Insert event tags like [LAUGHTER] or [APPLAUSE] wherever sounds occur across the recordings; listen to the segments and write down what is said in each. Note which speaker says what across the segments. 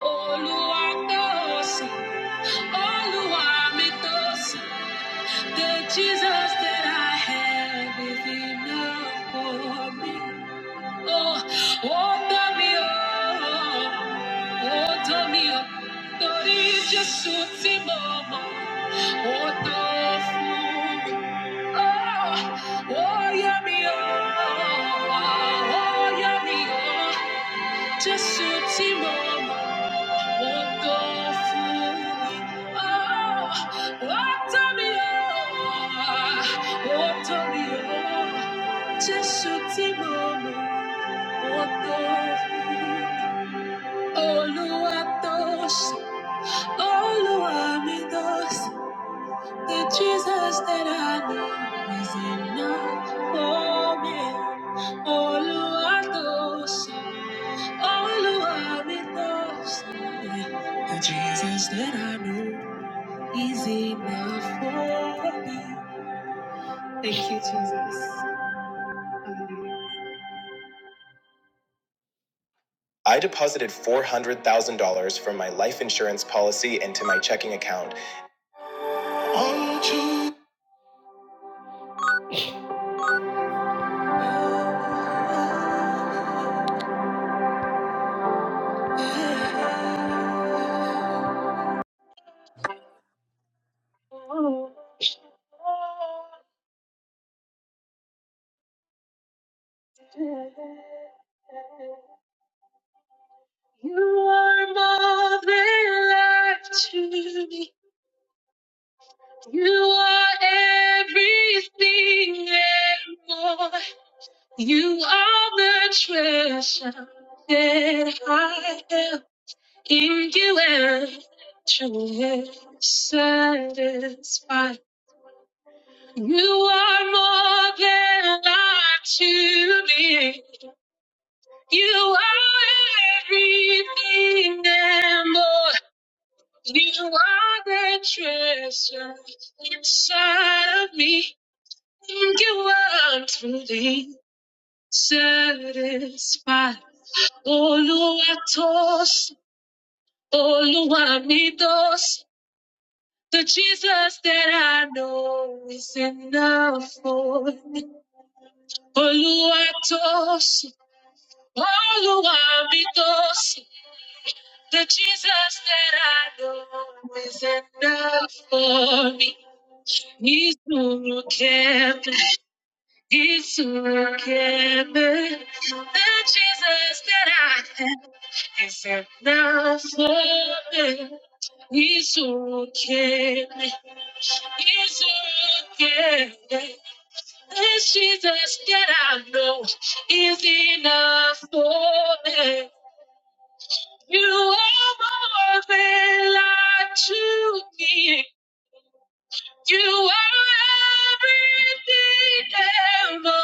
Speaker 1: Oluwatosin, Oluwamitosin, the Jesus that I have is enough for me. Oh, oh, dami oh, oh, dami oh, tori Jesu ti mo mo, oh, Oh, oh, yami oh, oh, yami oh, Jesu ti Walked off with, oh, walked on the oar, walked on the oar. Jésù tí mo mọ̀, walked off with. Olúwa tó ṣe, Olúwa mi tó ṣe. The Jesus that I know is enough for me. Olúwa tó ṣe, Olúwa mi tó ṣe. The Jesus that I know. easy now for me. Thank you, Jesus. I deposited $400,000 from my life insurance policy into my checking account. Unto You are more than life to me. You are everything and more. You are the treasure that I have in you and truly satisfied. You are more than I to be. You are everything and more. You are the treasure inside of me. You are truly satisfied. Oluwa tos, Oluwa mi dos. The Jesus that I know is enough for me. Oluwa tos, Oluwa mi dos. The Jesus that I know is enough for me. Isuru kept, Isuru kept. The Jesus that I know. Is there nothing? He's okay. He's okay. This Jesus that I know is enough for me. You are more than life to me. You are everything ever.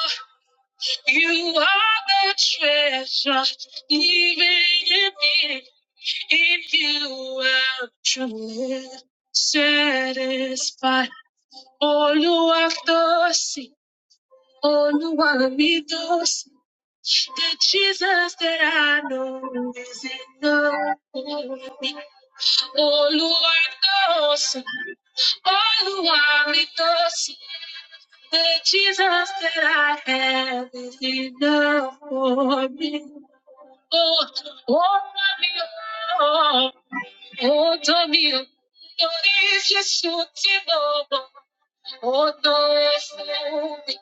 Speaker 1: You are the treasure, even in me. If you are truly satisfied, Oluwadosi, Oluwamidosi, the Jesus that I know is enough for me. Oluwadosi, Oluwamidosi, the Jesus that I have is enough for me. Oh, oh, my, oh, oh. Todo mio, Doris Jesus de novo. O dois nome.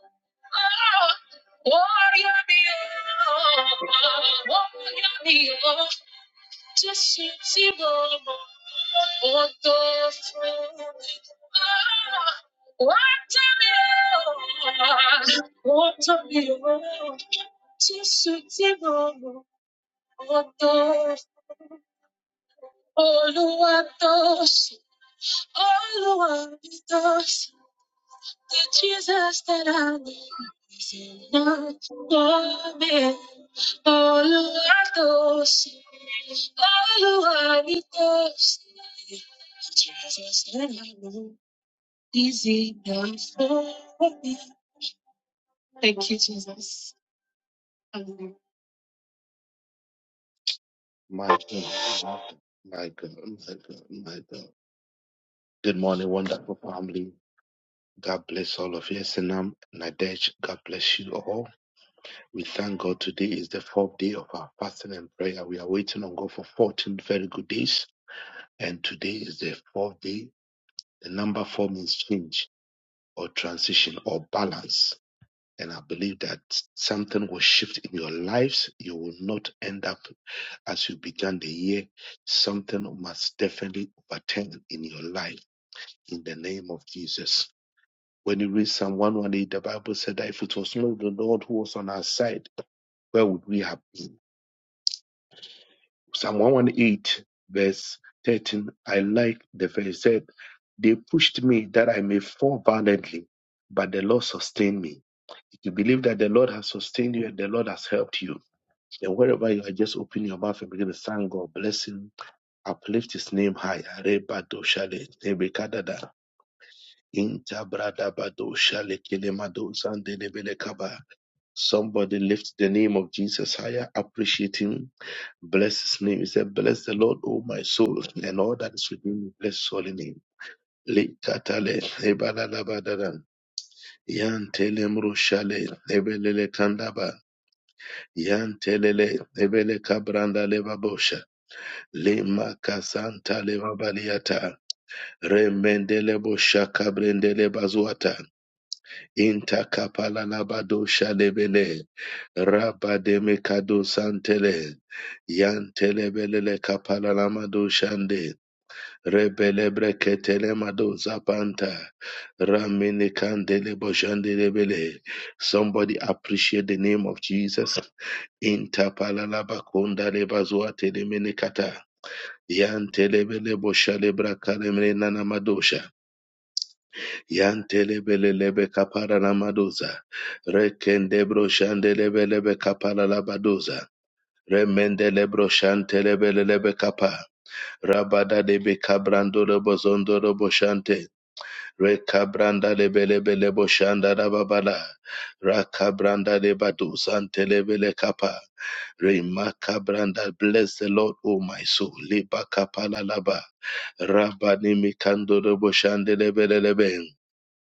Speaker 1: Olha meu, olha meu, Jesus de novo. O dois nome. Olha meu, olha meu, Jesus de novo. O dois, Olua doce. All the world is The Jesus that I need is enough for me. All the world lost. All the world is The Jesus that I need is enough for me. Thank you, Jesus. Hallelujah. My God, my God, my God, my God. Good morning, wonderful family. God bless all of you. Sinam, Nadej, God bless you all. We thank God today is the fourth day of our fasting and prayer. We are waiting on God for 14 very good days. And today is the fourth day. The number four means change or transition or balance. And I believe that something will shift in your lives. You will not end up as you began the year. Something must definitely overturn in your life in the name of Jesus. When you read Psalm 118, the Bible said that if it was not the Lord who was on our side, where would we have Psalm 118, verse 13. I like the verse. It said, They pushed me that I may fall violently, but the Lord sustained me. If you believe that the Lord has sustained you and the Lord has helped you, then wherever you are, just open your mouth and begin to thank God. Bless Him. Uplift His name high. Arebado nebekadada, intabradabado shale, zandelebelekaba. Somebody lift the name of Jesus higher. Appreciate Him Bless his name. He said, Bless the Lord, O my soul, and all that is within me. Bless his holy name. Likatale, ebalalabadada, yantelemrushale, ebelele kandaba, yantelele, ebele kabranda lebabosha, lemakasanta lebabaliata, remendele bosha kabrendele bazuata, intakapalalabadosha lebele, rabademekado santele, yantelebelele kapalalamado shande, Rebelebreketele mado zapanta. Ramene kandele boshandele bele. Somebody appreciate the name of Jesus. Intapalalaba kondale bazuatele menekata. Yantelebele boshale brakalemre nana madosha. Yantelebele lebe kapara na madoza. Rekende broshandelebe lebe lebe kapala labadoza. Remendele broshantelebe lebe kapa. Rabada debe kabrando lebo zondo lebo shante. Rekabranda lebelebele boshanda rababala. Rakabranda lebadu sante lebele kapa. Remakabranda. Bless the Lord, O my soul. Liba kapala laba. Rabani mikando de boshande lebelelebe.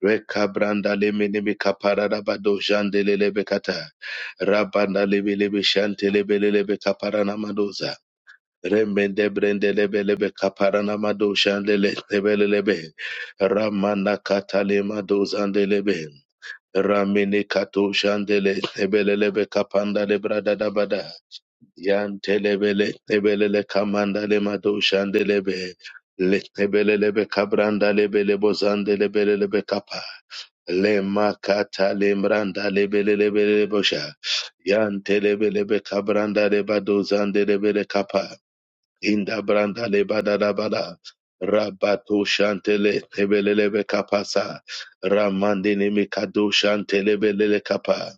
Speaker 1: Rekabranda lemenemi kapara rabado jande lebekata. Rabanda lebelebe shante lebelelebe kapara Rembende brende lebe lebe kaparana mado shandele lebe lebe ramana katale mado zandelebe ramene kato shandele lebe lebe kapanda le brada da bada yan telebele lebele le kamanda le mado shandelebe le lebele lebe kabranda lebe lebo zandelebe lebe kapa le makata le mranda lebe lebe lebo sha yan telebele lebe kabranda le bado zandelebe kapa Inda branda le badada bada. Rabato shantele tebelelebe kapasa. Ramande ne mikado shantelebelele kapa.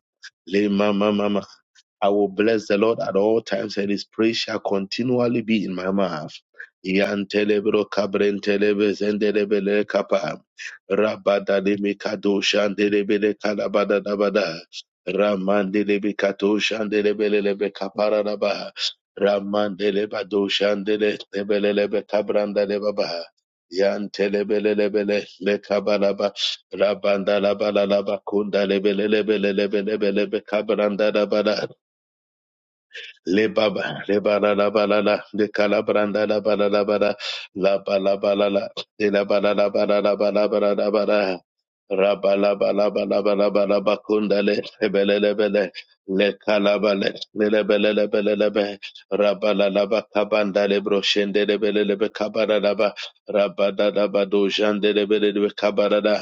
Speaker 1: Le mama I will bless the Lord at all times, and his praise shall continually be in my mouth. Yantelebro kabrentelebe zendelebele kapa. Rabadalebe kado shandelebele kalabadadabada. Ramandelebe kato shandelebelelebe kaparadaba. Ramandeleba do shandelebelelebe kabrandalebaba. Yantelebelelebele lekabalaba. Rabandalabalabalaba kundalebelelebelelebelebe kabrandalabada le baba le bala la bala la de kala la bala la bala la bala bala la le la bala la bala la bala bala la bala raba la bala bala bala bala bakunda le bele le bele le kala bale le le bele le bele le be raba la la ba kabanda le broshende le bele le be kabara la ba raba da da ba do jande le bele le be kabara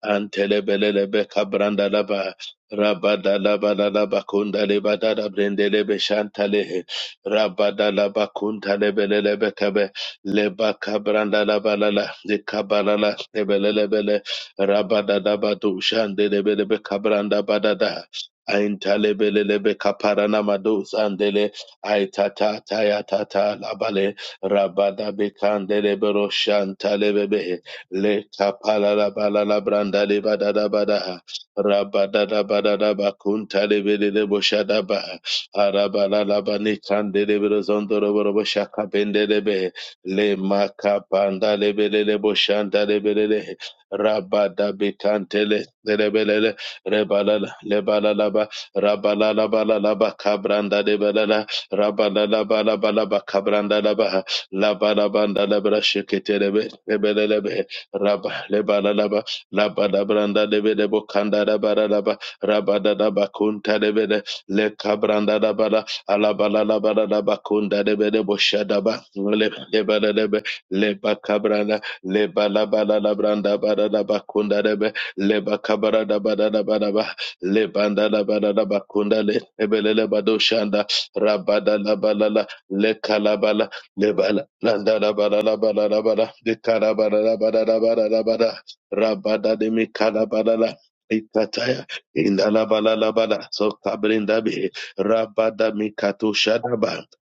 Speaker 1: Antelebelelebe kabranda laba rabada laba laba kunda leba dada brendelebe shantalehe rabada laba kunta lebelelebe kabe leba kabranda laba lala de kabalala lebelelebele rabada laba du shandelebelebe kabranda badada aintalebelelebe kaparana madu sandele aitata tayatata labale rabada bekandelebe roshantalebebe Leta palala balala branda de badada badaha. Rabadada badada bakunta de bede de boshada baha. Arabalala banikande de berezondo roboro boshaka bende de be. Le makapanda de bede de boshanda de bede de. Rabada bekante le de bele le. Rebalala le balala ba. Rabalala balala ba kabranda de balala. Rabalala balala ba kabranda la baha. La balabanda la brashekete de be. Rabba leba la laba laba da branda de bede bokanda da bara laba raba da da bakunta de bede le kabranda da bara alaba la laba da da bakunda de bede boshada ba le leba da de be le bakabranda le bala bala la branda bara da bakunda de be le bakabara da bara da bara ba le banda da bara da bakunda le ebele le badoshanda raba da la bala la le kalaba Lebala, landa da ba da da ba da de ka da ba da da ba da da ba de mi ka da ba ikataya, inda la ba la la so kabrinda be, ra mi ka to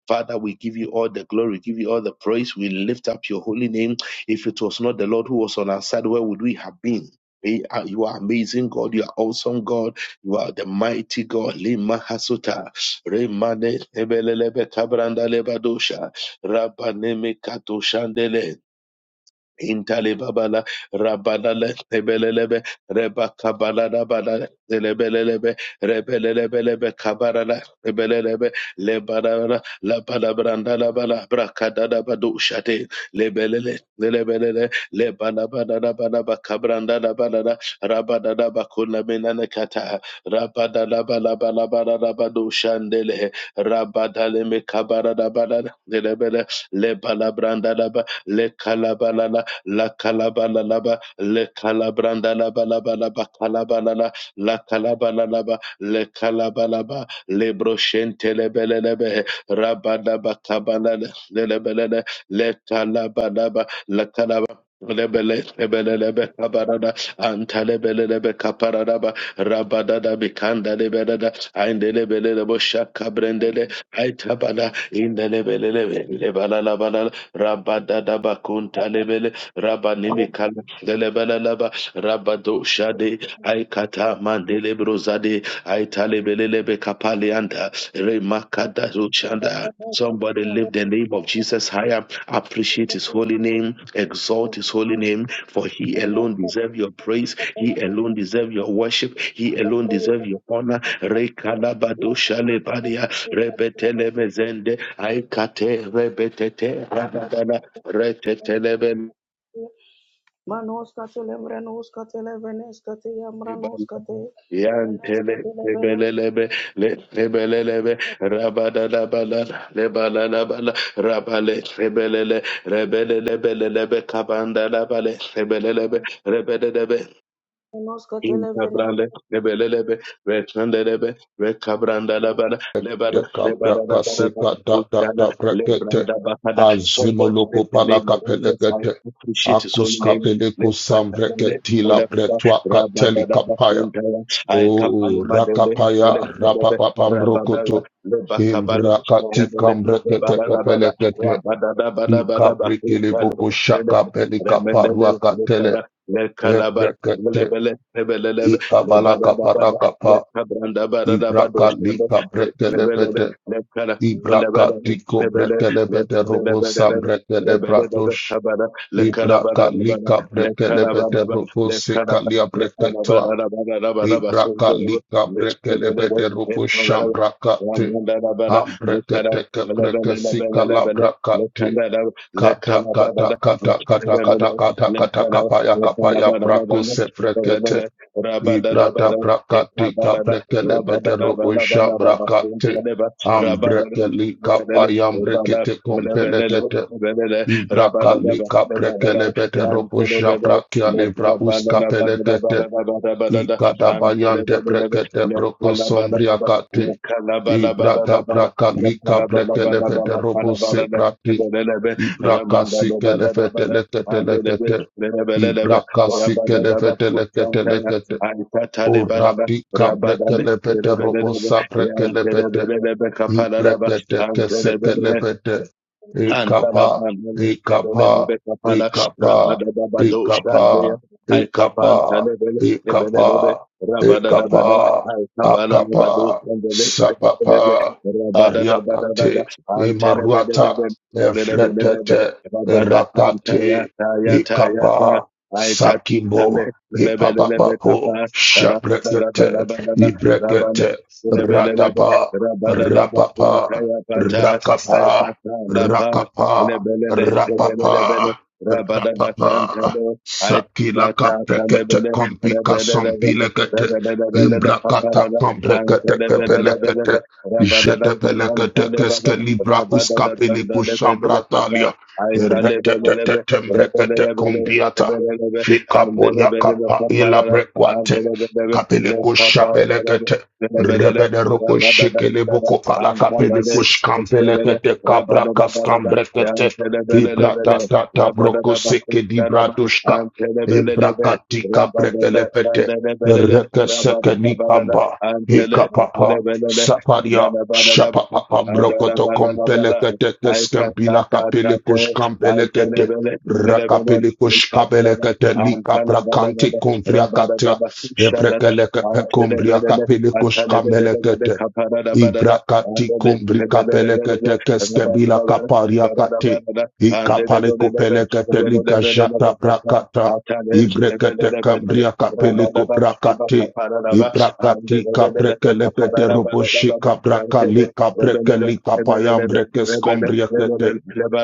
Speaker 1: Father, we give you all the glory, we give you all the praise. We lift up your holy name. If it was not the Lord who was on our side, where would we have been? Eh, ah, You are amazing God. You are awesome God. You are the mighty God. Lima Hasuta. Remane Ebelelebe Kabranda Lebadosha. Rapaneme kato shandele. Intali babala Rabanale Tebelelebe Rebakabalada Banale Lebelelebe Rebelelebelebe Kabarana Lebelelebe Lebanana Labanabrandana Bana Brakadana Badu Shate Lebelele Lebelele Lebanabanana Banaba Kabrandana Banana Rabanana Bakuna Menana Kata Rabadana Banabana Banana Badu Shandele Rabadale Mekabarada Banana Lebele Lebanabrandana Ba- le kalabala la kalabala la laba le kalabranda laba laba laba kalabala la kalabala la kalaba la laba le kalaba laba le broshente lebe le lebe raba laba kabala le le lebe le le le kalaba laba la kalaba Lebele, lebele, lebe, kabarada, antalebele, lebe, kaparada ba rabada da bikanda, lebelada, aindelebele, lebo, shaka, brendele, aitabala, indelebele, lebe, lebala, labala, rabadada, bakunta, lebele Rabanimi kala lelebelelebe rabado shade aikata mandele brozade aitalebelelebe kapalianda remakada ruchanda. Somebody lift the name of Jesus higher. Appreciate his holy name. Exalt his holy name. For he alone deserves your praise. He alone deserves your worship. He alone deserves your honor. Rekalabado shalebadia. Rebetelemezende. Aikate rebetete. Rabadana. Retetelebe
Speaker 2: Manoskate lembrenoskate leveneskate yambranoskate
Speaker 1: Yantele
Speaker 2: leneskate leveneskate
Speaker 1: lebelelebe le- lebelelebe rabadadabala lebalalabala rabale lebelele rebelelebelelebe kabandalabale lebelelebe rebelelebe
Speaker 2: noskate levenes
Speaker 1: Incabrande, Lebelebe, Rechandelebe, Recabranda Labada, Lebada,
Speaker 3: De
Speaker 2: noskate
Speaker 3: kabra
Speaker 1: Lebada
Speaker 3: kase
Speaker 1: Labada,
Speaker 3: kada da
Speaker 1: Putada,
Speaker 3: Dekabrakasekadadadabrakete.
Speaker 1: Lebranda Bakada. Somebody
Speaker 3: Azimoloko
Speaker 1: make the name of Jesus. I
Speaker 3: palakapelekete.
Speaker 1: appreciate his own name. Le-
Speaker 3: Akuskapeleko
Speaker 1: le-
Speaker 3: la
Speaker 1: lebada,
Speaker 3: bretwa kateli
Speaker 1: rabadada,
Speaker 3: kapaya.
Speaker 1: bakundala,
Speaker 3: O
Speaker 1: I kapalima dele,
Speaker 3: rakapaya
Speaker 1: lebelebe,
Speaker 3: rapapapamrokoto.
Speaker 1: rabadala, lebakabale,
Speaker 3: Imbrakati
Speaker 1: lebele,
Speaker 3: kambrekete
Speaker 1: lebadadabada,
Speaker 3: kapelekete.
Speaker 1: rabadadabadabada,
Speaker 3: Ikabrikele
Speaker 1: bakuntala,
Speaker 3: boko
Speaker 1: lele,
Speaker 3: shaka belika parua
Speaker 1: remendele,
Speaker 3: katele.
Speaker 1: lekada,
Speaker 3: Ebrekete.
Speaker 1: Lebele, lebele, lebe, lebada,
Speaker 3: Ikabalaka
Speaker 1: lebada,
Speaker 3: parakapa.
Speaker 1: lekabranda, bada, lebado,
Speaker 3: Ibrakali
Speaker 1: shanda, le- lebele, le-
Speaker 3: kabretelebete.
Speaker 1: lekara,
Speaker 3: Ibraka
Speaker 1: lebele,
Speaker 3: tiko
Speaker 1: lebele,
Speaker 3: brekele
Speaker 1: le-
Speaker 3: bete
Speaker 1: lebele,
Speaker 3: robo sam
Speaker 1: lebele,
Speaker 3: brekele
Speaker 1: lebele, lebe,
Speaker 3: bratosh.
Speaker 1: kabada, lekara, bada,
Speaker 3: Ibraka
Speaker 1: lebada,
Speaker 3: lika brekele
Speaker 1: lekara, bada,
Speaker 3: bete
Speaker 1: ba-
Speaker 3: robo
Speaker 1: lekara, ba-
Speaker 3: sekalia
Speaker 1: lekara, bada,
Speaker 3: breketwa.
Speaker 1: lebada, lebada, basonto,
Speaker 3: Ibraka
Speaker 1: lebe,
Speaker 3: lika
Speaker 1: le-
Speaker 3: brekele
Speaker 1: lebele, le-
Speaker 3: bete robo
Speaker 1: lekabada,
Speaker 3: sham brakate.
Speaker 1: lamunda, lebada,
Speaker 3: Am
Speaker 1: lekara,
Speaker 3: breketeke
Speaker 1: lebele,
Speaker 3: breke
Speaker 1: lebele,
Speaker 3: sikala
Speaker 1: lebele,
Speaker 3: brakate.
Speaker 1: lekanda, lebe,
Speaker 3: Kata
Speaker 1: lekara, bada,
Speaker 3: kata
Speaker 1: le-
Speaker 3: kata kata
Speaker 1: lebele,
Speaker 3: kata
Speaker 1: le-
Speaker 3: kata kata
Speaker 1: lekara,
Speaker 3: kapaya
Speaker 1: Rabada
Speaker 3: kapaya brako se brekete. Ibrata brakati kaprekele betero koisha brakate. Ambrekeli kapayam brekete kompelekete. Ibrakali kaprekele betero koisha brakiali braus kapelekete. Ikadabayante brekete broko sombriakate Ibrata brakali kaprekele betero bose brati. Ibrakasi kelefete lekete
Speaker 1: Ramanda,
Speaker 3: lekete.
Speaker 1: Belebelebe,
Speaker 3: Ibrakasi
Speaker 1: rabadadaba,
Speaker 3: kelefete lekete
Speaker 1: kuchantaya,
Speaker 3: lekete. Ora
Speaker 1: alikatalebalaba,
Speaker 3: pika
Speaker 1: rabadale,
Speaker 3: prekele pete robo
Speaker 1: belebelebe,
Speaker 3: sa prekele pete
Speaker 1: yantelebelebe, kapalalaba,
Speaker 3: Ibreketekesekelepete. Ikapa, ikapa, ikapa, ikapa,
Speaker 1: I
Speaker 3: ikapa,
Speaker 1: capanta level,
Speaker 3: ikapa,
Speaker 1: lebelebe Rabada
Speaker 3: ikapa,
Speaker 1: I I Cabala
Speaker 3: akapa,
Speaker 1: Labado, and the
Speaker 3: sapapa,
Speaker 1: Lebe, rabada Dabada
Speaker 3: ariakate,
Speaker 1: Daba,
Speaker 3: imaruata,
Speaker 1: Antelebelebe, Lebelebe,
Speaker 3: efretete,
Speaker 1: rabada Tanta
Speaker 3: erakate,
Speaker 1: Yata Yata
Speaker 3: ikapa,
Speaker 1: Yata, I
Speaker 3: sakimbo,
Speaker 1: Tatale, Lebelebe
Speaker 3: ipapapapo,
Speaker 1: Tapa, rabada.
Speaker 3: shabrekete,
Speaker 1: Dabada
Speaker 3: ibrekete,
Speaker 1: Rabane, Lebelebe,
Speaker 3: radaba,
Speaker 1: rabada
Speaker 3: Rapapa,
Speaker 1: lebe Ay,
Speaker 3: Rakapa,
Speaker 1: pasa, la paz, le
Speaker 3: Rakapa,
Speaker 1: bele, le le bele, le bele,
Speaker 3: Rapapa,
Speaker 1: rabada, la santa,
Speaker 3: Rapapa,
Speaker 1: le, ay, ta,
Speaker 3: Sakilaka
Speaker 1: ta, ta, le
Speaker 3: prekete
Speaker 1: bele,
Speaker 3: kompika
Speaker 1: rabada bele, le
Speaker 3: sompilekete,
Speaker 1: rabada re bele, le bele, le papa, le,
Speaker 3: Imbrakata
Speaker 1: le, ante, le
Speaker 3: komprekete
Speaker 1: bele, le bele,
Speaker 3: kepelekete,
Speaker 1: le, rabada, la
Speaker 3: Jete
Speaker 1: santa,
Speaker 3: pelekete
Speaker 1: le baba,
Speaker 3: keske libra
Speaker 1: rabada,
Speaker 3: uska
Speaker 1: la santa,
Speaker 3: peliku
Speaker 1: le bele, le
Speaker 3: shambratalia,
Speaker 1: papa, ay, ta, le bele, le
Speaker 3: Retete
Speaker 1: bele, rabada
Speaker 3: tembrekete
Speaker 1: bele, le bele, le
Speaker 3: kumbiata,
Speaker 1: bele, le bele,
Speaker 3: Fika
Speaker 1: ande, le
Speaker 3: polia
Speaker 1: bele, le
Speaker 3: kapa
Speaker 1: papa,
Speaker 3: ila
Speaker 1: le, le, ande,
Speaker 3: brekwate,
Speaker 1: le bele, le bele, le
Speaker 3: Kapeleku
Speaker 1: papa, le, le,
Speaker 3: shapelekete,
Speaker 1: le bele, le,
Speaker 3: Rebede roko
Speaker 1: rabada, da,
Speaker 3: shekele
Speaker 1: da, da,
Speaker 3: boko pala
Speaker 1: anta,
Speaker 3: kapele kush kampele
Speaker 1: bele,
Speaker 3: kete kapra kas kambre kete fibra ta ta ta broko seke di bradushka imbra kati kapre kele pete reke seke ni kamba hika papa saparia shapa papa broko to kompele kete kes kapele kush kampele kete rakapele kush kabele kete li kapra kanti kumfria kate Evrekeleke pekumbria kapilikus kamelekete. Ibrakati kumbrika
Speaker 1: Rabada
Speaker 3: pelekete
Speaker 1: Rabba
Speaker 3: keske bila kaparia kate. Ikapale kupelekete lika jata brakata. Ibrekete kambria kapele kubrakate. Ibrakati kabrekele pete roboshi kabrakali kabrekeli kapayambreke skombria kete.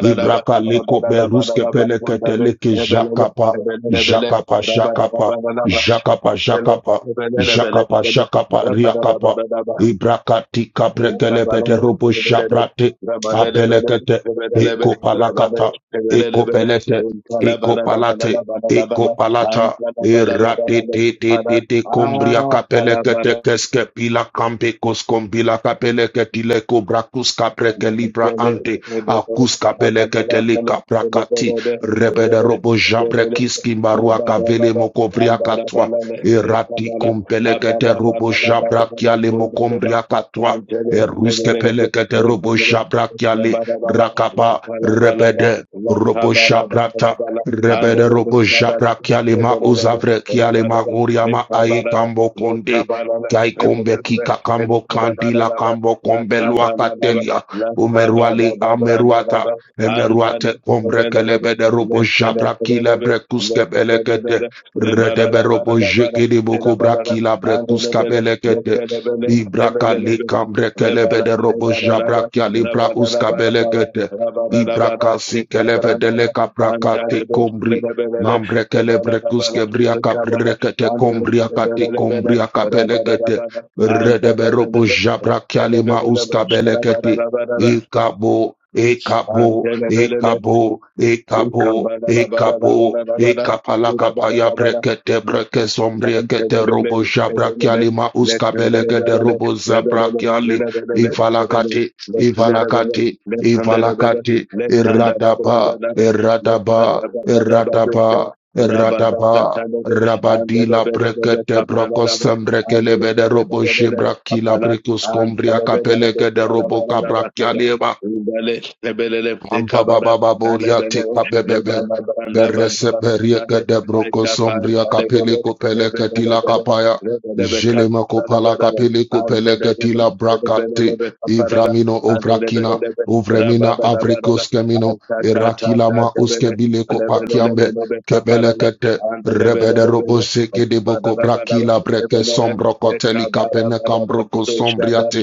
Speaker 3: Ibrakali kuberuske pelekete leke jakapa. Jakapa jakapa. Jakapa jakapa. Jakapa jakapa riakapa. Ibrakati
Speaker 1: Ah,
Speaker 3: kabrekelepete rubu shabrate abelekete ekopalakata ekopelete ekopalate ekopalata irate te te te te kombria kapelekete keske pila kampe koskombila kapelekete le brakus kapreke
Speaker 1: Rabba
Speaker 3: libra ante akus kapelekete le kaprakati rebede robo jabre kiski mbarua kavele mokovria katwa Erati kumpelekete robo shabrakia le mokombria katwa. Eruske pelekete robo shabrakia le rakaba rebede robo shabrata. Rebede robo shabrakia le ma uzavrekia le ma uriama ai kambo konde. Kai kombe kika kambo kandila kambo kombe luakatelia. Umeruale ameruata. Emeruate kombre kelebede robo shabrakile brekuske belekete. Redeberobo jekede boko brakila brekus kabelekete. Ibraka lekam brekelebe de robo jabrakia libra uskabelekete. Ibraka sikeleve de leka braka te kombri. Mambrekele brekus kebria kaprekete kombria kate kombria kapelekete. Redeberobo
Speaker 1: Rabada
Speaker 3: jabrakia lima uskabelekete. Ekabo, ekabo,
Speaker 1: Antele
Speaker 3: Ekabo, ekabo, ekabo, ekapalakapaya brekete breke
Speaker 1: and
Speaker 3: sombrekete robo
Speaker 1: the
Speaker 3: shabrakiali ma uskabeleke de robo zabrakiali ivalakate, ivalakate, ivalakate, eradaba, eradaba, eradaba, eradaba. Rabadila brekete brokosem brekelebe de robo shibrakila brekus kombria kapeleke de robo kabrakiali Ampa baba baboria tek babebebe. Berese berieke de broko sombria
Speaker 1: I
Speaker 3: kapele kopele
Speaker 1: Rabba
Speaker 3: ketila kapaya. Jele makopala kapele kopele ketila brakate. Ivramino ovrakina. Ovremina avrikos kemino. Irakila ma uskebile kopakiambe. Kebele kete. Rebede robo seke de boko brakila breke sombro koteli kapene kambroko sombriate.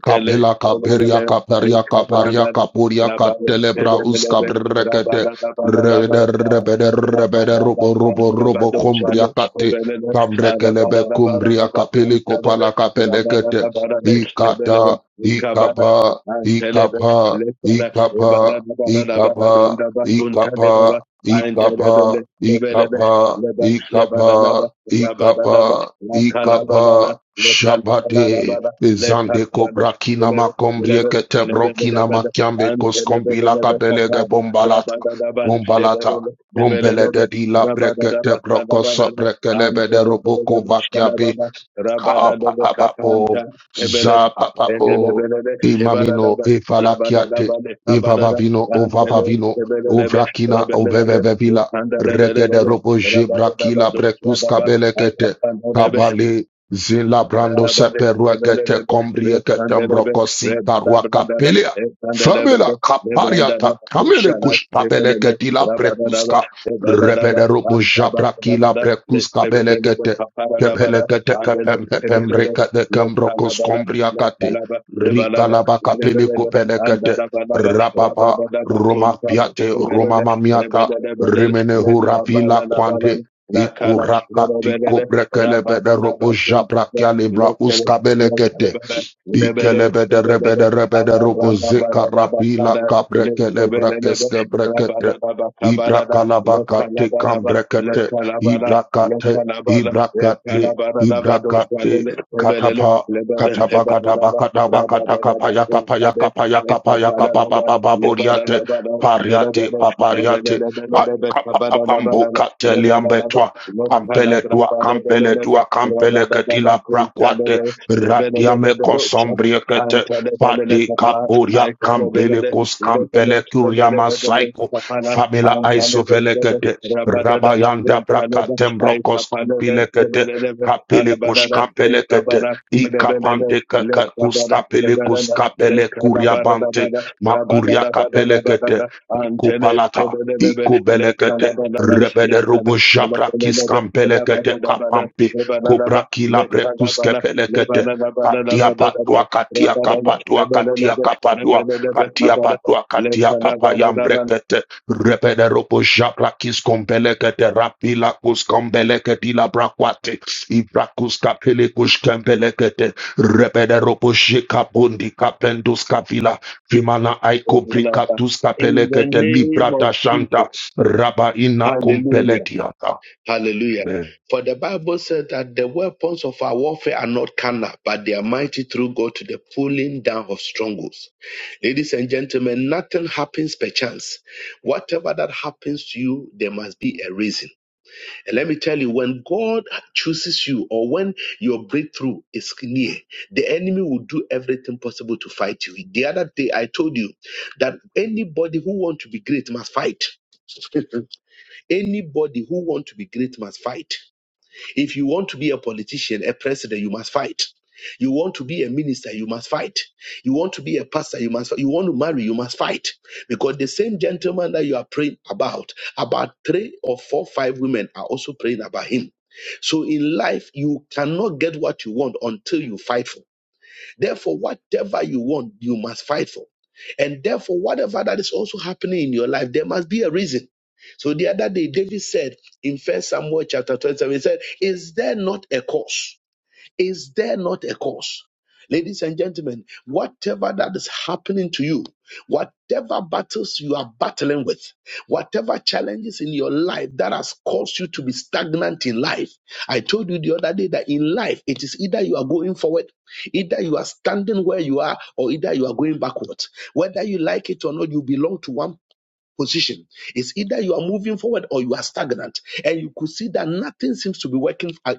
Speaker 3: Kapela kaperia kaperia kaparia kapuria katelebra uska brekete rebede rebede rebede robo
Speaker 1: Rabada
Speaker 3: robo robo kumbria kate kamrekelebe kumbria kapeli kopala kapelekete ikata ikapa
Speaker 1: and Telebe,
Speaker 3: ikapa
Speaker 1: Lesana, Ebana,
Speaker 3: ikapa
Speaker 1: Bada, Bada,
Speaker 3: ikapa
Speaker 1: Batunta,
Speaker 3: ikapa
Speaker 1: Baba, and Telebe,
Speaker 3: ikapa
Speaker 1: Lebelebe,
Speaker 3: ikapa
Speaker 1: Leban,
Speaker 3: ikapa
Speaker 1: Lebanaba,
Speaker 3: ikapa
Speaker 1: Rabadanaba, La
Speaker 3: ikapa
Speaker 1: Calabanana, le Canabana,
Speaker 3: shabate Zande kobra kina makombrie kete brokina makiambe koskombila kabelege bombalata
Speaker 1: le
Speaker 3: bombalata
Speaker 1: Lebanon,
Speaker 3: bombele
Speaker 1: Tebelelebe,
Speaker 3: de dila
Speaker 1: rabadadaba,
Speaker 3: brekete brokoso
Speaker 1: kadabadada,
Speaker 3: brekelebe de roboko
Speaker 1: antebelelebe,
Speaker 3: vakiabe
Speaker 1: şalababa, rabadadebe,
Speaker 3: Kapapapo,
Speaker 1: kapanta, tebele,
Speaker 3: Zapapapo,
Speaker 1: tebelebelebe,
Speaker 3: Imamino,
Speaker 1: ebadadaba,
Speaker 3: Efalakiate,
Speaker 1: rabadadaba, kabadada,
Speaker 3: Ivavavino,
Speaker 1: antele,
Speaker 3: Ovavavino,
Speaker 1: tebelelebe,
Speaker 3: Ovrakina,
Speaker 1: rabelelebe,
Speaker 3: Ovevevevila, Regede
Speaker 1: utandadebelelebe,
Speaker 3: Robo
Speaker 1: rabadadaba,
Speaker 3: Jebrakila, Bretus
Speaker 1: dosyadaba,
Speaker 3: Kabelekete,
Speaker 1: aykapandelebe,
Speaker 3: Kabale, Zila
Speaker 1: Rabba
Speaker 3: Brando Seperuekete, Combriekete, Mbrokosita, Ruakapelia, Famela Capariata, Camele Cuspabeleketila, Brecuska, Repede Robo Jabrakila, Brecuska Kepelekete kepem kepem rekete kembrokos kombriakate. Rikalabaka peleko pelekete. Rababa Roma piate Roma mamiata. Rimene hurafila kwante. Ikurakati kobrekele bede robo jabra kalebra uskabelekete. Ikelebederebederebederubuzikarapila kabrekelebrakeskebrekete. Ibrakalabakate kambrekete. Ibrakate, ibrakate, ibrakate. Katapa, katapa, katapa, katapa, katakapa, yakapa, yakapa, yakapa, yakapa, bababa, boriate, pariate, papariate. Ay, kapapapambo, kateliambetwa. Kampele tua, kampele
Speaker 1: Lebana
Speaker 3: tua,
Speaker 1: Antele,
Speaker 3: kampele ketila brakwate. Ratiame kosombriekete. Fati kapuria kambele kos kambele kuriama saiko. Famila aisovelekete. Rabayanda brakatembrokos kumbilekete. Kapele kush kampelekete. Ikapante kakakus kapele kus kapele kuria bante. Makuria kapelekete. Iko palata, iko belekete, rebede robo japra kiskam belekete kapampe, kobra kila bretus kepelekete, katia patua, katia kapatua, katia kapadua, katia patua, katia kapayam brekete, rebede robo japra kiskom belekete, rapila kuskam belekete, la brakwate, ibrakus kapele kushkem belekete, rebede robo jekabundi kapendus kavila. Kimana aiko brika tuska
Speaker 1: in the
Speaker 3: pelekete
Speaker 1: name of
Speaker 3: librata shanta
Speaker 1: Jesus.
Speaker 3: raba ina
Speaker 1: Hallelujah.
Speaker 3: kumpeletiata.
Speaker 1: Hallelujah.
Speaker 3: Amen.
Speaker 1: For the Bible says that the weapons of our warfare are not carnal, but they are mighty through God to the pulling down of strongholds. Ladies and gentlemen, nothing happens per chance. Whatever that happens to you, there must be a reason. And let me tell you, when God chooses you or when your breakthrough is near, the enemy will do everything possible to fight you. The other day, I told you that anybody who wants to be great must fight. [LAUGHS] anybody who wants to be great must fight. If you want to be a politician, a president, you must fight. You want to be a minister, you must fight. You want to be a pastor, you must fight. You want to marry, you must fight. Because the same gentleman that you are praying about, about three or four, five women are also praying about him. So in life, you cannot get what you want until you fight for. Therefore, whatever you want, you must fight for. And therefore, whatever that is also happening in your life, there must be a reason. So the other day, David said in First Samuel chapter 27, he said, Is there not a cause? Is there not a cause? Ladies and gentlemen, whatever that is happening to you, whatever battles you are battling with, whatever challenges in your life that has caused you to be stagnant in life, I told you the other day that in life, it is either you are going forward, either you are standing where you are, or either you are going backward. Whether you like it or not, you belong to one position. It's either you are moving forward or you are stagnant. And you could see that nothing seems to be working uh,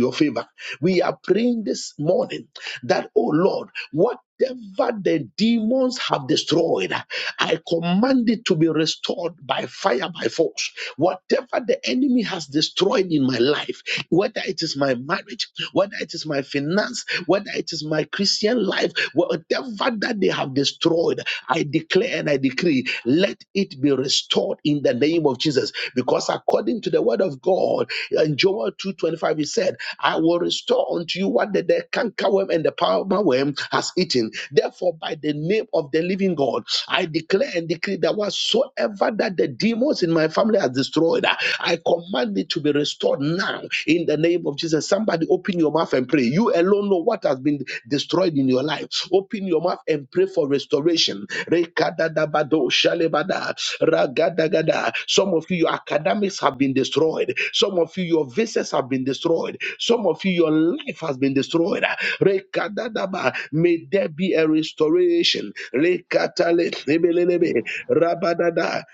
Speaker 1: your favor. We are praying this morning that, oh Lord, what whatever the demons have destroyed, I command it to be restored by fire, by force. Whatever the enemy has destroyed in my life, whether it is my marriage, whether it is my finance, whether it is my Christian life, whatever that they have destroyed, I declare and I decree, let it be restored in the name of Jesus. Because according to the word of God, in Joel 2:25, he said, I will restore unto you what the, the cankerworm and the palmer worm has eaten. Therefore, by the name of the living God, I declare and decree that whatsoever that the demons in my family has destroyed, uh, I command it to be restored now in the name of Jesus. Somebody open your mouth and pray. You alone know what has been destroyed in your life. Open your mouth and pray for restoration Rekadadabado shalebada, ragadagada. Some of you, your academics have been destroyed. Some of you, your visas have been destroyed. Some of you, your life has been destroyed. Rekadadaba. May there be a restoration. Rekatale, lebelelebe, rabadada,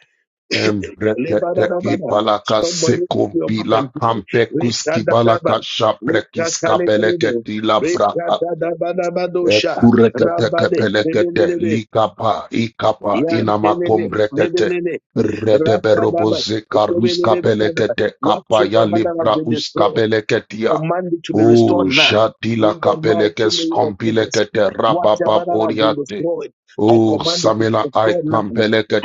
Speaker 3: Embrekete
Speaker 1: lebadadabada.
Speaker 3: kipalaka
Speaker 1: Somebody open your mouth
Speaker 3: sekumbila
Speaker 1: and pray.
Speaker 3: kampe
Speaker 1: Rekadadaba,
Speaker 3: kuskibalaka shabrekis
Speaker 1: lekatalelebe,
Speaker 3: kapeleketi labraka.
Speaker 1: rekadadabadabadosha,
Speaker 3: Kurekete
Speaker 1: rabade,
Speaker 3: kepelekete
Speaker 1: lebelelebe.
Speaker 3: likapa ikapa
Speaker 1: Yantelele,
Speaker 3: inamakombrekete.
Speaker 1: lebelele, rakadaba,
Speaker 3: Redeberoboze karuska
Speaker 1: lebelele, kada.
Speaker 3: pelekete kapa ya
Speaker 1: Whatsoever that has
Speaker 3: libra
Speaker 1: been
Speaker 3: uska
Speaker 1: destroyed,
Speaker 3: peleketia.
Speaker 1: command it to be
Speaker 3: O
Speaker 1: restored now.
Speaker 3: Jadila
Speaker 1: In the mighty
Speaker 3: Kapelekes
Speaker 1: name of Jesus.
Speaker 3: Kompilekete
Speaker 1: Whatever
Speaker 3: Rababa
Speaker 1: that has been
Speaker 3: Poriate.
Speaker 1: destroyed, I
Speaker 3: O
Speaker 1: command it to be
Speaker 3: Samela Ait
Speaker 1: restored now.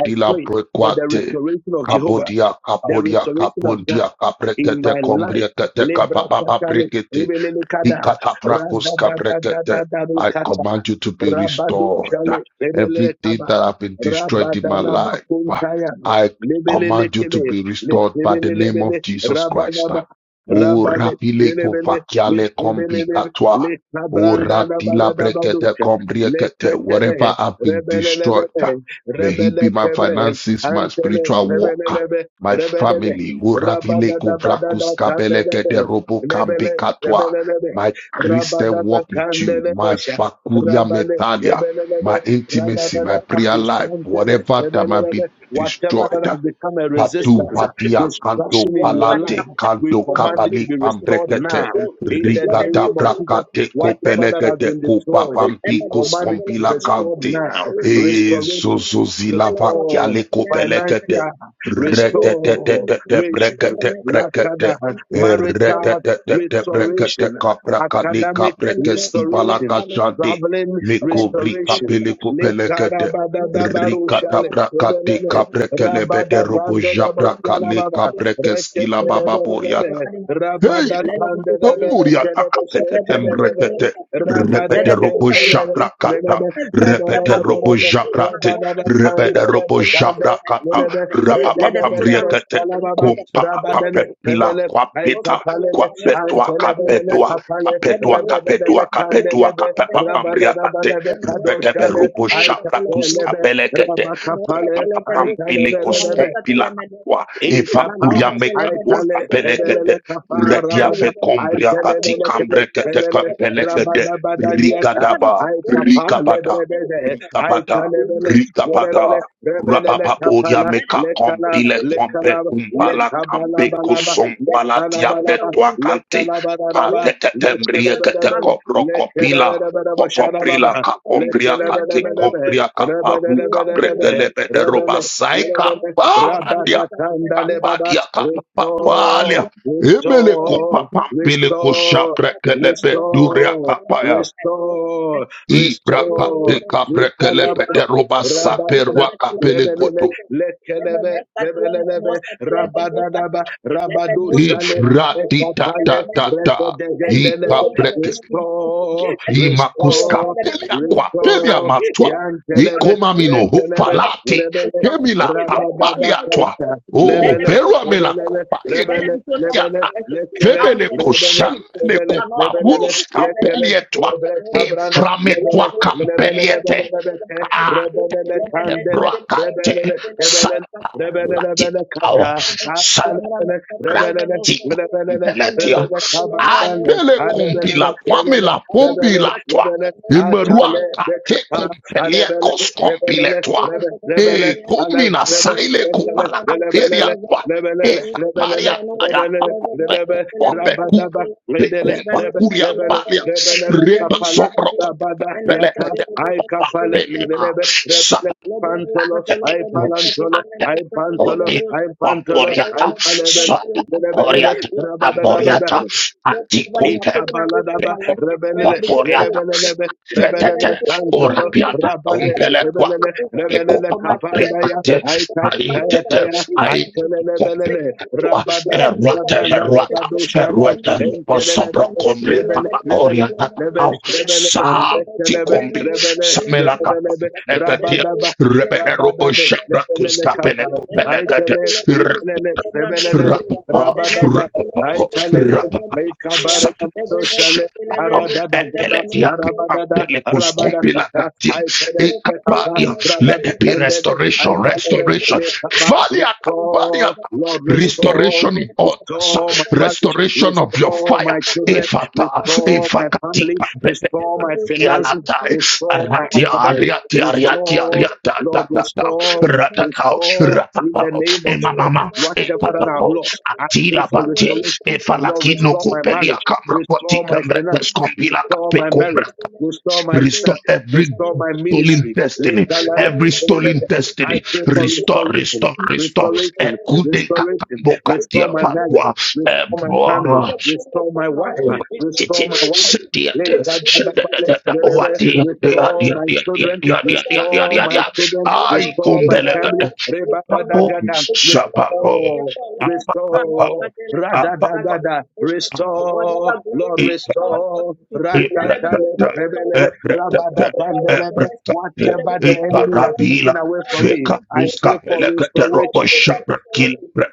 Speaker 1: I pray for the
Speaker 3: Prequate.
Speaker 1: restoration of Jehovah,
Speaker 3: Kapodia
Speaker 1: the
Speaker 3: Kapodia
Speaker 1: restoration of God
Speaker 3: Kapondia
Speaker 1: in
Speaker 3: Kaprekete
Speaker 1: my life.
Speaker 3: Kombriekete Kapapa
Speaker 1: Lebrakatale,
Speaker 3: Brikete.
Speaker 1: lebelele, kada.
Speaker 3: Ikataprakoska brekete. I
Speaker 1: Radadadadadadadadada,
Speaker 3: command you to be
Speaker 1: Rabado
Speaker 3: restored.
Speaker 1: Chale, Lebele
Speaker 3: Everything
Speaker 1: Taba,
Speaker 3: that have been destroyed in my
Speaker 1: Rabadana
Speaker 3: life,
Speaker 1: Bakuntaya,
Speaker 3: I
Speaker 1: Lebele
Speaker 3: command you to
Speaker 1: Kele,
Speaker 3: be restored by the
Speaker 1: Lebele
Speaker 3: name of
Speaker 1: Lebele,
Speaker 3: Jesus Christ.
Speaker 1: Rabalaba,
Speaker 3: O
Speaker 1: Rabale,
Speaker 3: rapile
Speaker 1: Lebele,
Speaker 3: kofakiale kombi
Speaker 1: Lebele,
Speaker 3: katwa. O
Speaker 1: Letabranda
Speaker 3: ratila
Speaker 1: Rabada
Speaker 3: brekete
Speaker 1: Baducha,
Speaker 3: kombriekete.
Speaker 1: Letetele,
Speaker 3: Whatever have been
Speaker 1: Rebele
Speaker 3: destroyed,
Speaker 1: Lebele,
Speaker 3: may he be
Speaker 1: Rebele
Speaker 3: my
Speaker 1: Kebre,
Speaker 3: finances, my
Speaker 1: Antele,
Speaker 3: spiritual
Speaker 1: Rebele
Speaker 3: walk,
Speaker 1: Lebe,
Speaker 3: my
Speaker 1: Rebele,
Speaker 3: family. O ravile
Speaker 1: Rabada Dabada
Speaker 3: kovrakuskabelekete
Speaker 1: Kandelebe,
Speaker 3: robo kambi
Speaker 1: Lebele, Lebele Lebe,
Speaker 3: my Christian
Speaker 1: Rabada
Speaker 3: walk with you, my
Speaker 1: Kandelebe,
Speaker 3: Fakuria
Speaker 1: Rabale,
Speaker 3: Metalia, my
Speaker 1: lebelelebe,
Speaker 3: intimacy, my
Speaker 1: rabababa,
Speaker 3: prayer life,
Speaker 1: akusantele,
Speaker 3: whatever that might be
Speaker 1: lebelelebe. Whatever
Speaker 3: destroyed.
Speaker 1: that has become a
Speaker 3: Patu
Speaker 1: resistance, uh,
Speaker 3: patia kanto
Speaker 1: destruction in your life,
Speaker 3: palate
Speaker 1: we
Speaker 3: kanto
Speaker 1: command it to
Speaker 3: kabali
Speaker 1: be restored
Speaker 3: pambrekete
Speaker 1: now. In the
Speaker 3: rikata
Speaker 1: name of Jesus,
Speaker 3: brakate
Speaker 1: whatever that has
Speaker 3: kopelekete
Speaker 1: been
Speaker 3: kupa
Speaker 1: destroyed, we
Speaker 3: pampikus
Speaker 1: command it to be
Speaker 3: kompila
Speaker 1: restored
Speaker 3: kante
Speaker 1: now.
Speaker 3: e
Speaker 1: Restoration,
Speaker 3: zozozila
Speaker 1: restore
Speaker 3: vakiale kopelekete
Speaker 1: financial, restore
Speaker 3: retetetetete
Speaker 1: nation,
Speaker 3: brekete brekete e
Speaker 1: marital
Speaker 3: retetetete brekete
Speaker 1: restoration,
Speaker 3: kabrakale
Speaker 1: academic
Speaker 3: kabrekeski balaka
Speaker 1: restoration,
Speaker 3: shande
Speaker 1: traveling
Speaker 3: meko brika
Speaker 1: restoration.
Speaker 3: peleko Rikata
Speaker 1: Likarabadadabarushale,
Speaker 3: brakati
Speaker 1: ebelele,
Speaker 3: kabrekele bede robo jabrakale
Speaker 1: rabadagandelebosyanababa,
Speaker 3: kabreke skila baba boriata.
Speaker 1: reketelebelelebe,
Speaker 3: Hey!
Speaker 1: rabadakandelebele,
Speaker 3: Muria takapete
Speaker 1: kelebeshentelebele,
Speaker 3: pembrekete. Repete robo
Speaker 1: rabadekentelebe,
Speaker 3: shabrakata.
Speaker 1: lelebe,
Speaker 3: Repete robo
Speaker 1: lebelelebelebe,
Speaker 3: shabrate. Repete robo
Speaker 1: rabadabakandelebosande,
Speaker 3: shabrakata.
Speaker 1: lelebe,
Speaker 3: Rapapapamriekete.
Speaker 1: rebelebelebosyanababa, rabadele,
Speaker 3: Kumpapapapempila
Speaker 1: lebele,
Speaker 3: kwapita.
Speaker 1: aikapalele,
Speaker 3: Kwapetua
Speaker 1: antelebelele
Speaker 3: kapetua.
Speaker 1: kapale,
Speaker 3: Kapetua
Speaker 1: rebelebe,
Speaker 3: kapetua kapetua
Speaker 1: kandelebe,
Speaker 3: kapepapamriakate.
Speaker 1: Rabadadabada
Speaker 3: Repete
Speaker 1: kadoshale,
Speaker 3: robo
Speaker 1: aita
Speaker 3: shabrakus
Speaker 1: pelebe,
Speaker 3: kapelekete.
Speaker 1: rabaka pale,
Speaker 3: Kumpapapampilikos
Speaker 1: aita
Speaker 3: kumpila. Eva
Speaker 1: Intapa,
Speaker 3: kuria mekatua
Speaker 1: Aitale,
Speaker 3: kapelekete.
Speaker 1: Rebele Kapa,
Speaker 3: Redia fe
Speaker 1: Rabada,
Speaker 3: combria
Speaker 1: Aitele,
Speaker 3: kati
Speaker 1: Belekele,
Speaker 3: cambre kete
Speaker 1: Rebele,
Speaker 3: campele fete.
Speaker 1: Rabada Badadiata,
Speaker 3: Rikadaba.
Speaker 1: Aitapa,
Speaker 3: Rikabada.
Speaker 1: Lebede,
Speaker 3: Rikapada,
Speaker 1: Aitale, Bele,
Speaker 3: Rikapada,
Speaker 1: Rebele, Rebele
Speaker 3: Rapapapodia
Speaker 1: Kapala,
Speaker 3: meka
Speaker 1: Lekala,
Speaker 3: kompile kompe
Speaker 1: Lekala,
Speaker 3: kumpala
Speaker 1: Lekabala
Speaker 3: kampe
Speaker 1: Balaba,
Speaker 3: kusumpala
Speaker 1: Lekala Balaba,
Speaker 3: tiapetua kante,
Speaker 1: Lekala Balaba,
Speaker 3: katetetembrie
Speaker 1: Lekala
Speaker 3: kete
Speaker 1: Balaba,
Speaker 3: kopro kopila,
Speaker 1: Lekala Balaba,
Speaker 3: kopoprila
Speaker 1: Sharababa,
Speaker 3: kapombria
Speaker 1: Lekala
Speaker 3: kate
Speaker 1: Balaba,
Speaker 3: kombria kaparu
Speaker 1: Rebele,
Speaker 3: kapretele bederoba
Speaker 1: Rebele,
Speaker 3: sai
Speaker 1: Rebele,
Speaker 3: kapadia,
Speaker 1: Rabadatanda lebaba.
Speaker 3: kapadia
Speaker 1: Restore,
Speaker 3: kapapalia, emele
Speaker 1: restore,
Speaker 3: kupapambile
Speaker 1: restore,
Speaker 3: kushaprekele beduria
Speaker 1: restore,
Speaker 3: kapaya,
Speaker 1: restore,
Speaker 3: Ibraka de
Speaker 1: restore.
Speaker 3: kabrekelepe de
Speaker 1: Nitalababa.
Speaker 3: roba
Speaker 1: Rabadada.
Speaker 3: saperwa kapele
Speaker 1: Lebelele.
Speaker 3: koto.
Speaker 1: Lekelebe. Lebelelebe. Rabadadaba. Rabadushale.
Speaker 3: Ifrati di ta ta
Speaker 1: Ekapale.
Speaker 3: ta ta. I
Speaker 1: Redodegendelebe.
Speaker 3: kabreke.
Speaker 1: Restore,
Speaker 3: I makus
Speaker 1: restore,
Speaker 3: kapelia kwa pelia
Speaker 1: restore.
Speaker 3: matwa. I
Speaker 1: Yantelebe.
Speaker 3: komamino hufalate.
Speaker 1: Letelebe.
Speaker 3: Kemila kapalia twa.
Speaker 1: Rabadabasanta,
Speaker 3: O
Speaker 1: Lebele,
Speaker 3: perwa me la
Speaker 1: Lebele,
Speaker 3: kapaye
Speaker 1: Rebele,
Speaker 3: kopelia ta.
Speaker 1: Lebele, Lekele,
Speaker 3: Femele ko
Speaker 1: Rebele,
Speaker 3: shamele ko
Speaker 1: Lebele, Lebele,
Speaker 3: pavurus
Speaker 1: Lekele,
Speaker 3: kapelie twa.
Speaker 1: Lebre Cabrana,
Speaker 3: Eframe twa
Speaker 1: Lebele, Lebele,
Speaker 3: kampeliete.
Speaker 1: Lebele, Lebele, Rebele, Candele,
Speaker 3: Rakate
Speaker 1: Rebele, Lebele, Rebele, Lebele,
Speaker 3: Sakalatikao
Speaker 1: Kata, Rebele, Rebele,
Speaker 3: Sakratika
Speaker 1: Lebele,
Speaker 3: Peletia
Speaker 1: Rebele, Cabane,
Speaker 3: Atele
Speaker 1: Adebele,
Speaker 3: Kompila
Speaker 1: Lebele,
Speaker 3: Kwamila
Speaker 1: Rebele,
Speaker 3: Pombila Twa
Speaker 1: Lebele, Atale,
Speaker 3: Imeruaka Te
Speaker 1: Bekata,
Speaker 3: Kompelia
Speaker 1: Alebele,
Speaker 3: Kos Kompile
Speaker 1: Rebele,
Speaker 3: Twa
Speaker 1: Rebele, Rebele,
Speaker 3: E
Speaker 1: Pantolo,
Speaker 3: Komina Saile Kupala Kateria Twa E Kaparia Taya Kwambe Kup Le Kompa Kuria Palia Reba Sombro Pelekete Kapalia
Speaker 1: I palantolo, I pantolo,
Speaker 3: Odi
Speaker 1: I pantolo, I
Speaker 3: Pomporiata, Sata
Speaker 1: palebele,
Speaker 3: Oriata, Amboriata, Anticomper,
Speaker 1: Ikabaladaba, rebelele,
Speaker 3: Poriata,
Speaker 1: rebelele
Speaker 3: retete
Speaker 1: rebelele, tantodo,
Speaker 3: orapiata
Speaker 1: rabade,
Speaker 3: umpele kwak
Speaker 1: rebelele,
Speaker 3: Eko
Speaker 1: rebelele,
Speaker 3: papa
Speaker 1: kapandaya,
Speaker 3: rekate
Speaker 1: aitai,
Speaker 3: ai
Speaker 1: taya,
Speaker 3: tete
Speaker 1: taya,
Speaker 3: ai kompele
Speaker 1: aikelelebelele,
Speaker 3: katua
Speaker 1: rabada,
Speaker 3: erwate
Speaker 1: kabranda,
Speaker 3: erwata
Speaker 1: rabado, shalom,
Speaker 3: erwete osopro
Speaker 1: enkelelebele, lebele,
Speaker 3: papa
Speaker 1: lebele,
Speaker 3: oriata
Speaker 1: lebele,
Speaker 3: au
Speaker 1: lebele,
Speaker 3: sa ti
Speaker 1: ekelebe,
Speaker 3: kombi
Speaker 1: rebele,
Speaker 3: samela
Speaker 1: lebelebe,
Speaker 3: kapene katia
Speaker 1: rabadaba,
Speaker 3: rebene robo
Speaker 1: rabadade,
Speaker 3: shabra
Speaker 1: lebelele, kapa,
Speaker 3: kuskapene kopene kate
Speaker 1: aikele, ibelele, rebelelebe,
Speaker 3: rapapa
Speaker 1: rabadada,
Speaker 3: rapapa
Speaker 1: aikelele
Speaker 3: rapapa
Speaker 1: Lekabare do shale arada da gada
Speaker 3: sapele
Speaker 1: arabada da Lekabaredoshale, aradadagada, arabadada, arabadakata, aiterenekata,
Speaker 3: let there be
Speaker 1: rabadendede,
Speaker 3: restoration,
Speaker 1: aitalebe,
Speaker 3: restoration.
Speaker 1: lekaba, Restore, Lord, restore,
Speaker 3: Restoration in orders,
Speaker 1: restore my marriage,
Speaker 3: restoration of your
Speaker 1: restore
Speaker 3: fire.
Speaker 1: my children,
Speaker 3: Efata,
Speaker 1: restore my family,
Speaker 3: efakatika.
Speaker 1: restore my finances,
Speaker 3: Yalatai,
Speaker 1: restore my
Speaker 3: Arati,
Speaker 1: academics,
Speaker 3: Ariati, Ariati,
Speaker 1: restore,
Speaker 3: Ariata,
Speaker 1: Lord,
Speaker 3: da, da, da,
Speaker 1: restore,
Speaker 3: Ratatao,
Speaker 1: restore in the
Speaker 3: Ratatao,
Speaker 1: name of Jesus,
Speaker 3: Emamama,
Speaker 1: whatever that I've
Speaker 3: Epapao,
Speaker 1: lost. I pray
Speaker 3: Atila
Speaker 1: for
Speaker 3: Bate,
Speaker 1: restoration. Lord,
Speaker 3: Efalakino
Speaker 1: restore my
Speaker 3: Copelia
Speaker 1: marriage,
Speaker 3: Camra,
Speaker 1: restore my
Speaker 3: Vaticambre,
Speaker 1: finance,
Speaker 3: Pescombila
Speaker 1: restore my
Speaker 3: Capecombra.
Speaker 1: marriage, restore my
Speaker 3: Restore
Speaker 1: finance,
Speaker 3: every
Speaker 1: restore my
Speaker 3: stolen
Speaker 1: ministry.
Speaker 3: destiny, every stolen
Speaker 1: I
Speaker 3: destiny.
Speaker 1: pray for
Speaker 3: Restore,
Speaker 1: restoration,
Speaker 3: restore, restore.
Speaker 1: restoration,
Speaker 3: Ekude
Speaker 1: restoration,
Speaker 3: kakambo katia
Speaker 1: restore my marriage,
Speaker 3: fatwa.
Speaker 1: restore my family, restore my wife,
Speaker 3: Oh, Titi,
Speaker 1: restore my wife.
Speaker 3: Shanti, Shanti, oh, dear, dear, dear,
Speaker 1: Restore
Speaker 3: dear,
Speaker 1: my
Speaker 3: dear, dear, dear,
Speaker 1: children,
Speaker 3: dear, dear,
Speaker 1: restore
Speaker 3: dear,
Speaker 1: my
Speaker 3: dear.
Speaker 1: children,
Speaker 3: I
Speaker 1: restore
Speaker 3: come
Speaker 1: my
Speaker 3: back.
Speaker 1: family.
Speaker 3: Oh, Shabako,
Speaker 1: Restore,
Speaker 3: Apa,
Speaker 1: restore,
Speaker 3: Apa,
Speaker 1: Radadagada,
Speaker 3: Apa,
Speaker 1: restore, Lord,
Speaker 3: Ika,
Speaker 1: restore,
Speaker 3: Ibrata,
Speaker 1: Rakatale, Rebelele,
Speaker 3: Ebrata,
Speaker 1: Rabadagandelebe,
Speaker 3: Ebrata,
Speaker 1: whatever the
Speaker 3: Ika,
Speaker 1: enemy has taken
Speaker 3: Rabila,
Speaker 1: away from me,
Speaker 3: Fika,
Speaker 1: I pray
Speaker 3: Ruska,
Speaker 1: for
Speaker 3: Pelekete, Robo,
Speaker 1: restoration.
Speaker 3: Shabra, Kilbra,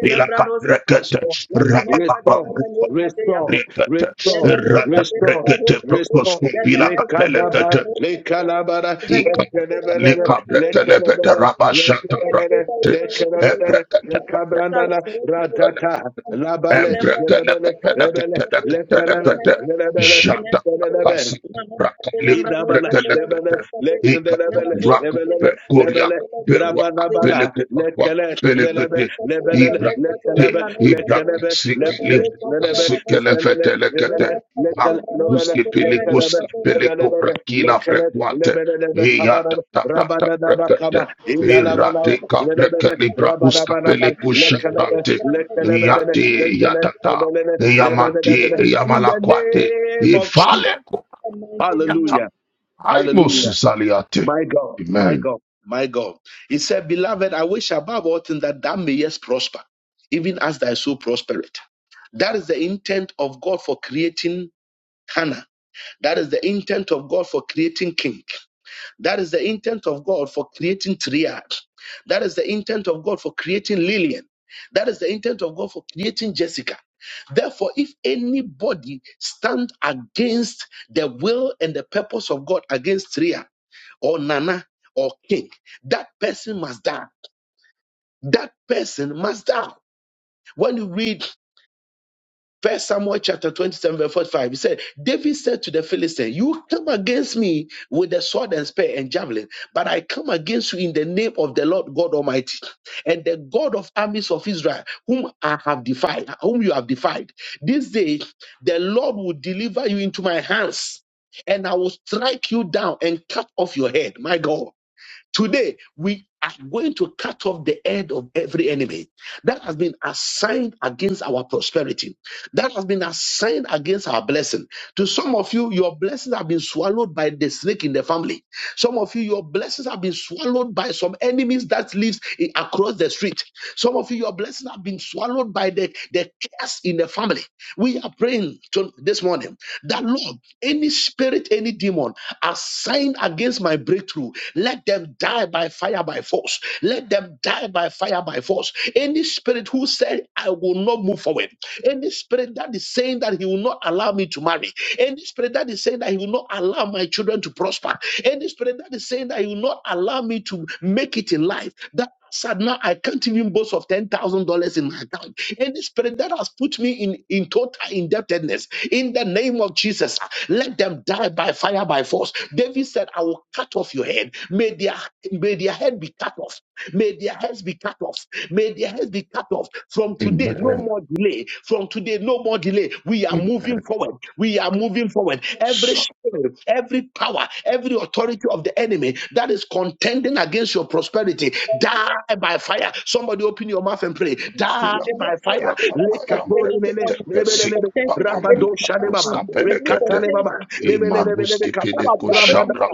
Speaker 3: Bila, Kadrekete,
Speaker 1: restore,
Speaker 3: Rababam,
Speaker 1: restore,
Speaker 3: Brekete,
Speaker 1: restore,
Speaker 3: rata
Speaker 1: restore,
Speaker 3: brekete, propos
Speaker 1: restore.
Speaker 3: kumpila
Speaker 1: Lekadaba,
Speaker 3: kapelekete,
Speaker 1: lekalabara,
Speaker 3: ika
Speaker 1: lekelebelele,
Speaker 3: lika brekele pete
Speaker 1: lekelebele,
Speaker 3: rabashata
Speaker 1: lekelebele,
Speaker 3: brekete, e
Speaker 1: lekelebele,
Speaker 3: brekete
Speaker 1: lekabrandala, radata, labale, lebele, lebele, lekelebe, lebele, Inabala, lebele, lekelebele, lebelele, lebele, rabanabala, lekele, lelebe, lebelele, lekelebe, lekelebe, lebele, lelebe, lebelele, lebele, lekele, lebele, lekelebe, lebelelebe, lekele, lebelelebe, kabara, rabanadaba, kaba, indalabala,
Speaker 3: Irate capre
Speaker 1: lebele,
Speaker 3: calibra usca
Speaker 1: rabanabanaba,
Speaker 3: pele cuscia
Speaker 1: lekelebe, lekelebelele,
Speaker 3: Yati
Speaker 1: lekele,
Speaker 3: Yatata
Speaker 1: lebelele,
Speaker 3: Yamati
Speaker 1: lebelelebele. In the
Speaker 3: Yamalakwate
Speaker 1: name of Jesus.
Speaker 3: Ifale Kupaliata
Speaker 1: Hallelujah.
Speaker 3: Aimos
Speaker 1: Hallelujah.
Speaker 3: Zaliate.
Speaker 1: My God, my
Speaker 3: Amen.
Speaker 1: God, my God. He said, Beloved, I wish above all things that thou mayest prosper, even as thy soul prospereth. That is the intent of God for creating Hannah. That is the intent of God for creating King. That is the intent of God for creating Triad. That is the intent of God for creating Lillian. That is the intent of God for creating Jessica. Therefore, if anybody stand against the will and the purpose of God against Triad, or Nana or King. That person must die. That person must die. When you read First Samuel chapter 27, verse 45, he said, David said to the Philistine, You come against me with the sword and spear and javelin, but I come against you in the name of the Lord God Almighty and the God of armies of Israel, whom I have defied, whom you have defied. This day the Lord will deliver you into my hands, and I will strike you down and cut off your head. My God. Today, we are going to cut off the head of every enemy that has been assigned against our prosperity, that has been assigned against our blessing. To some of you, your blessings have been swallowed by the snake in the family. Some of you, your blessings have been swallowed by some enemies that lives i- across the street. Some of you, your blessings have been swallowed by the, the curse in the family. We are praying to, this morning that Lord, any spirit, any demon assigned against my breakthrough let them die by fire by force. Let them die by fire by force. Any spirit who said, I will not move forward, any spirit that is saying that he will not allow me to marry, any spirit that is saying that he will not allow my children to prosper, any spirit that is saying that he will not allow me to make it in life, that said now I can't even boast of ten thousand dollars in my account. Any spirit that has put me in in total indebtedness, in the name of Jesus, let them die by fire, by force. David said, I will cut off your head. May their, may their head be cut off. May their heads be cut off. May their heads be cut off. From today, no
Speaker 3: Amen.
Speaker 1: more delay. From today, no more delay. We are moving
Speaker 3: Amen.
Speaker 1: forward. We are moving forward. Every
Speaker 3: Somebody
Speaker 1: spirit, every power, every authority of the enemy that is contending against your prosperity, die by fire. Somebody open your mouth and pray. Die
Speaker 3: feel a
Speaker 1: by fire.
Speaker 3: papaya papaya mreketeke sik papambi
Speaker 1: Rabado Shalebaba,
Speaker 3: maruskapelekete.
Speaker 1: Rekatalebaba, Lebelebelebekapa,
Speaker 3: Imaruskipideko
Speaker 1: Rabada,
Speaker 3: shabra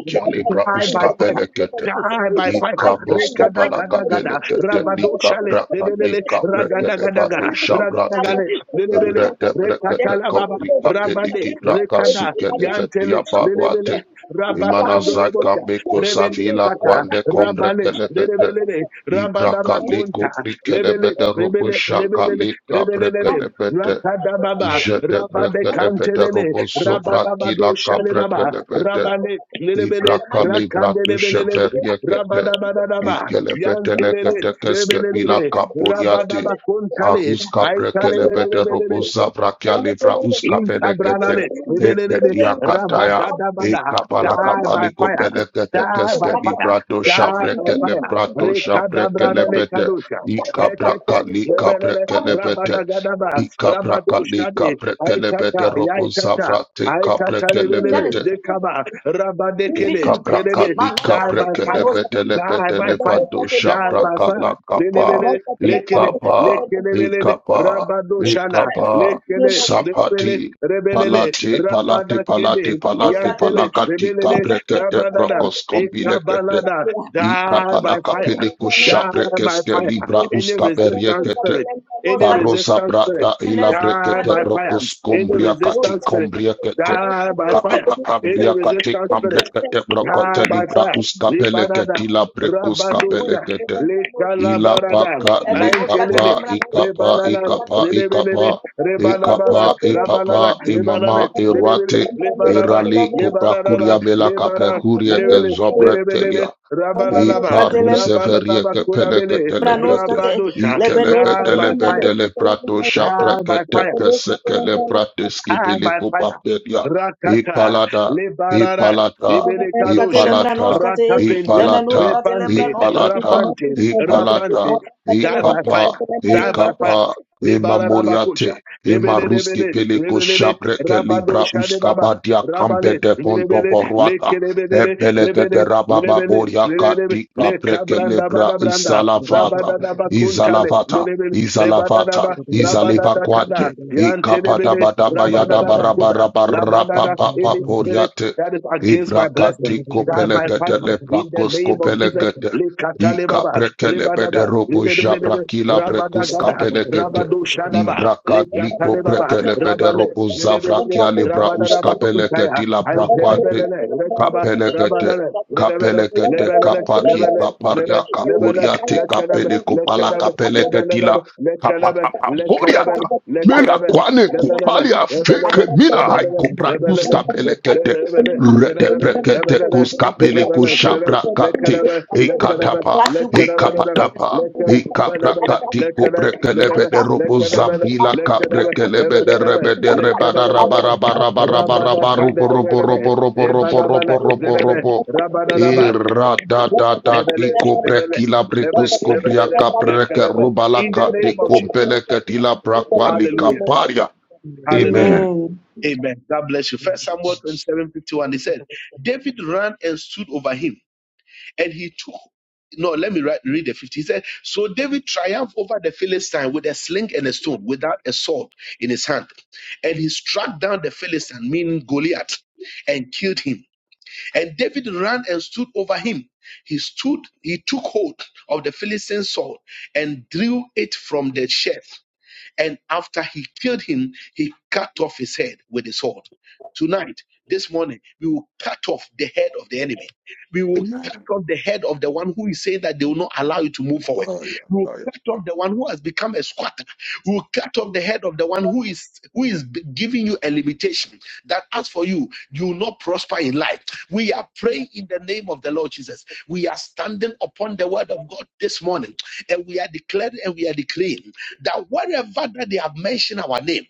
Speaker 1: die by fire.
Speaker 3: kialebra
Speaker 1: Die by fire.
Speaker 3: Ikabos to
Speaker 1: Rekada gada gada.
Speaker 3: Palakapelekete,
Speaker 1: Rabado
Speaker 3: Nika
Speaker 1: shale.
Speaker 3: Braka,
Speaker 1: Lebelele.
Speaker 3: Nika
Speaker 1: Ragada gada gada.
Speaker 3: Brekelevato,
Speaker 1: Ragada
Speaker 3: Shabrate,
Speaker 1: gada. Lebelele.
Speaker 3: Rete Brekete,
Speaker 1: Rekatala baba.
Speaker 3: Koprika
Speaker 1: Rabade.
Speaker 3: Peliki Braka,
Speaker 1: Rekada.
Speaker 3: Sukelevetia
Speaker 1: Yantele. Lebelele.
Speaker 3: Baruate, Imana
Speaker 1: Rabatando lebota.
Speaker 3: Zakameko
Speaker 1: Rebele
Speaker 3: Savila,
Speaker 1: kata.
Speaker 3: Kwande
Speaker 1: Rabale.
Speaker 3: Kombrekelevete,
Speaker 1: Lebelele. Rabadaba
Speaker 3: Ibraka Leko
Speaker 1: konta. Lebele.
Speaker 3: Brikelevete, Robo
Speaker 1: Lebele.
Speaker 3: Shaka
Speaker 1: Lebelele.
Speaker 3: Lika
Speaker 1: Rebelele.
Speaker 3: Brekelevete,
Speaker 1: Rakada baba.
Speaker 3: Jete
Speaker 1: Rabande
Speaker 3: Brekelevete,
Speaker 1: Cantelele,
Speaker 3: Robo
Speaker 1: Rabadabado
Speaker 3: Sovrakila
Speaker 1: Shalebaba,
Speaker 3: Kabrekelevete,
Speaker 1: Rabane Lelebele,
Speaker 3: Ibraka libra tushe
Speaker 1: Rakandelebele,
Speaker 3: feria kete.
Speaker 1: Rabadabadaba,
Speaker 3: Ikelebetele
Speaker 1: Yantelele,
Speaker 3: kete keske bila
Speaker 1: Lebelebe,
Speaker 3: kapuriate.
Speaker 1: Rabadabakuntale,
Speaker 3: Maruska kapre kelebete
Speaker 1: Aitalebelebele,
Speaker 3: robosa vrakia libra uska pele kete.
Speaker 1: Intabranale, lebelelebe,
Speaker 3: Eketi akataya.
Speaker 1: rabagadabada.
Speaker 3: Ekabala
Speaker 1: Die by
Speaker 3: kabali
Speaker 1: fire.
Speaker 3: kopele kete
Speaker 1: Die by
Speaker 3: keske
Speaker 1: fire.
Speaker 3: libra to
Speaker 1: Die
Speaker 3: shabre
Speaker 1: by
Speaker 3: kele
Speaker 1: fire.
Speaker 3: brato shabre
Speaker 1: Rekadabranale
Speaker 3: kelebete.
Speaker 1: kadusha.
Speaker 3: Ikabraka
Speaker 1: Rekete,
Speaker 3: li kabre
Speaker 1: lebelele,
Speaker 3: kelebete.
Speaker 1: rabadagadaba,
Speaker 3: Ikabraka li
Speaker 1: rabadushade,
Speaker 3: kabre
Speaker 1: aitata,
Speaker 3: kelebete robosa
Speaker 1: yaitata,
Speaker 3: vrate kabre
Speaker 1: aitata lebelele,
Speaker 3: kelebete.
Speaker 1: dekaba, rabadekele, lelebe. Die by fire. Die by fire. Die by fire. Lebelele, lekele, lekelebelele, rabadoshana lekele
Speaker 3: Sapati
Speaker 1: lekele rebelele
Speaker 3: palati, palati,
Speaker 1: rabada kende
Speaker 3: palati, palati,
Speaker 1: yantele
Speaker 3: palakati
Speaker 1: rebelele
Speaker 3: kabrekete
Speaker 1: rabadada
Speaker 3: prokos kombilekete
Speaker 1: ekabalada die by
Speaker 3: ikapalaka
Speaker 1: fire
Speaker 3: peleko
Speaker 1: die by
Speaker 3: shabrekes
Speaker 1: fire
Speaker 3: libra
Speaker 1: any
Speaker 3: uska
Speaker 1: resistance spirit any
Speaker 3: Barosa
Speaker 1: resistance spirit
Speaker 3: brata ila
Speaker 2: neskate
Speaker 1: die
Speaker 3: brekete
Speaker 1: by fire
Speaker 3: brokos
Speaker 1: any
Speaker 3: kombria kati
Speaker 1: resistance spirit
Speaker 3: kombria kete
Speaker 1: die by fire any
Speaker 3: kapakambria kati
Speaker 1: resistance spirit
Speaker 3: kambrekete
Speaker 1: Ah,
Speaker 3: brokote
Speaker 1: by
Speaker 3: libra
Speaker 1: fire.
Speaker 3: uskapele
Speaker 1: Libarada.
Speaker 3: keti la brekus kapele
Speaker 1: Rabadosha.
Speaker 3: kete ila
Speaker 1: Lekalabarada.
Speaker 3: paka
Speaker 2: evenoskate
Speaker 1: Aintelele.
Speaker 3: likapa
Speaker 2: lembranoskate
Speaker 3: ikapa
Speaker 1: Rebalala.
Speaker 3: ikapa
Speaker 1: Lebelele.
Speaker 3: ikapa
Speaker 1: Rebalabala.
Speaker 3: ikapa
Speaker 1: Rabalala.
Speaker 3: ipapa
Speaker 1: Lebalale.
Speaker 3: imama
Speaker 1: Lebele.
Speaker 3: irwate
Speaker 1: Lebalaba.
Speaker 3: irali
Speaker 1: Lebaraba.
Speaker 3: kubrakuria mela kape
Speaker 1: Lebara.
Speaker 3: kurie ke
Speaker 1: Lebele.
Speaker 3: zobre telia
Speaker 1: Lebelele. Rabalalaba.
Speaker 3: Iparuseveria
Speaker 1: Rabalaba.
Speaker 2: lembranoskate
Speaker 1: Kulabele.
Speaker 3: kepelekatelekete.
Speaker 1: Rabadosha. Die by fire.
Speaker 3: Ikelebetele prato
Speaker 1: Die by
Speaker 3: shaprakete
Speaker 1: fire.
Speaker 3: kesekele
Speaker 1: Ah,
Speaker 3: prateskibili
Speaker 1: by fire.
Speaker 3: kupaperia.
Speaker 1: Rakata,
Speaker 3: Ipalada,
Speaker 1: Lebarara,
Speaker 3: ipalata,
Speaker 2: leveneskate
Speaker 1: Ibelekadosha,
Speaker 3: ipalata,
Speaker 2: lembranoskate
Speaker 1: Ratapenta,
Speaker 3: ipalata,
Speaker 2: lemenoskate
Speaker 1: Repante,
Speaker 2: lembranoskate
Speaker 3: ipalata,
Speaker 1: Rapante,
Speaker 3: ipalata,
Speaker 1: Rapante, die by
Speaker 3: ikapa,
Speaker 1: fire, die by fire.
Speaker 3: ikapa,
Speaker 1: Lebararabakucha,
Speaker 3: imamuriate. Imaruski
Speaker 1: Lebelebele,
Speaker 3: peliko
Speaker 1: Lebelele,
Speaker 3: shabreke libra
Speaker 1: Rabadosha de Baba,
Speaker 3: uskabadia kampe
Speaker 1: Rabale,
Speaker 3: de
Speaker 1: Lebele,
Speaker 3: ponto
Speaker 1: Lekelebele,
Speaker 3: Epelekete
Speaker 1: Rebele,
Speaker 3: rababa
Speaker 1: Lebele,
Speaker 3: boria
Speaker 1: Lebele,
Speaker 3: katika
Speaker 1: Lekabranda
Speaker 3: prekelebra
Speaker 1: Badabranda,
Speaker 4: Thank
Speaker 3: isalafata
Speaker 1: Rabadadaba Kuntale,
Speaker 3: izalavata
Speaker 1: Lebele,
Speaker 3: izalavata
Speaker 1: Rebadadaba, Rabadadakada,
Speaker 3: izalivakwate
Speaker 1: Yantelebele,
Speaker 3: ikapatabataba
Speaker 1: Rabadadabakuda, Labadada,
Speaker 3: yadabarabarabarapapapa
Speaker 1: any spirit
Speaker 3: boriate
Speaker 1: that is against my blessing,
Speaker 3: ibrakatiko
Speaker 1: die by fire.
Speaker 3: pelekete
Speaker 1: In the
Speaker 3: lebrakosko
Speaker 1: name of Jesus,
Speaker 3: pelekete
Speaker 1: Lekatalebaba,
Speaker 3: ikaprekelebede
Speaker 1: Rebadada, Lelebelebe,
Speaker 3: robozhabrakila brekuska
Speaker 1: Rabadagada,
Speaker 3: pelekete
Speaker 1: Rabado Shadaba,
Speaker 3: ibrakadliko
Speaker 1: Lekatalebaba,
Speaker 3: prekelebede
Speaker 1: Rabale, Lelebelebe,
Speaker 3: robozavrakia lebrauska
Speaker 1: Rabadadaba Kuntaya,
Speaker 3: la
Speaker 1: and
Speaker 3: brakwate
Speaker 1: Telebele, Rekaba,
Speaker 3: Kapelekete,
Speaker 1: Rabanale, Lebele,
Speaker 3: kapelekete,
Speaker 1: Lebele,
Speaker 3: kapari,
Speaker 1: Lebele,
Speaker 3: kaparia,
Speaker 1: Lebe, Lebele,
Speaker 3: kapuriate,
Speaker 1: Lekelebe,
Speaker 3: kapele,
Speaker 4: you.
Speaker 3: kopala,
Speaker 1: Lekelebe,
Speaker 3: kapeleketila,
Speaker 1: Lebelebe, Lekelebe,
Speaker 3: kapapapapuriata.
Speaker 1: Lekelebe,
Speaker 3: Mela
Speaker 1: Lekelebe,
Speaker 3: kwane
Speaker 1: Lebele,
Speaker 3: kupalia
Speaker 1: Lebele,
Speaker 3: feke mina
Speaker 1: in
Speaker 3: hai
Speaker 1: the
Speaker 3: kuprakus kapelekete. Rete prekete kus kapele kushapra kate. E katapa, he capra catico brekelebe de robo zavila cabrekelebe de rebe de rebada rabara bara bara bara barubo robo robo robo robo robo robo robo Ira da da bricus cobria capreke rubala
Speaker 1: name
Speaker 3: cati
Speaker 1: of Jesus.
Speaker 3: compele catila braquali
Speaker 1: Hallelujah.
Speaker 3: caparia.
Speaker 4: Thank
Speaker 1: Hallelujah.
Speaker 3: Amen.
Speaker 2: Amen.
Speaker 1: Amen. God bless you. First Samuel twenty seven fifty one. 51. He said, David ran and stood over him, and he took. No, let me ri- read the 50. He said, So David triumphed over the Philistine with a sling and a stone, without a sword in his hand. And he struck down the Philistine, meaning Goliath, and killed him. And David ran and stood over him. He stood, he took hold of the Philistine's sword and drew it from the sheath and after he killed him, he cut off his head with his sword. Tonight, this morning, we will cut off the head of the enemy. We will cut
Speaker 3: Amen.
Speaker 1: off the head of the one who is saying that they will not allow you to move forward. We will
Speaker 3: Hi.
Speaker 1: cut off the one who has become a squatter. We will cut off the head of the one who is who is b- giving you a limitation that as for you, you will not prosper in life. We are praying in the name of the Lord Jesus. We are standing upon the word of God this morning, and we are declaring and we are declaring that wherever that they have mentioned our name,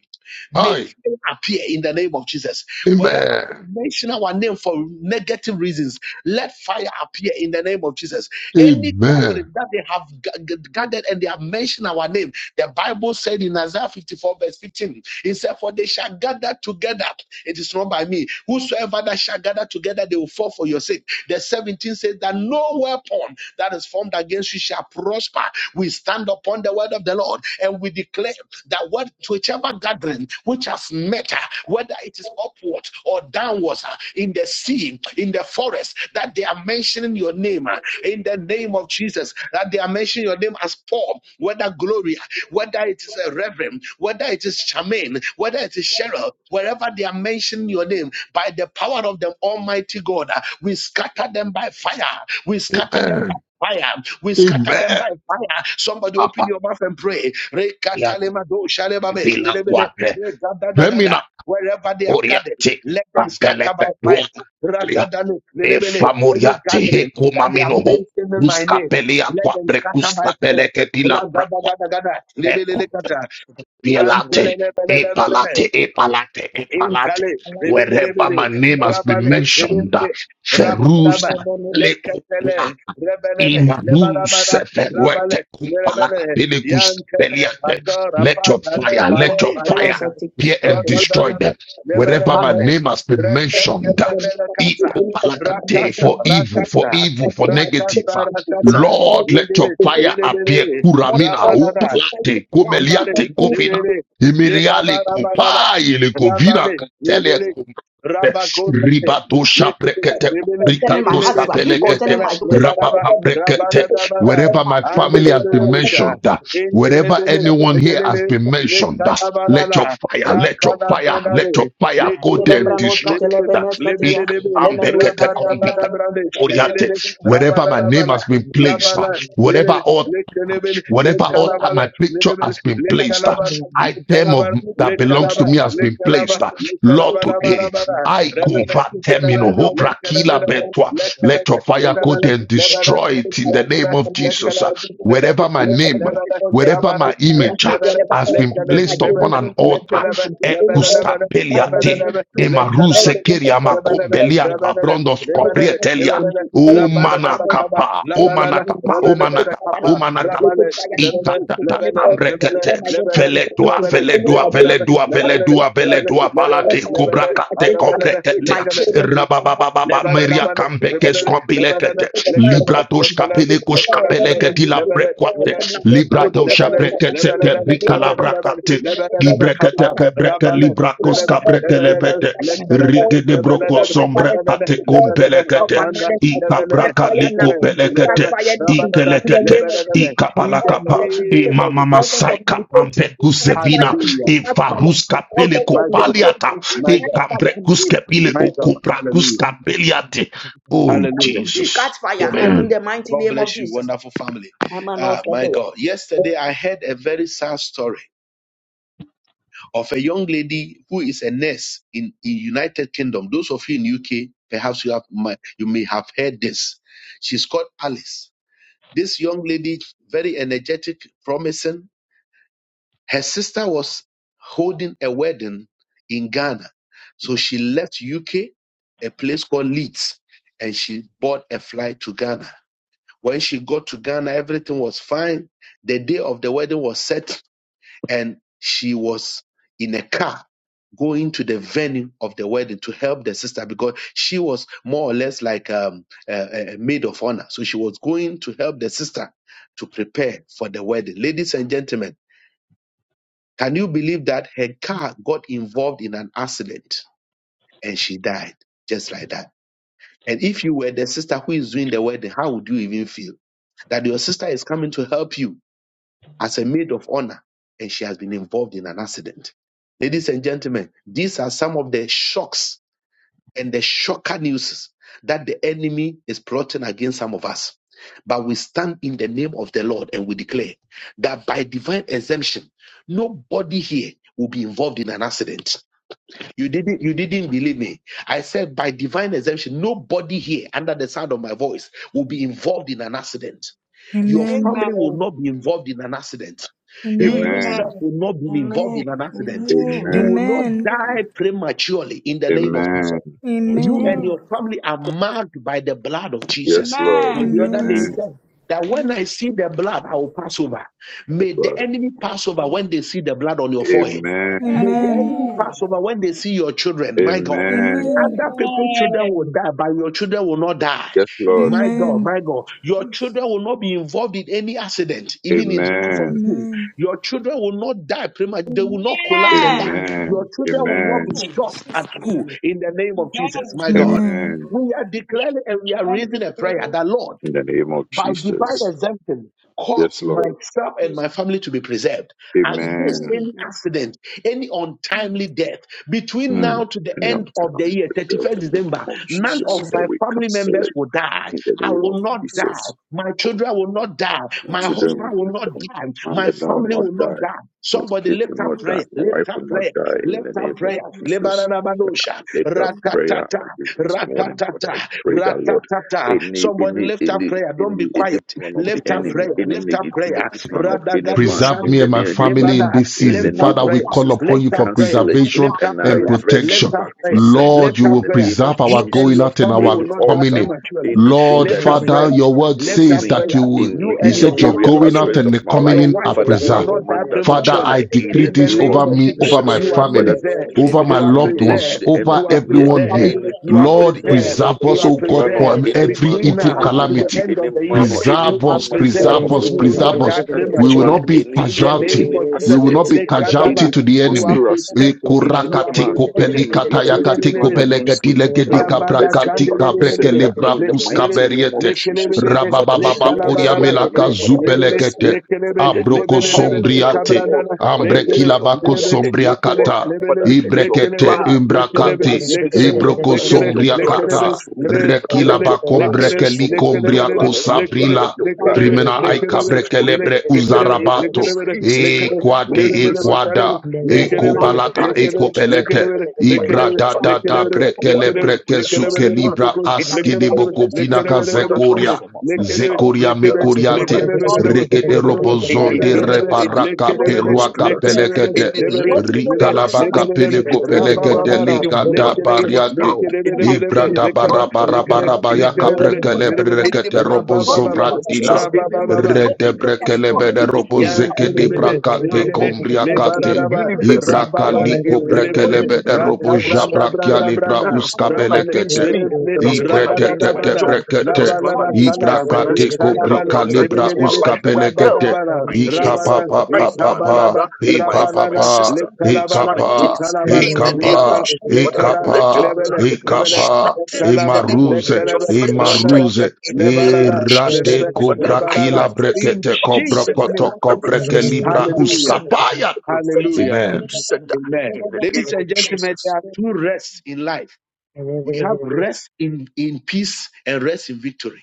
Speaker 1: may
Speaker 3: Hi.
Speaker 1: fear appear in the name of Jesus. Wherever they have
Speaker 3: Amen.
Speaker 1: mentioned our name for negative reasons, let fire appear in the name of Jesus. Any
Speaker 3: Amen.
Speaker 1: gathering that they have g- g- gathered and they have mentioned our name, the Bible said in Isaiah 54, verse 15, it said, For they shall gather together. It is not by me. Whosoever that shall gather together, they will fall for your sake. The 17 says that no weapon that is formed against you shall prosper. We stand upon the word of the Lord and we declare that what whichever gathering which has met, uh, whether it is upward or downwards, uh, in the sea, in the forest, that they are mentioning your name uh, in the name of Jesus, that they are mentioning your name as Paul, whether Gloria, whether it is a Reverend, whether it is Charmaine, whether it is Cheryl, wherever they are mentioning your name, by the power of the Almighty God, uh, we scatter them by fire, we scatter them
Speaker 3: Amen.
Speaker 1: by fire. We scatter them
Speaker 3: Amen.
Speaker 1: by fire. Somebody open your mouth and pray.
Speaker 3: Abatia,
Speaker 1: Rekatalemado shalebame,
Speaker 3: bila
Speaker 1: belebele,
Speaker 3: kwate.
Speaker 1: regadadagada.
Speaker 3: Vemina
Speaker 1: Wherever they have gathered,
Speaker 3: oriate.
Speaker 1: let them scatter by
Speaker 3: Ampelete
Speaker 1: fire.
Speaker 3: duokalia.
Speaker 1: Radadale, belebele.
Speaker 3: Efa
Speaker 1: Any
Speaker 3: moriate
Speaker 1: gathering
Speaker 3: hekuma
Speaker 1: that they are
Speaker 3: minoho.
Speaker 1: mentioning my name,
Speaker 3: Kuskapelia
Speaker 1: let
Speaker 3: kwa
Speaker 1: them scatter by fire.
Speaker 3: prekuskapeleke bila prakwate.
Speaker 1: Radadagadagada, lebelelekata,
Speaker 3: Bielate.
Speaker 1: antelelebelebelele.
Speaker 3: Epalate, epalate,
Speaker 1: Intale,
Speaker 3: epalate.
Speaker 1: rebele,
Speaker 3: Wherever
Speaker 1: rebele,
Speaker 3: my name has been
Speaker 1: rabale,
Speaker 3: mentioned,
Speaker 1: rebele,
Speaker 3: Ferus
Speaker 1: rabadaba, lekatele, rebele,
Speaker 3: Imanu
Speaker 1: lebanabana,
Speaker 3: seferwete
Speaker 1: rabale,
Speaker 3: kumpalaka
Speaker 1: rebele,
Speaker 3: pele
Speaker 1: yankele,
Speaker 3: kuspeliate.
Speaker 1: pato,
Speaker 3: Let your
Speaker 1: rapatale,
Speaker 3: fire,
Speaker 1: pare,
Speaker 2: Yeah,
Speaker 3: let your
Speaker 2: but I
Speaker 3: fire
Speaker 1: pareta,
Speaker 2: was
Speaker 3: hear and destroy
Speaker 1: rodadada,
Speaker 3: them.
Speaker 1: rebele,
Speaker 3: Wherever my
Speaker 1: rebele,
Speaker 3: name has been mentioned,
Speaker 1: rekatele, bele,
Speaker 3: e
Speaker 1: kasa,
Speaker 3: kupalaka te,
Speaker 1: rakasa,
Speaker 3: for evil, for
Speaker 1: rakasa,
Speaker 3: evil, for negative.
Speaker 1: rakasa,
Speaker 3: uh,
Speaker 1: rakasa,
Speaker 3: Lord, let
Speaker 1: indele,
Speaker 3: your fire appear.
Speaker 1: rebele,
Speaker 3: Kuramina,
Speaker 1: rabadada,
Speaker 3: upalate,
Speaker 1: Lebale,
Speaker 3: kumeliate, kofina.
Speaker 1: lebele, lebaba
Speaker 3: Imiriale
Speaker 1: rabarara,
Speaker 3: kupa, ile kovina,
Speaker 1: rabale,
Speaker 3: katele
Speaker 1: lebele,
Speaker 3: kumpe.
Speaker 1: rabakonda,
Speaker 3: Ribato
Speaker 1: lekele,
Speaker 3: shaprekete,
Speaker 1: lebele,
Speaker 2: concerning my
Speaker 1: lebele,
Speaker 2: husband,
Speaker 3: brikato
Speaker 2: concerning
Speaker 1: lekala,
Speaker 2: my to get the power
Speaker 1: lebaraba,
Speaker 2: of God. to
Speaker 3: Rabapaprekete.
Speaker 2: get the
Speaker 1: rabadadabada,
Speaker 3: Wherever my
Speaker 1: ande
Speaker 3: family has
Speaker 1: lebele
Speaker 3: been
Speaker 1: bosha,
Speaker 3: mentioned, uh,
Speaker 1: ente
Speaker 3: wherever
Speaker 1: lebele,
Speaker 3: anyone here has
Speaker 1: lebele,
Speaker 3: been mentioned, uh, let your
Speaker 1: lekalabalala,
Speaker 3: fire, let your fire, let your
Speaker 1: rakadabandare,
Speaker 3: fire go there
Speaker 1: lekelebe,
Speaker 3: and destroy
Speaker 1: lebele,
Speaker 3: it. uh.
Speaker 1: lebele, lebe,
Speaker 2: lemenos,
Speaker 3: Ikambekete
Speaker 2: kate
Speaker 3: kombika.
Speaker 2: lembranos,
Speaker 1: rabadabadabrande,
Speaker 2: kate
Speaker 3: Oriate.
Speaker 1: lebele,
Speaker 3: Wherever my name
Speaker 1: rabadabala,
Speaker 3: has been placed, uh,
Speaker 1: labala,
Speaker 3: whatever
Speaker 1: lebele,
Speaker 3: altar,
Speaker 1: lekelebe,
Speaker 3: whatever
Speaker 4: you.
Speaker 3: altar my picture
Speaker 1: lekalabala,
Speaker 3: has been placed, uh,
Speaker 1: Lekalaban,
Speaker 4: Thank
Speaker 3: item of
Speaker 1: Lekalaban,
Speaker 3: that belongs to
Speaker 1: Lekalaba,
Speaker 3: me has been
Speaker 1: Lekalaba,
Speaker 3: placed. uh, Lord, today
Speaker 1: Lekalabarabara,
Speaker 3: I
Speaker 1: Rebele,
Speaker 3: convert them in
Speaker 1: Rebele,
Speaker 3: hope, Rakila,
Speaker 1: Lekalabara,
Speaker 3: petua, let
Speaker 1: Lekalaba,
Speaker 3: your fire go
Speaker 1: Rebele,
Speaker 3: there and
Speaker 1: Lebele,
Speaker 3: destroy it in the name
Speaker 1: Lekala,
Speaker 3: of Jesus.
Speaker 1: Lekala,
Speaker 3: uh.
Speaker 1: Lele,
Speaker 3: Wherever my
Speaker 1: Le-
Speaker 3: name,
Speaker 1: Lebele,
Speaker 3: wherever
Speaker 1: Rabara,
Speaker 3: my
Speaker 1: Le-
Speaker 3: image uh,
Speaker 1: Lebele,
Speaker 3: has been
Speaker 1: Lekele,
Speaker 3: placed upon
Speaker 1: Rebele,
Speaker 3: an altar,
Speaker 1: Lekalaba, Lebele,
Speaker 3: Ekusta
Speaker 1: Lebele,
Speaker 3: peliate,
Speaker 1: Rebele, Lebe,
Speaker 3: emaruse keria
Speaker 1: Rabba
Speaker 3: makombelia kabrondos koprietelia. O manakapa, o manakapa, o manakapa, o manakapa. Itatata, amrekete, feledua, feledua, feledua, feledua, feledua, palate, kubrakate,
Speaker 1: in the
Speaker 3: Rabababa Maria Campekes Compilecate Libratos Capelecos Capelecati la Brequate Libratosha Brecete Bricalabracate Ibrecate Cabreke Libracos Cabrekelepete Rigue de
Speaker 4: you.
Speaker 3: Broco Sombre Ate
Speaker 4: Thank
Speaker 3: Compelecate Icabraca Lico Pelecate Icelecate Icapalacapa E
Speaker 1: name of
Speaker 3: Mamama
Speaker 1: Jesus,
Speaker 3: Saica Ampecusevina
Speaker 1: hallelujah,
Speaker 3: E Farusca Peleco
Speaker 1: my God,
Speaker 3: Paliata,
Speaker 1: my
Speaker 3: E
Speaker 1: God,
Speaker 3: cambrecus capile o
Speaker 1: my God,
Speaker 3: cupracus
Speaker 1: hallelujah,
Speaker 3: capeliate. Oh,
Speaker 1: hallelujah.
Speaker 3: Jesus.
Speaker 2: catch
Speaker 1: In
Speaker 2: fire,
Speaker 1: the name
Speaker 2: in
Speaker 1: of
Speaker 3: Amen.
Speaker 2: the
Speaker 1: God.
Speaker 2: mighty
Speaker 1: God
Speaker 2: name of
Speaker 1: bless you,
Speaker 2: Jesus.
Speaker 1: wonderful family.
Speaker 2: I'm an
Speaker 1: Ah, my
Speaker 2: Oscar.
Speaker 1: God. Yesterday, I heard a very sad story of a young lady who is a nurse in, in United Kingdom. Those of you in UK, perhaps you have might- you may have heard this. She's called Alice. This young lady, very energetic, promising. Her sister was holding a wedding in Ghana, so she left UK, a place called Leeds, and she bought a flight to Ghana When she got to Ghana, everything was fine. The day of the wedding was set, and she was in a car going to the venue of the wedding to help the sister because she was more or less like um, a, a maid of honor. So she was going to help the sister to prepare for the wedding. Ladies and gentlemen, can you believe that her car got involved in an accident and she died just like that? And if you were the sister who is doing the wedding, how would you even feel? That your sister is coming to help you as a maid of honor and she has been involved in an accident. Ladies and gentlemen, these are some of the shocks and the shocker news that the enemy is plotting against some of us. But we stand in the name of the Lord and we declare that by divine exemption, nobody here will be involved in an accident. You didn't you didn't believe me. I said by divine exemption, nobody here under the sound of my voice will be involved in an accident. Your
Speaker 5: Amen.
Speaker 1: family will not be
Speaker 6: Amen.
Speaker 1: involved in an accident. You
Speaker 5: Amen.
Speaker 6: Amen.
Speaker 1: yourself will not be involved in an
Speaker 7: Amen.
Speaker 1: accident.
Speaker 7: Amen.
Speaker 1: You
Speaker 6: Amen.
Speaker 1: will not
Speaker 5: Amen.
Speaker 1: die prematurely in the name of Jesus.
Speaker 7: Amen.
Speaker 1: You
Speaker 5: Amen.
Speaker 1: and
Speaker 6: Amen.
Speaker 1: your
Speaker 7: Amen.
Speaker 1: family are marked by the blood of
Speaker 6: Yes,
Speaker 1: Jesus.
Speaker 6: Lord.
Speaker 1: So the other day
Speaker 5: Amen.
Speaker 1: he
Speaker 6: Amen.
Speaker 7: Jesus.
Speaker 1: said that when
Speaker 7: Amen.
Speaker 1: I see the blood, I will pass over. May
Speaker 6: Papa.
Speaker 1: the enemy pass over when they see the blood on your forehead. May
Speaker 6: Amen.
Speaker 1: the
Speaker 5: Amen.
Speaker 1: enemy
Speaker 7: Amen.
Speaker 1: pass over when they see your children. My God.
Speaker 7: Amen.
Speaker 6: Amen.
Speaker 5: Amen.
Speaker 1: Other people's children will die, but your children will not die.
Speaker 6: Yes, Lord.
Speaker 1: My
Speaker 7: Amen.
Speaker 1: God,
Speaker 5: Amen.
Speaker 1: my God. Your children
Speaker 7: Jesus.
Speaker 1: will not be involved in any accident, even in
Speaker 7: Amen.
Speaker 1: from
Speaker 6: Amen.
Speaker 1: school.
Speaker 5: Amen.
Speaker 1: Your children will not die prematurely. They will not collapse and die.
Speaker 2: Amen.
Speaker 1: Your
Speaker 6: Amen.
Speaker 1: children will not be
Speaker 6: Amen.
Speaker 7: Amen.
Speaker 1: shot at
Speaker 7: Jesus.
Speaker 2: Amen.
Speaker 1: school
Speaker 7: Amen.
Speaker 1: in the name of Jesus, my God.
Speaker 5: Amen.
Speaker 6: Amen.
Speaker 1: We are declaring and we are raising a prayer that Lord,
Speaker 6: In the name of
Speaker 1: by divine
Speaker 6: Jesus.
Speaker 1: exemption,
Speaker 6: Yes,
Speaker 1: cause
Speaker 6: Lord.
Speaker 1: myself and
Speaker 2: Jesus.
Speaker 1: my family to be preserved against
Speaker 6: Amen.
Speaker 7: Amen.
Speaker 1: any accident, any untimely death between now
Speaker 6: Mm.
Speaker 1: to the
Speaker 6: Any
Speaker 1: end of the
Speaker 6: untimely
Speaker 1: year,
Speaker 6: rebels
Speaker 1: 31st
Speaker 6: in the
Speaker 1: December.
Speaker 6: name of
Speaker 1: None
Speaker 2: Preserve.
Speaker 6: Jesus,
Speaker 1: of
Speaker 7: Amen.
Speaker 6: that
Speaker 1: my
Speaker 6: we
Speaker 1: family
Speaker 6: cancel
Speaker 1: members
Speaker 6: it
Speaker 1: will die.
Speaker 6: in the
Speaker 1: I
Speaker 6: name of
Speaker 1: will not die.
Speaker 6: Jesus.
Speaker 1: My children will not die. My
Speaker 6: children will
Speaker 7: Amen.
Speaker 1: husband will
Speaker 6: not
Speaker 1: not
Speaker 6: die.
Speaker 1: die.
Speaker 6: My
Speaker 1: My
Speaker 6: mother will
Speaker 1: family
Speaker 6: not
Speaker 1: will
Speaker 7: Amen.
Speaker 1: not
Speaker 6: die.
Speaker 1: die.
Speaker 6: My
Speaker 1: Somebody
Speaker 6: kids will
Speaker 1: lift up
Speaker 6: not die.
Speaker 1: prayer,
Speaker 6: My wife
Speaker 1: lift up
Speaker 6: will not
Speaker 1: prayer,
Speaker 6: die in the
Speaker 1: lift up
Speaker 6: name
Speaker 7: Let
Speaker 6: of
Speaker 1: prayer.
Speaker 6: Jesus. But
Speaker 1: Lebaranabadosha,
Speaker 6: I lift that prayer
Speaker 1: rakatata.
Speaker 6: again this morning. But
Speaker 1: Ratatata,
Speaker 6: I pray that Lord,
Speaker 1: ratatata.
Speaker 6: any
Speaker 1: Somebody
Speaker 6: any
Speaker 1: lift up
Speaker 6: any
Speaker 1: prayer. Don't be
Speaker 6: any any
Speaker 1: quiet.
Speaker 6: plan of the
Speaker 1: Lift up
Speaker 6: enemy,
Speaker 1: prayer.
Speaker 6: any
Speaker 1: Lift up prayer.
Speaker 6: negativity plan of any
Speaker 1: Radagado
Speaker 6: man,
Speaker 3: Preserve
Speaker 6: in
Speaker 1: shani.
Speaker 3: me
Speaker 6: the
Speaker 3: and my
Speaker 6: name any
Speaker 3: family
Speaker 6: woman,
Speaker 3: in
Speaker 1: Lebada.
Speaker 3: this
Speaker 6: in
Speaker 1: Lift
Speaker 6: the
Speaker 3: season.
Speaker 1: up
Speaker 6: name
Speaker 3: Father,
Speaker 6: of
Speaker 3: we
Speaker 1: prayer.
Speaker 3: call
Speaker 6: Jesus, I
Speaker 3: upon
Speaker 1: Lift
Speaker 3: you for
Speaker 1: up prayer.
Speaker 6: cancel it
Speaker 3: preservation
Speaker 1: Lift up
Speaker 6: and I
Speaker 3: and
Speaker 1: prayer.
Speaker 6: reverse it
Speaker 1: Lift
Speaker 3: protection.
Speaker 6: back
Speaker 1: up
Speaker 6: to
Speaker 1: prayer.
Speaker 6: sender
Speaker 3: Lord,
Speaker 1: Lift
Speaker 3: you
Speaker 1: up
Speaker 6: in
Speaker 3: will
Speaker 6: the
Speaker 1: prayer.
Speaker 6: name of
Speaker 3: preserve our
Speaker 1: You and
Speaker 3: going
Speaker 6: Jesus.
Speaker 1: your
Speaker 3: out and
Speaker 1: family will
Speaker 3: our
Speaker 6: Any
Speaker 1: not
Speaker 4: you.
Speaker 1: die
Speaker 3: coming
Speaker 6: altar,
Speaker 3: in.
Speaker 1: prematurely.
Speaker 6: anything
Speaker 3: Lord,
Speaker 6: that
Speaker 1: Lift
Speaker 6: is
Speaker 1: up
Speaker 3: Father,
Speaker 1: prayer.
Speaker 3: your
Speaker 6: fighting
Speaker 3: word
Speaker 1: Lift
Speaker 6: against
Speaker 1: up
Speaker 3: says
Speaker 6: me
Speaker 3: that you
Speaker 1: prayer.
Speaker 3: will,
Speaker 6: in, in
Speaker 1: You
Speaker 3: you
Speaker 1: and
Speaker 6: any
Speaker 1: your
Speaker 3: said your
Speaker 1: family,
Speaker 6: area
Speaker 1: your
Speaker 3: going out
Speaker 6: aspect
Speaker 1: children,
Speaker 3: and
Speaker 6: of
Speaker 3: the
Speaker 6: my
Speaker 3: coming
Speaker 1: your
Speaker 6: life.
Speaker 3: in are
Speaker 1: wife
Speaker 6: Father, I
Speaker 1: will
Speaker 3: preserved.
Speaker 1: not die
Speaker 6: command her to
Speaker 3: Father,
Speaker 1: prematurely.
Speaker 3: I
Speaker 6: die in
Speaker 3: decree
Speaker 6: the
Speaker 1: In the
Speaker 3: this
Speaker 6: name
Speaker 1: name
Speaker 6: of
Speaker 3: over
Speaker 1: of
Speaker 3: me,
Speaker 1: Jesus,
Speaker 3: over my
Speaker 6: Jesus.
Speaker 1: you are
Speaker 6: Whether
Speaker 3: family,
Speaker 6: to
Speaker 1: preserved.
Speaker 6: be
Speaker 3: over
Speaker 6: with a
Speaker 3: my
Speaker 1: You are
Speaker 6: few
Speaker 3: loved
Speaker 6: days to
Speaker 3: ones,
Speaker 1: preserved.
Speaker 6: the end
Speaker 3: over
Speaker 6: of
Speaker 1: You
Speaker 6: the
Speaker 1: are
Speaker 6: year,
Speaker 3: everyone
Speaker 1: preserved.
Speaker 3: here.
Speaker 6: any
Speaker 1: You are
Speaker 6: plan of the
Speaker 3: Lord,
Speaker 1: preserved.
Speaker 6: enemy,
Speaker 3: preserve
Speaker 1: You
Speaker 3: us,
Speaker 1: are
Speaker 6: any
Speaker 3: O God,
Speaker 6: plan of
Speaker 1: preserved
Speaker 3: from
Speaker 6: any
Speaker 3: every
Speaker 6: man
Speaker 1: between
Speaker 6: or
Speaker 3: evil
Speaker 1: now
Speaker 6: any
Speaker 1: to the
Speaker 6: woman,
Speaker 3: calamity.
Speaker 1: end
Speaker 6: any
Speaker 1: of the
Speaker 6: man
Speaker 1: year.
Speaker 6: or any
Speaker 1: You
Speaker 3: Preserve
Speaker 1: are
Speaker 3: us,
Speaker 6: woman born
Speaker 1: preserved.
Speaker 3: preserve
Speaker 6: of the
Speaker 3: us,
Speaker 1: You will
Speaker 6: woman
Speaker 3: preserve
Speaker 1: not
Speaker 3: us
Speaker 1: die
Speaker 6: that has
Speaker 3: we will
Speaker 6: planned
Speaker 1: prematurely.
Speaker 3: not be
Speaker 6: any
Speaker 1: In the
Speaker 6: any
Speaker 3: casualty.
Speaker 1: name
Speaker 6: any
Speaker 1: of
Speaker 4: the
Speaker 3: We
Speaker 1: Jesus,
Speaker 3: will not
Speaker 6: accident,
Speaker 3: be
Speaker 1: Lekadaba,
Speaker 3: casualty
Speaker 6: any
Speaker 3: to the
Speaker 1: you are
Speaker 3: enemy.
Speaker 6: conspiracy,
Speaker 1: protected.
Speaker 6: any
Speaker 1: You are
Speaker 3: Ekurakate
Speaker 6: plan, any
Speaker 1: protected.
Speaker 3: kopelikata
Speaker 1: Lebe,
Speaker 6: negativity
Speaker 3: yakate
Speaker 1: lebe,
Speaker 6: plan
Speaker 1: lebe.
Speaker 6: against
Speaker 3: kopelegedi
Speaker 6: me. I
Speaker 3: legedi
Speaker 1: Rabada
Speaker 6: reverse it
Speaker 3: kabrakati
Speaker 6: back to
Speaker 3: kabrekele
Speaker 1: Candelebe,
Speaker 6: sender in
Speaker 1: let
Speaker 6: the
Speaker 3: brakus
Speaker 1: let
Speaker 6: mighty name of
Speaker 3: kaberiete.
Speaker 6: Jesus.
Speaker 1: Lekelebele,
Speaker 6: Father,
Speaker 3: Rabababa
Speaker 6: show
Speaker 3: puria
Speaker 6: mercy
Speaker 1: lekalabarara,
Speaker 6: upon
Speaker 3: melaka
Speaker 6: me.
Speaker 1: le-
Speaker 6: Father,
Speaker 1: lebele,
Speaker 6: bless me.
Speaker 3: zubelegete.
Speaker 6: Father,
Speaker 1: lekelebe,
Speaker 6: let your
Speaker 3: Abroko
Speaker 6: power
Speaker 1: lebelelebe,
Speaker 6: and your
Speaker 3: sombriate.
Speaker 6: glory.
Speaker 1: lekabrandana,
Speaker 6: Father, let
Speaker 1: lekele,
Speaker 3: Ambrekila
Speaker 6: your
Speaker 3: bako
Speaker 6: power
Speaker 1: lelebe,
Speaker 6: and your
Speaker 1: lekele,
Speaker 6: glory.
Speaker 3: sombriakata.
Speaker 6: Father,
Speaker 1: lebelele,
Speaker 6: let your
Speaker 3: Ibrekete
Speaker 1: lekelebele,
Speaker 6: blood, let your
Speaker 1: lekelebe,
Speaker 6: blood
Speaker 3: imbrakate.
Speaker 6: speak
Speaker 1: lekele,
Speaker 6: for me.
Speaker 3: Ibroko
Speaker 6: Father, let
Speaker 1: lekele,
Speaker 6: your blood
Speaker 1: lekelebe,
Speaker 6: speak
Speaker 3: sombriakata.
Speaker 6: for me.
Speaker 1: le-
Speaker 6: Father, let
Speaker 3: Rekila
Speaker 1: lebele,
Speaker 6: your blood
Speaker 1: lekele,
Speaker 6: speak for
Speaker 3: bakombrekeli
Speaker 6: me. Let your
Speaker 1: lekelebelele,
Speaker 6: blood,
Speaker 3: kombriako
Speaker 6: let your blood,
Speaker 1: lekele,
Speaker 6: let
Speaker 3: sabrila
Speaker 6: your blood, let
Speaker 1: lekelebe,
Speaker 6: your
Speaker 3: Krimena
Speaker 6: blood
Speaker 1: lekelebe,
Speaker 3: aikabre
Speaker 6: speak for me.
Speaker 1: lele,
Speaker 3: kelebre
Speaker 6: In the
Speaker 1: lekelebe,
Speaker 6: name of
Speaker 3: uzarabato.
Speaker 1: lekelebele,
Speaker 6: Jesus,
Speaker 3: E
Speaker 1: lekele,
Speaker 6: Father, will
Speaker 3: quade
Speaker 6: be
Speaker 3: e
Speaker 6: mercy.
Speaker 1: lebelele,
Speaker 3: quada.
Speaker 6: No,
Speaker 3: E
Speaker 1: Rabba
Speaker 3: kobalata
Speaker 6: name of
Speaker 3: e
Speaker 6: Jesus.
Speaker 3: kopelete.
Speaker 6: Like,
Speaker 3: Ibra da
Speaker 6: Father,
Speaker 3: da
Speaker 6: it
Speaker 3: da
Speaker 6: is what
Speaker 3: brekele
Speaker 6: in the way
Speaker 3: breke
Speaker 4: you.
Speaker 6: that has
Speaker 3: suke
Speaker 6: one.
Speaker 3: libra
Speaker 6: It
Speaker 3: aske
Speaker 6: needs
Speaker 3: de
Speaker 6: all
Speaker 3: boko
Speaker 6: this from my
Speaker 3: vinaka
Speaker 6: mother's house,
Speaker 3: zekoria.
Speaker 6: from my father's house
Speaker 3: Zekoria
Speaker 6: that has
Speaker 4: Thank
Speaker 6: come
Speaker 3: mekoriate.
Speaker 6: against me
Speaker 3: Regede
Speaker 6: any
Speaker 3: robozon de
Speaker 6: any any
Speaker 3: reparaka
Speaker 6: any
Speaker 3: peruaka
Speaker 6: conspiracy,
Speaker 3: pelekete.
Speaker 6: any link that has
Speaker 3: Rikalabaka
Speaker 6: linked me
Speaker 3: peleko
Speaker 6: with any man or
Speaker 3: pelekete
Speaker 6: any
Speaker 3: likada
Speaker 6: woman, any
Speaker 3: bariate.
Speaker 6: child, any
Speaker 3: Ibra
Speaker 6: any,
Speaker 3: da
Speaker 6: any
Speaker 3: bara
Speaker 6: old
Speaker 3: bara
Speaker 6: man,
Speaker 3: bara
Speaker 6: or any
Speaker 3: baya
Speaker 6: old woman,
Speaker 3: kaprekele
Speaker 6: any
Speaker 3: brekete
Speaker 6: man in the
Speaker 1: Baba,
Speaker 6: name of
Speaker 3: robozovratila.
Speaker 6: Jesus,
Speaker 1: Rabba
Speaker 6: any
Speaker 1: Baba,
Speaker 6: living thing, any
Speaker 3: Redebrekelebede
Speaker 6: non-living thing,
Speaker 3: robozeke de
Speaker 6: any
Speaker 1: Yantelebele,
Speaker 3: brakate
Speaker 6: plant
Speaker 1: lebelele,
Speaker 6: in, in, in the
Speaker 3: kombriakate.
Speaker 1: lebararaba,
Speaker 6: universe, in
Speaker 3: Ibraka
Speaker 6: every
Speaker 1: rababale,
Speaker 3: liko
Speaker 6: area, in
Speaker 1: lebelele,
Speaker 6: every
Speaker 3: brekelebede
Speaker 6: four
Speaker 3: robo
Speaker 6: corners of
Speaker 1: rakabranda,
Speaker 6: the
Speaker 3: jabrakia
Speaker 6: earth
Speaker 1: branda,
Speaker 3: libra
Speaker 1: branda,
Speaker 6: that has planned
Speaker 1: rabale,
Speaker 6: against
Speaker 3: uskabelekete.
Speaker 6: me,
Speaker 1: lebelele,
Speaker 6: that has planned against my
Speaker 3: Ibretete
Speaker 1: rabadadabada,
Speaker 6: job, that has
Speaker 3: brekete.
Speaker 6: planned against my
Speaker 1: labaladakala,
Speaker 3: Ibrakate
Speaker 6: finances, that has
Speaker 1: italabale,
Speaker 3: kobrika
Speaker 6: planned
Speaker 3: libra
Speaker 6: against my
Speaker 1: lebelelebe,
Speaker 6: life, my health
Speaker 3: uskabelekete.
Speaker 1: rabadabala,
Speaker 6: my kids,
Speaker 3: Ikapa
Speaker 1: rabada,
Speaker 3: pa pa
Speaker 6: wife,
Speaker 3: pa
Speaker 6: my
Speaker 3: pa.
Speaker 6: mother,
Speaker 1: ikabalaba,
Speaker 6: my
Speaker 3: Ikapa
Speaker 6: my
Speaker 1: rabalala,
Speaker 3: pa.
Speaker 6: sister,
Speaker 1: lekalabala,
Speaker 6: husband and
Speaker 3: Ikapa.
Speaker 6: kids.
Speaker 1: italabale,
Speaker 6: In the name of
Speaker 1: lebala,
Speaker 3: Ikapa.
Speaker 6: Jesus, Father,
Speaker 1: lekala,
Speaker 6: let your
Speaker 3: Ikapa.
Speaker 1: lebele,
Speaker 6: blood
Speaker 1: lebele,
Speaker 4: you.
Speaker 3: Ikapa.
Speaker 6: strengthen in
Speaker 1: lekalaba,
Speaker 6: the name of let
Speaker 3: Imaruze.
Speaker 6: your
Speaker 1: lekelebe,
Speaker 4: Thank
Speaker 6: fire
Speaker 1: rabadada,
Speaker 6: strengthen
Speaker 3: Imaruze.
Speaker 6: in the name of
Speaker 1: lebarada,
Speaker 6: Jesus.
Speaker 3: Erate
Speaker 1: lebele,
Speaker 6: Father,
Speaker 3: kobra
Speaker 6: I
Speaker 3: kila
Speaker 1: lebarada.
Speaker 6: reverse it
Speaker 1: In
Speaker 3: brekete
Speaker 6: back to
Speaker 3: kobra
Speaker 1: Jesus'
Speaker 6: sender.
Speaker 1: name.
Speaker 3: koto
Speaker 6: I
Speaker 3: kobre ke
Speaker 6: reverse it
Speaker 3: libra
Speaker 6: back to
Speaker 1: Hallelujah.
Speaker 6: sender.
Speaker 3: uskapaya.
Speaker 6: I reverse it
Speaker 1: Hallelujah.
Speaker 6: back to
Speaker 3: Amen.
Speaker 6: sender
Speaker 1: Amen.
Speaker 6: in the name
Speaker 1: Ladies
Speaker 6: of
Speaker 1: and gentlemen, there
Speaker 6: Jesus.
Speaker 1: are two rests in life. We have rest in, in peace and rest in victory.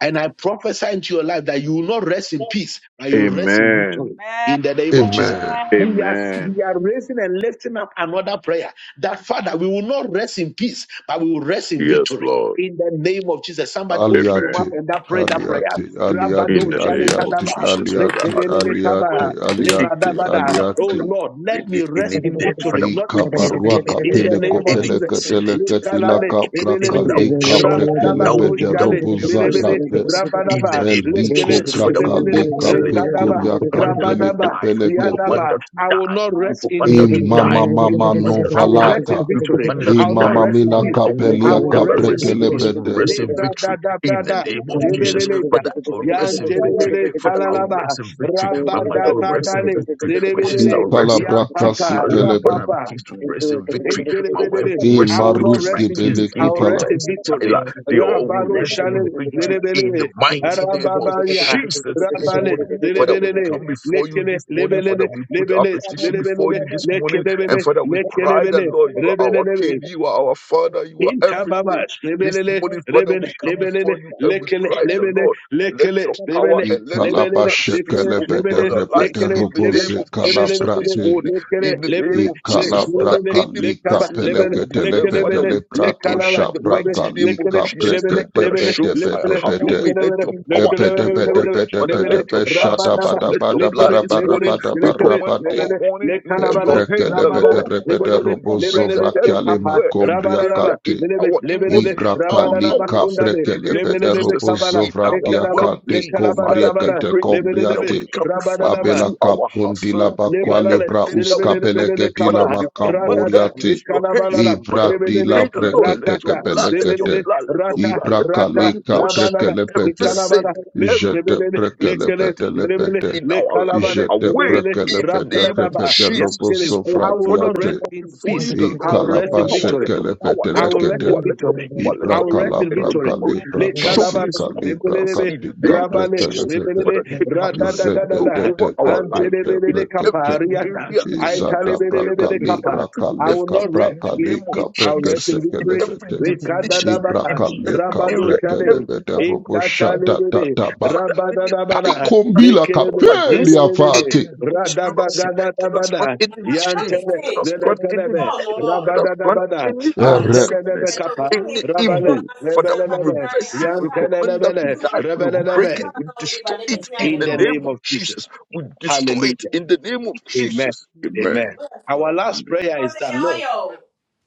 Speaker 1: And I prophesy into your life that you will not rest in peace, but you will rest in victory
Speaker 6: Amen.
Speaker 1: in the name of Jesus.
Speaker 3: Amen.
Speaker 1: We are,
Speaker 6: Amen.
Speaker 1: we are raising and lifting up another prayer that Father, we will not rest in peace, but we will rest in
Speaker 6: Yes,
Speaker 1: victory.
Speaker 6: Lord.
Speaker 1: In the name of Jesus, somebody open your
Speaker 6: Amen.
Speaker 1: mouth
Speaker 3: Aliate.
Speaker 1: and that pray that prayer.
Speaker 3: Aliate, aliate,
Speaker 6: In
Speaker 1: Rabado
Speaker 6: the name of
Speaker 3: aliate,
Speaker 1: shalekadaba,
Speaker 6: Jesus, Father,
Speaker 3: aliate,
Speaker 6: I pray the
Speaker 3: aliate,
Speaker 6: Lord.
Speaker 1: rekebelelekaba,
Speaker 3: aliate,
Speaker 6: You
Speaker 1: lebadabada.
Speaker 6: know,
Speaker 1: Oh
Speaker 6: Father,
Speaker 3: aliate.
Speaker 1: Lord, let me
Speaker 6: any,
Speaker 1: rest
Speaker 6: any
Speaker 1: in
Speaker 6: death,
Speaker 1: victory,
Speaker 6: Father, we
Speaker 1: not in
Speaker 3: Ika
Speaker 1: peace.
Speaker 6: cancel
Speaker 3: barua
Speaker 6: any
Speaker 1: In
Speaker 6: dead,
Speaker 1: the
Speaker 3: kapele
Speaker 1: name of
Speaker 6: any
Speaker 3: kopele
Speaker 1: Jesus.
Speaker 3: ketele
Speaker 6: accident, Father,
Speaker 3: ketila
Speaker 1: Lekalale,
Speaker 3: kabra
Speaker 6: anything that
Speaker 1: lebelelebe,
Speaker 6: would
Speaker 3: kalika
Speaker 6: shock,
Speaker 3: prekele
Speaker 6: that would,
Speaker 3: bede
Speaker 6: that would
Speaker 3: robo
Speaker 6: be rest
Speaker 1: rabadabakoshkale,
Speaker 6: in
Speaker 3: zabrate.
Speaker 6: peace. In the
Speaker 1: Rabadaba,
Speaker 6: name of
Speaker 3: Eliko
Speaker 1: Lekele,
Speaker 6: Jesus, Father, we
Speaker 3: braka
Speaker 1: Lelelele,
Speaker 3: lika
Speaker 6: cancel it. And
Speaker 1: Rekadaba,
Speaker 3: pekuria
Speaker 6: we command her
Speaker 3: kapele
Speaker 6: to
Speaker 1: Rabadaba,
Speaker 6: die.
Speaker 3: kopele
Speaker 6: We
Speaker 3: kete.
Speaker 6: command
Speaker 1: Yandaba.
Speaker 6: her to
Speaker 1: I will
Speaker 6: die.
Speaker 1: not
Speaker 6: We
Speaker 1: rest in,
Speaker 6: command her
Speaker 1: in,
Speaker 6: to
Speaker 1: in,
Speaker 6: die
Speaker 3: Imama
Speaker 1: vic- in
Speaker 3: mama
Speaker 1: peace.
Speaker 6: commander to
Speaker 1: I will
Speaker 6: die.
Speaker 1: rest in
Speaker 3: novalata.
Speaker 6: We
Speaker 1: victory.
Speaker 6: commander
Speaker 1: I
Speaker 6: to
Speaker 1: will not
Speaker 6: die.
Speaker 3: Imama
Speaker 1: rest in
Speaker 3: mina
Speaker 6: And
Speaker 1: peace.
Speaker 6: I
Speaker 1: I
Speaker 3: kapelia
Speaker 6: will
Speaker 1: will
Speaker 6: never
Speaker 1: rest in
Speaker 6: rest in
Speaker 1: victory.
Speaker 6: peace. We will
Speaker 3: kabrekelepete.
Speaker 6: rest
Speaker 1: Le
Speaker 6: in
Speaker 4: you.
Speaker 1: brada
Speaker 6: victory
Speaker 1: da
Speaker 6: in the
Speaker 1: brada.
Speaker 6: name of
Speaker 4: Thank
Speaker 6: Jesus.
Speaker 1: Lebeleleta,
Speaker 6: Father, I will rest in victory.
Speaker 1: Yantelele,
Speaker 6: Father, I will
Speaker 1: Halalaba,
Speaker 6: rest in victory. My mother
Speaker 1: Rabada
Speaker 6: will
Speaker 1: da
Speaker 6: rest
Speaker 1: da
Speaker 6: in
Speaker 1: le
Speaker 6: victory. My sister
Speaker 1: Lebelele,
Speaker 6: will rest in
Speaker 1: Ya
Speaker 3: Ikalabraka
Speaker 6: victory. My
Speaker 1: Papa, Ya
Speaker 3: kelepe.
Speaker 6: husband and
Speaker 1: Papa,
Speaker 6: kids will rest in victory. My wife
Speaker 1: Ekelebelele.
Speaker 6: rests
Speaker 1: I
Speaker 6: in
Speaker 1: will not
Speaker 6: victory. My
Speaker 3: Imaruski
Speaker 1: rest in
Speaker 6: kids,
Speaker 1: peace. I will
Speaker 6: Gady,
Speaker 1: rest
Speaker 3: belekopala.
Speaker 1: in
Speaker 6: Tyson,
Speaker 1: victory.
Speaker 6: Tyler, they all will
Speaker 1: Rabalo
Speaker 6: rest in
Speaker 1: shale-
Speaker 6: victory in the
Speaker 1: lelebelele.
Speaker 6: mighty name of
Speaker 1: Arababaria.
Speaker 6: Jesus this
Speaker 1: Rabale
Speaker 6: morning. Father, we
Speaker 1: lelebelele.
Speaker 6: come before you
Speaker 1: Lekele
Speaker 6: this morning. Father,
Speaker 1: lebelele.
Speaker 6: we put our
Speaker 1: Lebele
Speaker 6: petition before
Speaker 1: lelebelele.
Speaker 6: you this morning.
Speaker 1: Lekelebele
Speaker 6: And Father, we cry that,
Speaker 1: lekelebele.
Speaker 6: Lord, you are our
Speaker 1: rebelele
Speaker 6: King, you are our Father, you are
Speaker 1: Intababa,
Speaker 6: everything. This
Speaker 1: lebelele,
Speaker 6: morning, Father,
Speaker 1: lebele,
Speaker 6: we come
Speaker 1: lebele
Speaker 6: before you and we
Speaker 1: lekele,
Speaker 6: cry, the
Speaker 1: lebele,
Speaker 6: Lord, let
Speaker 1: lekele,
Speaker 6: your power
Speaker 1: lebele,
Speaker 6: and let your
Speaker 1: lebele
Speaker 6: blood speak
Speaker 1: lekele,
Speaker 6: over
Speaker 3: Ikalabashekelepete
Speaker 1: lebele,
Speaker 6: our
Speaker 3: repete
Speaker 6: lives
Speaker 1: lekele,
Speaker 6: in the
Speaker 1: lebele,
Speaker 6: name
Speaker 3: roboze
Speaker 6: of
Speaker 1: lebele,
Speaker 6: Jesus
Speaker 1: lebele,
Speaker 6: this
Speaker 3: kalabrate.
Speaker 6: morning.
Speaker 1: lekele,
Speaker 6: In the name
Speaker 1: lebele,
Speaker 6: of
Speaker 1: lek-
Speaker 6: Jesus, Father,
Speaker 1: lebele,
Speaker 3: Ikalabraka
Speaker 6: any
Speaker 3: lika
Speaker 1: lekaba,
Speaker 6: blessings that
Speaker 1: lebele,
Speaker 6: we deserve, Father,
Speaker 3: peleketelepete
Speaker 1: lekelebele,
Speaker 6: we take
Speaker 3: leprato
Speaker 6: it
Speaker 1: lekalaba,
Speaker 6: in the
Speaker 1: lebele
Speaker 3: shabraka
Speaker 6: mighty name of
Speaker 1: lekele,
Speaker 3: lika
Speaker 6: Jesus.
Speaker 1: lebele,
Speaker 6: Father,
Speaker 1: lebele,
Speaker 6: show
Speaker 3: brekedepete
Speaker 6: fire,
Speaker 3: pete
Speaker 1: lekele,
Speaker 6: have your
Speaker 3: pete.
Speaker 6: way, let
Speaker 1: lekelebele,
Speaker 6: your power and
Speaker 3: Epete
Speaker 6: your
Speaker 1: lekelebele,
Speaker 3: pete
Speaker 6: glory,
Speaker 1: lebele,
Speaker 3: pete
Speaker 6: Father,
Speaker 3: pete
Speaker 6: let
Speaker 1: lebele,
Speaker 6: your
Speaker 3: pete
Speaker 6: blood speak from,
Speaker 1: rabadaba,
Speaker 3: shatabata
Speaker 6: let your
Speaker 3: bata
Speaker 6: blood
Speaker 1: lekele,
Speaker 3: bata
Speaker 6: this
Speaker 3: bata
Speaker 1: lebele,
Speaker 6: morning. We
Speaker 3: bata
Speaker 1: lekele,
Speaker 6: command
Speaker 3: bata
Speaker 6: our
Speaker 1: lebele,
Speaker 6: morning into your
Speaker 1: lekalabara,
Speaker 6: hands,
Speaker 3: Ebrekele
Speaker 6: the Lord.
Speaker 1: rabadara,
Speaker 3: bedere
Speaker 6: Father,
Speaker 3: bedere
Speaker 1: lebelele,
Speaker 6: we
Speaker 3: bozo
Speaker 6: pray that
Speaker 1: lebelele,
Speaker 3: vrakale
Speaker 1: lekapa,
Speaker 6: everywhere, every
Speaker 3: makombria
Speaker 6: area, in
Speaker 3: kate.
Speaker 1: Lebe,
Speaker 6: our
Speaker 1: lebe,
Speaker 6: inwards,
Speaker 1: lebe,
Speaker 6: in
Speaker 3: Ibra
Speaker 6: our
Speaker 1: rabana,
Speaker 3: kalika
Speaker 6: outwards,
Speaker 1: rabakunda
Speaker 6: in
Speaker 1: be,
Speaker 6: the
Speaker 3: brekele
Speaker 6: name
Speaker 1: lebe,
Speaker 6: of
Speaker 1: lebe,
Speaker 3: bedere
Speaker 1: lebe,
Speaker 6: Jesus,
Speaker 1: kabala,
Speaker 3: bozo
Speaker 6: in our
Speaker 3: vratia
Speaker 1: ekalaba,
Speaker 6: well
Speaker 3: kate
Speaker 6: being,
Speaker 1: lekalabala,
Speaker 6: Father,
Speaker 3: kombria
Speaker 6: we
Speaker 1: rabana,
Speaker 3: kate
Speaker 6: pray.
Speaker 1: lebe, lebe,
Speaker 3: kombria
Speaker 6: Father, we
Speaker 3: te.
Speaker 1: lebe,
Speaker 6: come
Speaker 1: rabana,
Speaker 6: before you
Speaker 1: raba,
Speaker 3: Abela
Speaker 6: through our
Speaker 3: kapundi la
Speaker 6: hustling in
Speaker 1: lebala,
Speaker 3: bakwale
Speaker 1: le,
Speaker 3: bra
Speaker 6: everything
Speaker 1: lebe,
Speaker 6: that
Speaker 1: lebe,
Speaker 6: we
Speaker 1: lebe,
Speaker 3: uskapele
Speaker 6: do.
Speaker 1: lebe,
Speaker 3: keti
Speaker 1: kaba,
Speaker 6: Father,
Speaker 3: la
Speaker 6: we command that
Speaker 3: makamboria
Speaker 1: radada,
Speaker 3: te.
Speaker 6: into your
Speaker 1: lekalabala,
Speaker 6: hands.
Speaker 1: ram,
Speaker 6: Father,
Speaker 3: Ibra
Speaker 1: lebe,
Speaker 6: we
Speaker 3: di
Speaker 1: lebe,
Speaker 3: la
Speaker 6: pray the Lord, let
Speaker 3: brekete
Speaker 6: your
Speaker 1: ratata,
Speaker 6: blood,
Speaker 3: kepele
Speaker 6: let
Speaker 1: lebe,
Speaker 6: your
Speaker 1: lebe,
Speaker 3: kete.
Speaker 6: blood, let your
Speaker 1: rata,
Speaker 6: blood,
Speaker 3: Ibra
Speaker 6: let your
Speaker 1: rata,
Speaker 6: blood
Speaker 3: kalika
Speaker 6: wash
Speaker 1: rabana, la,
Speaker 3: brekele
Speaker 6: every
Speaker 3: pete.
Speaker 6: sin,
Speaker 1: lekalabala, le, lebe,
Speaker 6: every
Speaker 3: Jete
Speaker 1: lebe,
Speaker 3: brekele
Speaker 1: lekele,
Speaker 6: negativity
Speaker 3: pete le
Speaker 6: thing
Speaker 1: lebe, le,
Speaker 6: in our life
Speaker 1: lekalabale,
Speaker 3: Jete
Speaker 1: lebe,
Speaker 6: away
Speaker 1: lebe,
Speaker 6: in the
Speaker 3: prekelepete
Speaker 1: rabana,
Speaker 6: name of
Speaker 1: raba,
Speaker 3: repete
Speaker 6: Jesus
Speaker 3: robo
Speaker 1: yakele.
Speaker 6: this
Speaker 1: I
Speaker 6: morning.
Speaker 1: will
Speaker 6: Father,
Speaker 1: not
Speaker 6: we
Speaker 1: rest
Speaker 3: sofratiate.
Speaker 6: come
Speaker 1: in
Speaker 6: before you,
Speaker 1: peace.
Speaker 6: the
Speaker 3: I
Speaker 1: I
Speaker 6: Lord.
Speaker 1: will rest in
Speaker 6: Power,
Speaker 3: kalabashe
Speaker 1: victory.
Speaker 6: let your power,
Speaker 3: kelepete
Speaker 6: let
Speaker 1: I
Speaker 6: your
Speaker 1: will rest
Speaker 3: lekete.
Speaker 6: power,
Speaker 1: in
Speaker 6: let your
Speaker 1: victory.
Speaker 3: I
Speaker 6: power, let
Speaker 1: I
Speaker 6: your power
Speaker 1: will rest
Speaker 3: brakala
Speaker 1: in
Speaker 6: and your
Speaker 1: victory.
Speaker 6: glory.
Speaker 3: brakale
Speaker 1: Le
Speaker 6: Show
Speaker 1: kalaba
Speaker 3: brakasi
Speaker 6: mercy upon
Speaker 3: kalibra
Speaker 6: us
Speaker 1: rebelelebe
Speaker 6: in the
Speaker 3: katika
Speaker 6: name of
Speaker 1: rabale
Speaker 3: brekele
Speaker 6: Jesus.
Speaker 3: pete.
Speaker 1: rebelele
Speaker 6: Father, take absolute
Speaker 3: Izede
Speaker 6: control
Speaker 3: de
Speaker 1: radadagadada
Speaker 6: over
Speaker 3: de de
Speaker 6: our
Speaker 3: de
Speaker 6: life
Speaker 3: de
Speaker 6: in
Speaker 1: antelebelele
Speaker 6: every
Speaker 3: prekelepete.
Speaker 1: kapariata
Speaker 6: area, in every area,
Speaker 1: aitalebelelebele
Speaker 6: in
Speaker 1: kapa.
Speaker 6: every
Speaker 1: I will not
Speaker 6: definition,
Speaker 1: rest
Speaker 6: in the
Speaker 1: in
Speaker 6: name of
Speaker 1: peace. I will rest
Speaker 6: Jesus,
Speaker 1: in
Speaker 6: in
Speaker 1: victory.
Speaker 6: every definition,
Speaker 1: Rekadadaba
Speaker 6: in every
Speaker 1: rabado
Speaker 6: area, in
Speaker 1: chale
Speaker 6: every corner
Speaker 1: ekatalebele
Speaker 6: for the enemy
Speaker 3: I
Speaker 6: power
Speaker 1: rabadadabala
Speaker 6: that has
Speaker 3: combila
Speaker 6: come
Speaker 1: lekelebe
Speaker 3: capelli
Speaker 6: against
Speaker 1: rebelelebe
Speaker 6: any
Speaker 3: afate
Speaker 6: conspiracy, that has brought
Speaker 1: radabagadadabada
Speaker 6: any shame,
Speaker 7: me
Speaker 1: yantele
Speaker 6: that
Speaker 7: see.
Speaker 6: has brought any
Speaker 1: lelekelebe
Speaker 7: Come
Speaker 6: death,
Speaker 7: on.
Speaker 6: that has brought
Speaker 1: rabadadabada
Speaker 6: any, any
Speaker 7: Rono.
Speaker 1: Antelelebe
Speaker 6: sickness,
Speaker 7: Hello,
Speaker 1: kapa.
Speaker 6: any
Speaker 7: nami kame draw
Speaker 1: Rabale.
Speaker 6: evil.
Speaker 7: na se
Speaker 6: Father,
Speaker 7: mutan
Speaker 6: we
Speaker 1: Rebelelebe.
Speaker 7: kapitane
Speaker 6: reverse it. We
Speaker 7: ashkala.
Speaker 6: command that to
Speaker 1: Yantelelebele.
Speaker 7: Itu
Speaker 6: die.
Speaker 7: u
Speaker 6: We break it.
Speaker 1: Rebelelebe.
Speaker 7: ashkala
Speaker 6: We
Speaker 7: na odiba
Speaker 6: destroy
Speaker 7: ne
Speaker 6: it
Speaker 7: betumi
Speaker 6: in
Speaker 7: ayɛ
Speaker 1: In
Speaker 6: the
Speaker 1: the
Speaker 7: dɔɔ no.
Speaker 6: name
Speaker 1: name of
Speaker 6: of
Speaker 1: Jesus.
Speaker 6: Jesus. We destroy it
Speaker 1: Hallelujah.
Speaker 6: in the name of
Speaker 1: Amen.
Speaker 6: Jesus. Amen.
Speaker 1: Amen.
Speaker 7: Oyɛ
Speaker 1: Our
Speaker 7: sure.
Speaker 1: last prayer is
Speaker 7: Kɔsɛ
Speaker 1: that,
Speaker 7: yɛ
Speaker 1: Lord,
Speaker 7: ɔyɛ o.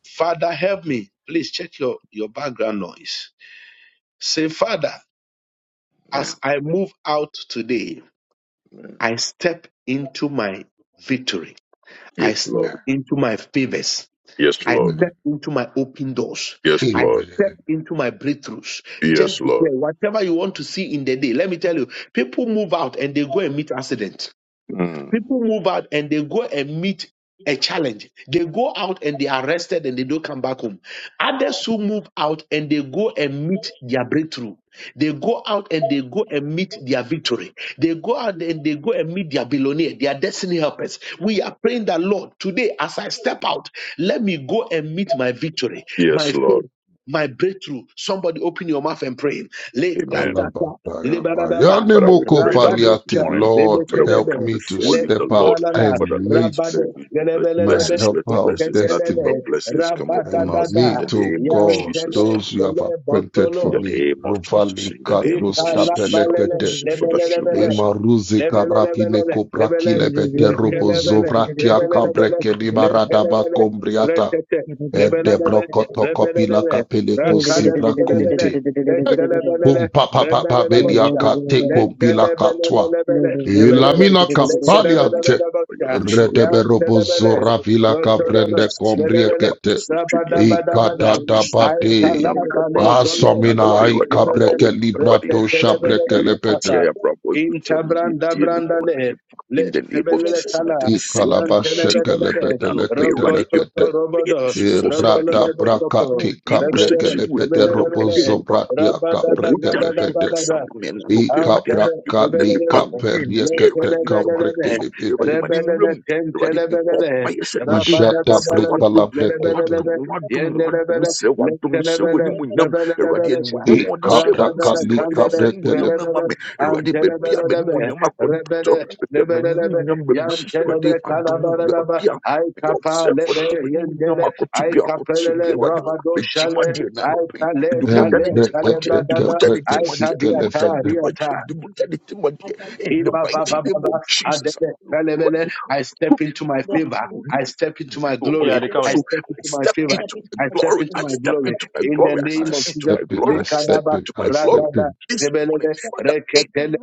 Speaker 1: Father, help me. Please check your, your background noise. Say, Father, as
Speaker 6: Amen.
Speaker 1: I move out today,
Speaker 6: Amen.
Speaker 1: I step into my victory.
Speaker 6: Yes,
Speaker 1: I step
Speaker 6: Lord.
Speaker 1: into my favors.
Speaker 6: Yes,
Speaker 1: I
Speaker 6: Lord.
Speaker 1: step
Speaker 3: Amen.
Speaker 1: into my open doors.
Speaker 6: Yes,
Speaker 1: I
Speaker 6: Lord.
Speaker 1: step
Speaker 3: Amen.
Speaker 1: into my breakthroughs.
Speaker 6: Yes,
Speaker 1: Just
Speaker 6: Lord.
Speaker 1: declare whatever you want to see in the day. Let me tell you, people move out and they go and meet accident.
Speaker 6: Mm.
Speaker 1: People move out and they go and meet a challenge. They go out and they are arrested and they don't come back home. Others who move out and they go and meet their breakthrough. They go out and they go and meet their victory. They go out and they go and meet their billionaire, their destiny helpers. We are praying that Lord, today as I step out, let me go and meet my victory, my
Speaker 6: Yes, Lord.
Speaker 1: faith, my breakthrough. Somebody open your mouth and pray. Le
Speaker 6: Amen.
Speaker 1: katata, le
Speaker 3: Alabatayaba.
Speaker 1: barababa,
Speaker 6: Father, we
Speaker 3: Yanemoko
Speaker 6: pray that this
Speaker 1: rabado cha,
Speaker 3: faliate.
Speaker 6: morning,
Speaker 3: Lord,
Speaker 6: Father, we
Speaker 3: help
Speaker 6: come
Speaker 3: me to
Speaker 6: before
Speaker 1: let
Speaker 6: you, the
Speaker 3: step
Speaker 6: Lord.
Speaker 3: out
Speaker 1: balala
Speaker 6: Father,
Speaker 3: and
Speaker 6: let
Speaker 3: meet
Speaker 1: rabade
Speaker 6: let
Speaker 3: my
Speaker 1: gelebelelebe
Speaker 6: blessings, let
Speaker 3: helper of
Speaker 6: blessings, nothing
Speaker 3: destiny.
Speaker 1: geketelele
Speaker 6: but blessings come upon
Speaker 3: And
Speaker 6: us in
Speaker 1: rabadadada
Speaker 6: the
Speaker 3: meet, O
Speaker 6: name of
Speaker 3: God,
Speaker 6: Jesus.
Speaker 1: yantele
Speaker 3: those you have
Speaker 1: tele
Speaker 3: appointed
Speaker 6: In
Speaker 3: for
Speaker 6: the
Speaker 1: botolo
Speaker 3: me.
Speaker 6: name of Jesus,
Speaker 3: Rovali
Speaker 6: in the name of
Speaker 3: katlos
Speaker 1: ikala
Speaker 6: Jesus, shall we
Speaker 1: balele
Speaker 3: kapelekete.
Speaker 6: see for that
Speaker 4: you.
Speaker 6: true
Speaker 1: lebelelebe
Speaker 6: mercy.
Speaker 3: Emaruzi karapine
Speaker 1: Lebelebelele, lebele,
Speaker 3: kobrakilebete robo
Speaker 4: Thank
Speaker 1: lekelebele,
Speaker 3: zovratia
Speaker 1: lebelebele,
Speaker 3: kabrekeni maradaba
Speaker 1: lekelebele,
Speaker 3: kombriata.
Speaker 1: retete,
Speaker 3: Ede
Speaker 1: lebelebe,
Speaker 3: brokoto kopila
Speaker 1: lebelebe,
Speaker 3: kapele kosibra
Speaker 1: rakalebelebele,
Speaker 3: kunte. Hey.
Speaker 1: lekelebelele,
Speaker 3: Kum papa papa belia
Speaker 1: rebelebosha,
Speaker 3: kate kompila katwa.
Speaker 1: lekelebelebelebele, lebelele,
Speaker 3: Ilamina
Speaker 6: Thank you
Speaker 3: kapaliate.
Speaker 6: for your
Speaker 1: lekelebelebelebosha,
Speaker 6: children.
Speaker 3: Redeberobo
Speaker 1: yantelebele,
Speaker 3: zora vila
Speaker 6: in
Speaker 1: rotololo,
Speaker 3: kabrende
Speaker 1: lebele,
Speaker 3: kombriekete.
Speaker 1: rabadabadabada,
Speaker 3: Ikata tabate.
Speaker 1: aitalabale, zolo, ale,
Speaker 3: Asomina ai
Speaker 4: you.
Speaker 1: lebele,
Speaker 3: kabreke librato
Speaker 1: retete,
Speaker 3: shabreke
Speaker 1: lebelebele,
Speaker 3: lepete.
Speaker 1: kapa, in tabranda brandale. Let
Speaker 6: the name of
Speaker 1: rebele
Speaker 6: Jesus, in
Speaker 1: kala.
Speaker 6: the same
Speaker 1: Yan
Speaker 6: team,
Speaker 3: Ikalabasheke
Speaker 1: tenebele.
Speaker 6: and
Speaker 3: lepete
Speaker 6: I not pay
Speaker 3: lekete
Speaker 6: ready a
Speaker 1: Rokoto
Speaker 3: lekete.
Speaker 6: pump, pay a
Speaker 1: robodo.
Speaker 6: force
Speaker 1: Robolo
Speaker 6: ready.
Speaker 3: Irata
Speaker 1: lobo sopo.
Speaker 3: brakati
Speaker 6: Deal with
Speaker 1: Rebele.
Speaker 6: century
Speaker 3: kaprekele
Speaker 6: with
Speaker 3: pete
Speaker 6: Munyam and the
Speaker 1: Rebele.
Speaker 3: robozo
Speaker 6: Duma.
Speaker 3: bratia
Speaker 1: Rabada
Speaker 3: kaprekele
Speaker 6: Mujamil,
Speaker 3: pete.
Speaker 1: da
Speaker 6: some men are no
Speaker 1: I
Speaker 3: I
Speaker 6: pay ready.
Speaker 1: kapele
Speaker 6: You could
Speaker 3: kaprakali
Speaker 6: be bumped in dear
Speaker 3: kaperiekete
Speaker 6: ready, be your work, some
Speaker 3: kambrekele pete.
Speaker 6: ready, my name room, ready, be pump, pay a set ready
Speaker 3: Ijata
Speaker 6: wadom
Speaker 3: brekala
Speaker 6: ma
Speaker 3: brekete.
Speaker 6: wadom ma wadom ma wadom sɛ wadom hyɛ w'animuonyam awurade animuonyam a
Speaker 3: I
Speaker 6: wɔde hyɛɛ moses
Speaker 3: kaprakali
Speaker 6: awurade fa sɛ
Speaker 3: kabrekele
Speaker 6: animuonyam no
Speaker 3: pete.
Speaker 6: ma me awurade baabi a m'animuonyam akɔdɔ baabi a m'animuonyam bɛmehyehyɛ awurade adom baabi a mede ɔsɛfo de m'animuonyam akɔto bi akɔkyɛ bi awurade
Speaker 1: rabado shale
Speaker 6: megyimadeɛ na
Speaker 1: I
Speaker 6: nɔpɛ yi
Speaker 1: tale
Speaker 6: mede mogya no
Speaker 1: tale tale
Speaker 6: gyimadeɛ
Speaker 3: Embrekete
Speaker 6: mede
Speaker 1: bradada
Speaker 6: mogya no
Speaker 3: kebreke
Speaker 6: gyimadeɛ mede
Speaker 3: sikele
Speaker 6: mogya no
Speaker 1: Aitadiata, diata,
Speaker 3: fete.
Speaker 1: diata
Speaker 6: gyimadeɛ mede mogya no gyimadeɛ in the mighty name of jesus
Speaker 1: I
Speaker 6: so
Speaker 1: step into my favor. I step into my
Speaker 8: Yeah,
Speaker 1: glory.
Speaker 8: they coming.
Speaker 1: I step
Speaker 6: I
Speaker 1: into my
Speaker 6: step
Speaker 1: favor.
Speaker 6: into my
Speaker 1: I step
Speaker 6: glory.
Speaker 1: into
Speaker 6: I
Speaker 1: my
Speaker 6: step
Speaker 1: glory.
Speaker 6: into my
Speaker 1: In the
Speaker 6: glory. I
Speaker 3: I
Speaker 1: name
Speaker 6: step
Speaker 1: of
Speaker 6: into
Speaker 1: Jesus.
Speaker 6: my
Speaker 3: step in,
Speaker 6: glory.
Speaker 3: I
Speaker 6: I step
Speaker 3: step
Speaker 1: Likadaba,
Speaker 3: in,
Speaker 6: into my
Speaker 3: I
Speaker 6: glory.
Speaker 3: step
Speaker 1: radada,
Speaker 3: in.
Speaker 6: This morning,
Speaker 1: lebelele,
Speaker 6: Father, any
Speaker 1: reketele,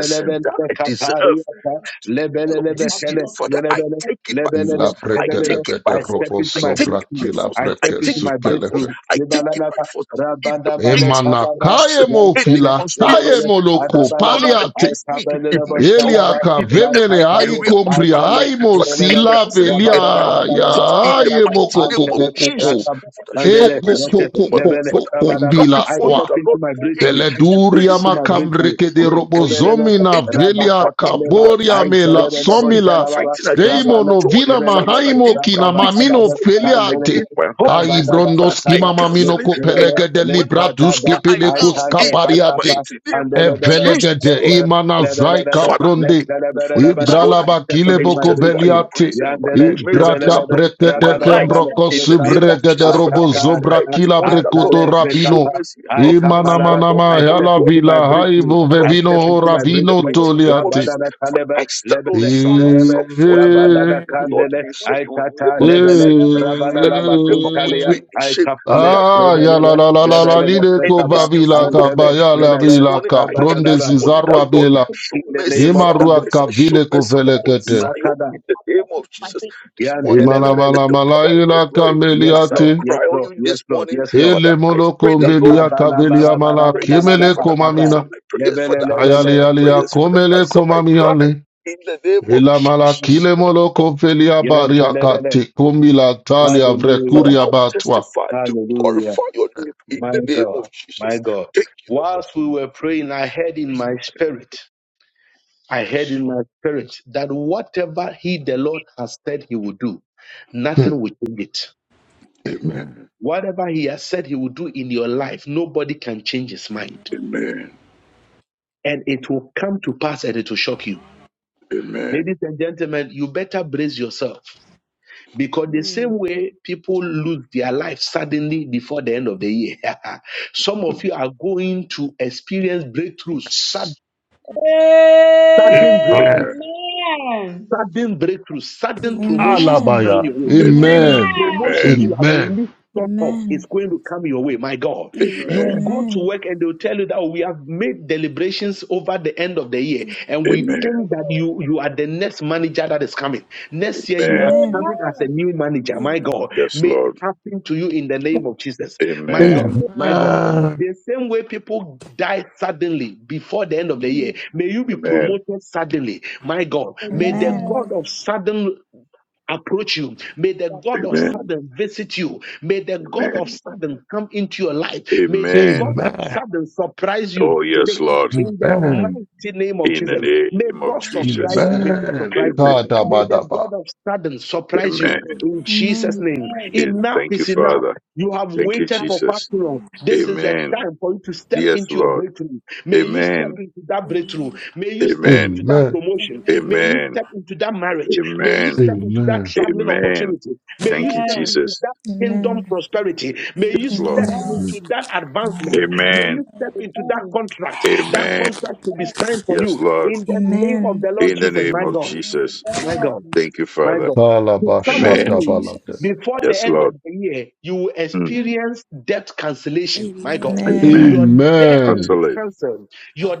Speaker 6: blessings that I deserve.
Speaker 1: kapariata,
Speaker 6: Today, of
Speaker 1: lebelelebe,
Speaker 6: this year,
Speaker 1: kele,
Speaker 6: Father, I
Speaker 1: lebelele,
Speaker 6: take it by force.
Speaker 1: lebelele,
Speaker 3: Ila
Speaker 6: I take
Speaker 3: brekele
Speaker 1: lebelele.
Speaker 6: it by
Speaker 3: pete
Speaker 1: I
Speaker 6: force.
Speaker 1: step
Speaker 6: I
Speaker 1: into my
Speaker 3: robozo
Speaker 6: take it by
Speaker 1: breakthrough.
Speaker 3: brakila
Speaker 6: force.
Speaker 1: I
Speaker 6: I
Speaker 1: step
Speaker 3: breke
Speaker 6: take
Speaker 1: into
Speaker 6: it
Speaker 1: my
Speaker 6: by
Speaker 3: sukele fete.
Speaker 6: force.
Speaker 1: breakthrough.
Speaker 6: I take it by
Speaker 1: Libalalaba,
Speaker 6: force. In the
Speaker 1: rabadaba,
Speaker 6: mighty name of
Speaker 1: lekadaba,
Speaker 3: Emanakaye
Speaker 6: Jesus,
Speaker 3: mo
Speaker 6: any
Speaker 1: yankele,
Speaker 3: filakaye
Speaker 1: lebelele,
Speaker 6: conspiracy
Speaker 3: mo
Speaker 6: that
Speaker 3: loko
Speaker 6: has planned
Speaker 1: Adabalaba,
Speaker 3: paliate.
Speaker 6: against me in
Speaker 1: Aikabeleba
Speaker 6: my job,
Speaker 1: Shalaba,
Speaker 3: Eliaka
Speaker 6: in the
Speaker 3: vemele
Speaker 6: every
Speaker 3: ai
Speaker 1: Ratatani,
Speaker 6: area of
Speaker 3: kombria
Speaker 6: my
Speaker 1: Aikale,
Speaker 3: ai
Speaker 6: life, Father, I
Speaker 1: Ibelebe,
Speaker 3: sila
Speaker 6: cancel it and
Speaker 1: Rabadada
Speaker 6: I
Speaker 3: velia ya
Speaker 1: Kadaba,
Speaker 6: it in the
Speaker 3: ai
Speaker 1: Kadaba,
Speaker 3: mo
Speaker 6: mighty
Speaker 3: koko
Speaker 6: name of
Speaker 1: Antele,
Speaker 3: koko
Speaker 6: Jesus.
Speaker 1: Ratab,
Speaker 6: Father, show
Speaker 3: E
Speaker 1: Mandele,
Speaker 6: mercy
Speaker 3: koko
Speaker 1: Rete,
Speaker 6: upon my
Speaker 3: koko
Speaker 6: life.
Speaker 1: Lebele,
Speaker 6: Father, I
Speaker 3: koko
Speaker 6: come
Speaker 1: Rabadaba.
Speaker 3: mbila
Speaker 1: I
Speaker 6: before you,
Speaker 1: step
Speaker 6: the Lord,
Speaker 1: into my breakthrough.
Speaker 6: any
Speaker 1: I step
Speaker 3: Peleduria
Speaker 6: disgrace,
Speaker 1: into my
Speaker 6: any
Speaker 1: breakthrough.
Speaker 3: makambreke de
Speaker 6: plan of the
Speaker 1: Let
Speaker 6: enemy.
Speaker 1: Lebele,
Speaker 3: robozomina
Speaker 6: Any
Speaker 3: velia
Speaker 6: power
Speaker 1: Rabakata Leba,
Speaker 6: anywhere
Speaker 3: kaboria
Speaker 6: fighting
Speaker 3: mela
Speaker 1: Antele,
Speaker 6: against
Speaker 1: Lebo
Speaker 6: me,
Speaker 3: somila
Speaker 1: Shalaba,
Speaker 6: fighting against
Speaker 3: seimo
Speaker 6: my
Speaker 1: Rabana,
Speaker 6: joy,
Speaker 3: novina
Speaker 1: Lebele,
Speaker 6: fighting
Speaker 3: mahaimo
Speaker 6: against my
Speaker 3: kina
Speaker 1: Rababa,
Speaker 6: peace,
Speaker 3: mamino
Speaker 1: Abada,
Speaker 6: fighting
Speaker 1: Kandele,
Speaker 3: feliate.
Speaker 6: against my
Speaker 3: Ai
Speaker 6: happiness,
Speaker 1: Rabadada,
Speaker 6: Father,
Speaker 3: brondoski
Speaker 6: I
Speaker 1: Bakada, Let
Speaker 3: mamamino
Speaker 6: cancel it
Speaker 3: ko
Speaker 6: and I
Speaker 1: Lebele,
Speaker 3: pelege de
Speaker 6: command them to
Speaker 3: libraduski
Speaker 1: Lekadada,
Speaker 6: die now
Speaker 3: pelekus
Speaker 6: in the
Speaker 3: kapariate.
Speaker 1: Aikale,
Speaker 6: mighty name
Speaker 1: and
Speaker 6: of
Speaker 1: then
Speaker 6: Jesus,
Speaker 3: Evelegede
Speaker 1: I
Speaker 6: Lord.
Speaker 3: imana zaika
Speaker 6: Father,
Speaker 3: brunde.
Speaker 6: before you this morning.
Speaker 3: Ibralaba
Speaker 1: step
Speaker 6: For
Speaker 1: into
Speaker 6: it's
Speaker 1: my
Speaker 3: kileboko
Speaker 6: just by your
Speaker 1: breakthrough.
Speaker 3: beliate.
Speaker 6: grace and by your
Speaker 1: Yandere,
Speaker 6: mercy this
Speaker 3: Ibrada
Speaker 1: rebelele,
Speaker 6: morning, I'm
Speaker 3: brekete
Speaker 6: alive.
Speaker 1: rabalabale,
Speaker 3: kembroko
Speaker 6: In the name
Speaker 1: rekapa,
Speaker 6: of
Speaker 3: subregede
Speaker 6: Jesus, Father,
Speaker 3: robo
Speaker 6: I
Speaker 1: atata,
Speaker 3: zobra
Speaker 6: cry
Speaker 1: atata,
Speaker 6: this
Speaker 3: kila
Speaker 6: morning that Lord,
Speaker 3: brekuto
Speaker 1: atale,
Speaker 6: show
Speaker 1: rekapa,
Speaker 3: rabino.
Speaker 6: mercy,
Speaker 1: I
Speaker 6: have mercy
Speaker 3: Imana
Speaker 1: kapalara.
Speaker 6: upon me,
Speaker 3: manama
Speaker 1: I
Speaker 6: oh
Speaker 1: step
Speaker 3: hala
Speaker 6: God,
Speaker 1: into my
Speaker 3: vila
Speaker 6: according to
Speaker 1: breakthrough.
Speaker 6: my
Speaker 3: haibu
Speaker 1: I
Speaker 3: vevino
Speaker 6: loving
Speaker 1: step into
Speaker 3: hora
Speaker 1: my
Speaker 6: kindness. In The
Speaker 3: vino
Speaker 1: breakthrough.
Speaker 6: mighty name of
Speaker 3: toliate.
Speaker 6: Jesus,
Speaker 1: Rabadada
Speaker 6: Father,
Speaker 1: talebe,
Speaker 6: I stand on
Speaker 1: lebele,
Speaker 6: Psalm,
Speaker 1: lebe,
Speaker 6: Psalm
Speaker 3: Eh,
Speaker 6: 41.
Speaker 1: rabadada
Speaker 3: eh,
Speaker 6: Lord,
Speaker 1: kandele,
Speaker 6: you say
Speaker 1: I
Speaker 6: you will
Speaker 1: tata,
Speaker 3: eh,
Speaker 6: never
Speaker 1: lebele,
Speaker 6: forsake me, for that
Speaker 1: rabadada
Speaker 6: you will never put
Speaker 1: bakuntalia,
Speaker 6: me
Speaker 3: eh.
Speaker 6: in
Speaker 1: I
Speaker 6: shame, for
Speaker 1: kapale,
Speaker 6: that you
Speaker 3: Ah,
Speaker 6: will
Speaker 3: ya la
Speaker 1: lebele,
Speaker 3: la
Speaker 6: will
Speaker 3: la la
Speaker 6: destroy
Speaker 3: la
Speaker 6: my
Speaker 1: rebelele,
Speaker 3: lile ko
Speaker 6: enemies
Speaker 1: rekapa,
Speaker 6: in
Speaker 3: vavila
Speaker 6: front of me.
Speaker 1: antele,
Speaker 3: kabaya
Speaker 6: And
Speaker 3: la
Speaker 1: lebele,
Speaker 6: this
Speaker 3: vila
Speaker 6: morning I come
Speaker 3: kapronde
Speaker 1: Rabadadaba.
Speaker 6: before you,
Speaker 3: zizarwa
Speaker 6: that Lord.
Speaker 3: bela
Speaker 6: Show
Speaker 1: In the
Speaker 6: mercy,
Speaker 1: name of
Speaker 6: Father.
Speaker 1: Jesus.
Speaker 6: I
Speaker 3: Imarua
Speaker 6: say, show
Speaker 3: kavile
Speaker 6: mercy upon
Speaker 3: kovelekete.
Speaker 6: Zion in
Speaker 1: Makada.
Speaker 6: the name of Jesus this morning.
Speaker 3: Ima la
Speaker 1: Yantereberede.
Speaker 6: Let
Speaker 3: mala
Speaker 6: your
Speaker 3: mala
Speaker 6: power and your
Speaker 3: ila
Speaker 6: glory.
Speaker 1: Yes,
Speaker 6: As I
Speaker 1: Lord.
Speaker 3: kameliate.
Speaker 6: cry
Speaker 1: Yes,
Speaker 6: on
Speaker 1: Lord.
Speaker 6: you this
Speaker 1: Yes, Lord.
Speaker 6: morning,
Speaker 1: Yes, Lord.
Speaker 6: Father,
Speaker 3: Ele
Speaker 6: I
Speaker 3: molo
Speaker 6: pray that Lord.
Speaker 3: mbelia
Speaker 6: Answer
Speaker 3: kabelia
Speaker 6: my
Speaker 3: mala
Speaker 6: prayers,
Speaker 3: kemele
Speaker 6: Father.
Speaker 1: Litabalabarabarabarabarabarabahada.
Speaker 6: Answer
Speaker 3: komamina.
Speaker 6: my prayers,
Speaker 1: Lebele,
Speaker 6: Father. Answer
Speaker 1: lebele.
Speaker 6: my
Speaker 3: ayale alia
Speaker 6: prayers, Father.
Speaker 3: komele
Speaker 6: Answer my cry
Speaker 3: komamiale.
Speaker 6: in the name of
Speaker 3: Ela mala
Speaker 6: Jesus,
Speaker 3: kile
Speaker 6: Father.
Speaker 3: molo
Speaker 6: I'll
Speaker 3: felia baria
Speaker 1: Yantelebele.
Speaker 3: kate. Komila
Speaker 6: praise
Speaker 3: talia
Speaker 6: you. Father,
Speaker 1: Hallelujah.
Speaker 3: vrekuria
Speaker 6: I'll
Speaker 3: batwa.
Speaker 6: testify to
Speaker 1: Hallelujah.
Speaker 6: glorify your name in
Speaker 1: My
Speaker 6: the name of
Speaker 1: God. My
Speaker 6: Jesus.
Speaker 1: God.
Speaker 6: Thank you,
Speaker 1: Whilst we were praying, I heard in my spirit, I heard in my spirit that whatever he, the Lord, has said he would do,
Speaker 3: Hmm.
Speaker 1: nothing will change it
Speaker 6: Lord. Amen.
Speaker 1: Whatever he has said he will do in your life, nobody can change his
Speaker 9: Amen. Amen. Amen. Amen. Amen. Amen. Amen. Amen.
Speaker 1: mind.
Speaker 6: Amen.
Speaker 1: And it will come to pass and it will shock you.
Speaker 6: Amen.
Speaker 1: Ladies and gentlemen, you better brace yourself because the
Speaker 2: Mm.
Speaker 1: same way people lose their life suddenly before the end of the year, [LAUGHS] some of you are going to experience breakthroughs, sud- sudden
Speaker 3: Amen.
Speaker 6: Amen.
Speaker 1: breakthroughs, sudden breakthroughs,
Speaker 5: Amen.
Speaker 1: sudden
Speaker 5: Amen.
Speaker 1: promotions are coming
Speaker 3: Alabaya.
Speaker 1: your way
Speaker 5: Amen.
Speaker 6: Amen.
Speaker 3: Amen.
Speaker 1: Promotions
Speaker 6: Amen.
Speaker 1: you have
Speaker 3: Amen.
Speaker 1: listed off is going to come your way, my God. You will
Speaker 6: Amen.
Speaker 1: go
Speaker 9: Amen.
Speaker 1: to
Speaker 5: Amen.
Speaker 1: work and they'll tell you that we have made deliberations over the end of the year, and we
Speaker 6: Amen.
Speaker 1: think that you you are the next manager that is coming. Next year you
Speaker 6: Amen.
Speaker 1: are
Speaker 5: Amen.
Speaker 1: coming as a new manager, my God.
Speaker 6: Yes,
Speaker 1: May it
Speaker 6: Lord.
Speaker 1: happen to you in the name of Jesus, my God,
Speaker 6: Amen.
Speaker 3: Amen.
Speaker 1: my God. The same way people die suddenly before the end of the year, may you be
Speaker 6: Amen.
Speaker 1: promoted suddenly. My God, may the
Speaker 5: Amen.
Speaker 1: God of sudden approach you. May the God of
Speaker 6: Amen.
Speaker 1: sudden visit you. May the God of
Speaker 6: Amen.
Speaker 1: sudden come into your life. May the God
Speaker 6: Amen.
Speaker 1: of
Speaker 3: Amen.
Speaker 1: sudden surprise you
Speaker 6: Oh, yes,
Speaker 1: today.
Speaker 6: Lord.
Speaker 1: In the
Speaker 3: Amen.
Speaker 1: mighty name of
Speaker 6: In the
Speaker 1: Jesus, may
Speaker 6: name of
Speaker 1: God surprise
Speaker 6: Jesus.
Speaker 1: you. May God
Speaker 3: Amen.
Speaker 1: surprise you.
Speaker 6: Amen.
Speaker 1: May the
Speaker 3: Kadabadaba.
Speaker 1: God of sudden surprise you.
Speaker 6: Amen.
Speaker 1: In
Speaker 5: Amen. Amen.
Speaker 1: Jesus' name,
Speaker 6: And
Speaker 1: enough
Speaker 6: thank you,
Speaker 1: is enough.
Speaker 6: Father.
Speaker 1: You have
Speaker 6: Thank you,
Speaker 1: waited for far
Speaker 6: Jesus.
Speaker 1: too long. This is the
Speaker 6: Amen.
Speaker 1: time for you to step
Speaker 6: Yes,
Speaker 1: into your
Speaker 6: Lord.
Speaker 1: breakthrough. May you step
Speaker 6: Amen.
Speaker 1: into
Speaker 9: Amen.
Speaker 1: that breakthrough.
Speaker 9: Amen.
Speaker 1: May you step
Speaker 6: Amen.
Speaker 1: into that
Speaker 3: Amen.
Speaker 1: promotion.
Speaker 9: Amen.
Speaker 1: May you
Speaker 6: Amen.
Speaker 1: step into that marriage. May you
Speaker 6: Amen.
Speaker 1: step into that
Speaker 3: Amen.
Speaker 1: traveling
Speaker 6: Amen.
Speaker 1: opportunity. May you
Speaker 6: Thank you,
Speaker 1: step into
Speaker 6: Jesus.
Speaker 1: that kingdom prosperity. May you
Speaker 6: Yes, Lord.
Speaker 1: step
Speaker 5: Amen.
Speaker 1: into that advancement. May
Speaker 6: Amen.
Speaker 1: you step into that contract. That
Speaker 6: Amen.
Speaker 1: contract to be signed for
Speaker 6: Yes,
Speaker 1: you
Speaker 6: Lord.
Speaker 1: in the name of
Speaker 5: Amen.
Speaker 1: the Lord
Speaker 6: In the
Speaker 1: Jesus,
Speaker 6: name
Speaker 1: my
Speaker 6: of
Speaker 1: God.
Speaker 6: Jesus.
Speaker 1: My God.
Speaker 6: Thank you,
Speaker 1: My
Speaker 6: Father.
Speaker 1: God. To some of
Speaker 5: Thank you,
Speaker 6: Amen.
Speaker 1: you,
Speaker 3: Kalabashatabalaka.
Speaker 5: Jesus.
Speaker 1: before the
Speaker 6: Yes,
Speaker 1: end of
Speaker 6: Lord.
Speaker 1: the year, you will
Speaker 6: Mm.
Speaker 1: experience debt
Speaker 9: Amen. Amen. Amen. Amen. Amen.
Speaker 1: cancellation. My God.
Speaker 6: Amen.
Speaker 1: Your
Speaker 5: Amen.
Speaker 1: debt will
Speaker 3: Amen.
Speaker 1: be
Speaker 6: Cancel it.
Speaker 1: cancelled.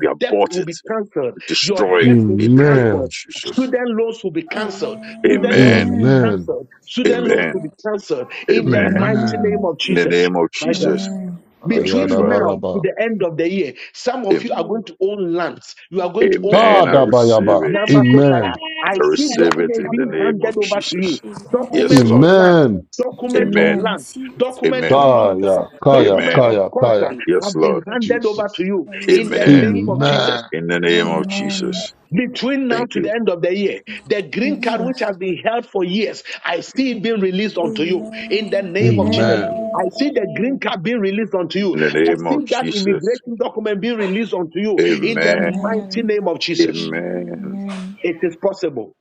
Speaker 6: We
Speaker 1: debt
Speaker 6: abort
Speaker 1: will
Speaker 6: it.
Speaker 1: be cancelled.
Speaker 6: We
Speaker 1: Your
Speaker 6: destroy
Speaker 1: debt
Speaker 6: it
Speaker 1: will
Speaker 6: in
Speaker 1: be
Speaker 6: the name of
Speaker 1: cancelled.
Speaker 3: Amen.
Speaker 6: Jesus.
Speaker 1: Student loans will be cancelled. Student loans
Speaker 6: Amen.
Speaker 1: will be
Speaker 5: Amen.
Speaker 3: Amen.
Speaker 1: cancelled. Student loans will
Speaker 6: Amen.
Speaker 1: be cancelled in the
Speaker 6: Amen.
Speaker 1: mighty
Speaker 5: Amen.
Speaker 1: name
Speaker 3: Amen.
Speaker 1: of
Speaker 6: In the
Speaker 1: Jesus.
Speaker 6: name of
Speaker 1: My God.
Speaker 6: Jesus.
Speaker 9: Amen.
Speaker 5: Amen.
Speaker 6: Thank you,
Speaker 1: Between
Speaker 6: Father.
Speaker 1: now to
Speaker 3: Ayadabaraba.
Speaker 1: the end of the year, some of
Speaker 6: Am-
Speaker 1: you are going to own lands. You are going to own
Speaker 6: Amen. I
Speaker 1: property.
Speaker 6: receive
Speaker 3: Kadabayaba.
Speaker 6: it.
Speaker 1: Number
Speaker 3: Amen.
Speaker 1: Kotaya, I
Speaker 6: I
Speaker 1: see
Speaker 6: receive it
Speaker 1: documents
Speaker 6: in the
Speaker 1: being
Speaker 6: name of
Speaker 1: handed over to you.
Speaker 6: Jesus.
Speaker 9: Amen.
Speaker 6: Yes,
Speaker 1: Documents of
Speaker 6: Lord.
Speaker 1: land,
Speaker 3: Amen.
Speaker 1: document of
Speaker 9: I
Speaker 6: Amen.
Speaker 5: Amen.
Speaker 1: land,
Speaker 9: receive it.
Speaker 1: document
Speaker 6: Amen.
Speaker 1: of
Speaker 9: I
Speaker 1: contract,
Speaker 3: Kaya,
Speaker 9: Receive
Speaker 3: kaya,
Speaker 1: document
Speaker 6: Amen.
Speaker 1: of
Speaker 3: kaya, kaya.
Speaker 1: contract
Speaker 9: it.
Speaker 6: Yes,
Speaker 1: have been
Speaker 6: Lord.
Speaker 1: handed over to
Speaker 3: Jesus.
Speaker 9: I
Speaker 1: you in the
Speaker 9: receive it.
Speaker 6: Amen.
Speaker 1: name of Jesus.
Speaker 3: Amen.
Speaker 6: In the name of
Speaker 9: Amen.
Speaker 5: Amen.
Speaker 6: Jesus.
Speaker 1: Between now
Speaker 6: Thank
Speaker 1: to
Speaker 6: you.
Speaker 1: the end of the year, the green card which
Speaker 5: Jesus.
Speaker 1: has been held for years, I see it being released unto you in the
Speaker 9: Amen.
Speaker 1: name of Jesus.
Speaker 5: Amen.
Speaker 3: Amen.
Speaker 9: Amen.
Speaker 1: I see the green card being released unto
Speaker 6: In
Speaker 1: you.
Speaker 6: the
Speaker 1: I
Speaker 6: name
Speaker 1: see
Speaker 6: of
Speaker 1: that
Speaker 6: Jesus.
Speaker 1: immigration document being released unto you
Speaker 9: Amen.
Speaker 1: in the
Speaker 6: Amen.
Speaker 1: mighty
Speaker 5: Amen.
Speaker 1: name of Jesus.
Speaker 9: Amen.
Speaker 6: Amen.
Speaker 5: Amen.
Speaker 1: It is possible.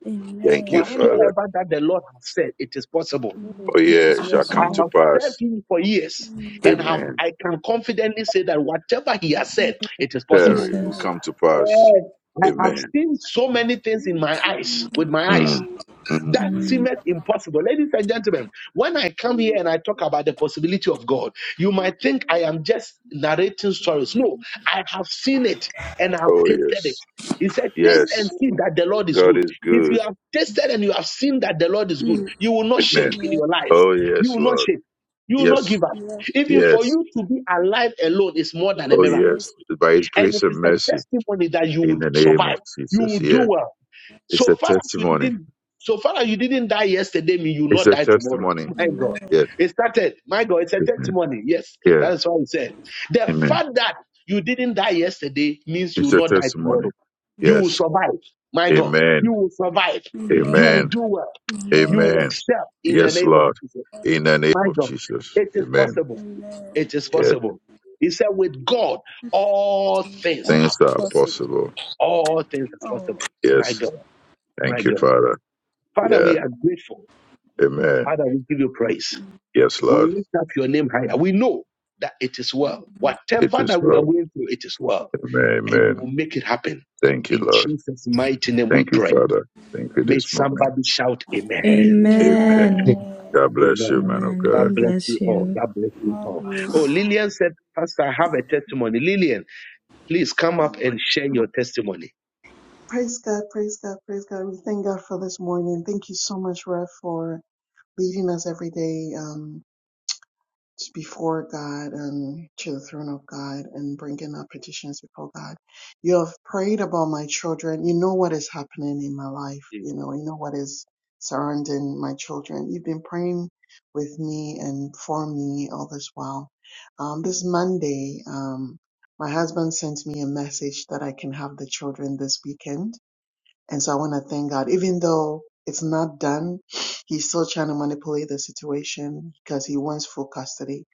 Speaker 6: Thank you,
Speaker 9: Amen.
Speaker 2: Amen.
Speaker 6: Father.
Speaker 1: Whatsoever that the Lord has said, it is possible.
Speaker 6: Oh,
Speaker 9: Amen.
Speaker 5: It
Speaker 6: yeah,
Speaker 5: is
Speaker 6: it
Speaker 2: Yeah.
Speaker 6: shall
Speaker 1: I
Speaker 6: come to
Speaker 5: possible.
Speaker 1: have served
Speaker 6: pass.
Speaker 1: him for years
Speaker 9: Amen.
Speaker 1: and have,
Speaker 6: Amen.
Speaker 1: I can confidently say that whatever he has said, it is possible.
Speaker 6: Terry will
Speaker 5: Jesus.
Speaker 9: Amen.
Speaker 6: come to pass.
Speaker 1: I have
Speaker 6: Amen.
Speaker 1: seen so many things in my eyes, with my eyes.
Speaker 6: Mm. Mm.
Speaker 1: That
Speaker 5: Amen.
Speaker 1: seemeth impossible. Ladies and gentlemen, when I come here and I talk about the possibility of God, you might think I am just narrating stories. No, I have seen it and I've
Speaker 6: Oh,
Speaker 1: tasted it.
Speaker 6: yes.
Speaker 1: He said, Taste
Speaker 6: Yes.
Speaker 1: and see that the Lord is
Speaker 6: God
Speaker 1: good.
Speaker 6: is
Speaker 1: If you
Speaker 6: good.
Speaker 1: have tasted and you have seen that the Lord is good,
Speaker 9: Mm.
Speaker 1: you will not shake
Speaker 6: Amen.
Speaker 1: in
Speaker 9: Yes,
Speaker 1: your life.
Speaker 6: Oh,
Speaker 1: You
Speaker 6: yes,
Speaker 1: will not
Speaker 6: Lord.
Speaker 1: shake. You will not
Speaker 6: Yes.
Speaker 1: give up.
Speaker 9: yes,
Speaker 1: Even for
Speaker 6: Yes.
Speaker 1: you to be alive alone is more than a
Speaker 6: Oh,
Speaker 1: miracle.
Speaker 9: yes.
Speaker 6: yes. By His
Speaker 1: And
Speaker 6: grace
Speaker 1: it
Speaker 6: and
Speaker 1: is a
Speaker 6: mercy.
Speaker 1: testimony that you
Speaker 6: In
Speaker 1: would
Speaker 6: the name of
Speaker 1: survive. You
Speaker 6: Jesus.
Speaker 1: will
Speaker 6: Yeah.
Speaker 1: do well
Speaker 6: It's
Speaker 1: so
Speaker 6: a
Speaker 1: far as you
Speaker 6: testimony.
Speaker 1: didn't, so far as you didn't die yesterday, mean you will
Speaker 6: It's
Speaker 1: not
Speaker 6: a
Speaker 1: die tomorrow.
Speaker 6: testimony.
Speaker 1: [LAUGHS] My God,
Speaker 9: Amen.
Speaker 6: Yes.
Speaker 1: it started. My God, it's a
Speaker 6: Amen.
Speaker 1: testimony. Yes,
Speaker 6: Yeah.
Speaker 1: that is what we said. The
Speaker 6: Amen.
Speaker 1: fact that you didn't die yesterday means you
Speaker 6: It's a
Speaker 1: will not die
Speaker 6: testimony.
Speaker 1: tomorrow. You
Speaker 9: Yes.
Speaker 1: will
Speaker 6: Yes.
Speaker 1: survive. My God,
Speaker 6: Amen.
Speaker 1: you will survive.
Speaker 9: Amen.
Speaker 1: You will
Speaker 6: Amen.
Speaker 1: do well. You
Speaker 9: Amen.
Speaker 1: will
Speaker 6: Amen.
Speaker 1: excel in the
Speaker 9: Amen.
Speaker 6: Yes,
Speaker 1: name of
Speaker 6: Lord.
Speaker 1: Jesus.
Speaker 6: In the name
Speaker 1: My
Speaker 6: of
Speaker 1: God,
Speaker 6: Jesus.
Speaker 1: it is
Speaker 6: Amen.
Speaker 1: possible.
Speaker 9: Amen.
Speaker 1: It is
Speaker 6: Yes.
Speaker 1: possible. He said, with God, all things
Speaker 9: That's
Speaker 1: are
Speaker 6: Things are
Speaker 1: possible.
Speaker 9: possible.
Speaker 6: possible.
Speaker 1: All things are
Speaker 9: Oh,
Speaker 1: possible. My God,
Speaker 6: Yes.
Speaker 1: my
Speaker 6: Thank you,
Speaker 1: God.
Speaker 6: Father.
Speaker 1: Father,
Speaker 6: Yeah.
Speaker 1: we are grateful.
Speaker 6: Amen.
Speaker 1: Father, we give you praise.
Speaker 6: Yes,
Speaker 1: We
Speaker 6: Lord.
Speaker 1: lift up your name higher. We know that it is well.
Speaker 6: It
Speaker 1: Whatever
Speaker 6: is
Speaker 1: that we are
Speaker 6: well.
Speaker 1: going through, it is well.
Speaker 6: Amen.
Speaker 1: And you
Speaker 6: Amen.
Speaker 1: will make it happen.
Speaker 6: Thank you,
Speaker 1: In
Speaker 6: Lord.
Speaker 1: Jesus' mighty name we
Speaker 6: Thank you,
Speaker 1: pray.
Speaker 6: Father. Thank you
Speaker 1: May
Speaker 6: this morning.
Speaker 1: somebody shout amen.
Speaker 6: Amen.
Speaker 5: Amen.
Speaker 9: amen.
Speaker 6: God bless
Speaker 1: Amen.
Speaker 6: you, man of
Speaker 5: Amen.
Speaker 6: God.
Speaker 1: God
Speaker 5: God
Speaker 1: bless
Speaker 5: bless
Speaker 1: you all.
Speaker 5: you.
Speaker 1: God bless you
Speaker 9: More
Speaker 1: all. Oh,
Speaker 9: grace.
Speaker 1: Lillian said, Pastor, I have a testimony. Lillian. Please come
Speaker 10: Yeah,
Speaker 1: up and
Speaker 10: praise
Speaker 1: share
Speaker 10: God,
Speaker 1: your testimony.
Speaker 10: praise God, praise God. praise God. We thank God for this morning. Thank you so much, Rev, for leading us every day. Um, t- before God and to the throne of God and bringing our petitions before God. You have prayed about my children. You know what is happening in my life. You know, you know what is surrounding my children. You've been praying with me and for me all this while. Um, this Monday, um, my husband sent me a message that I can have the children this weekend. And so I want to thank God, even though it's not done, he's still trying to manipulate the situation because he wants full custody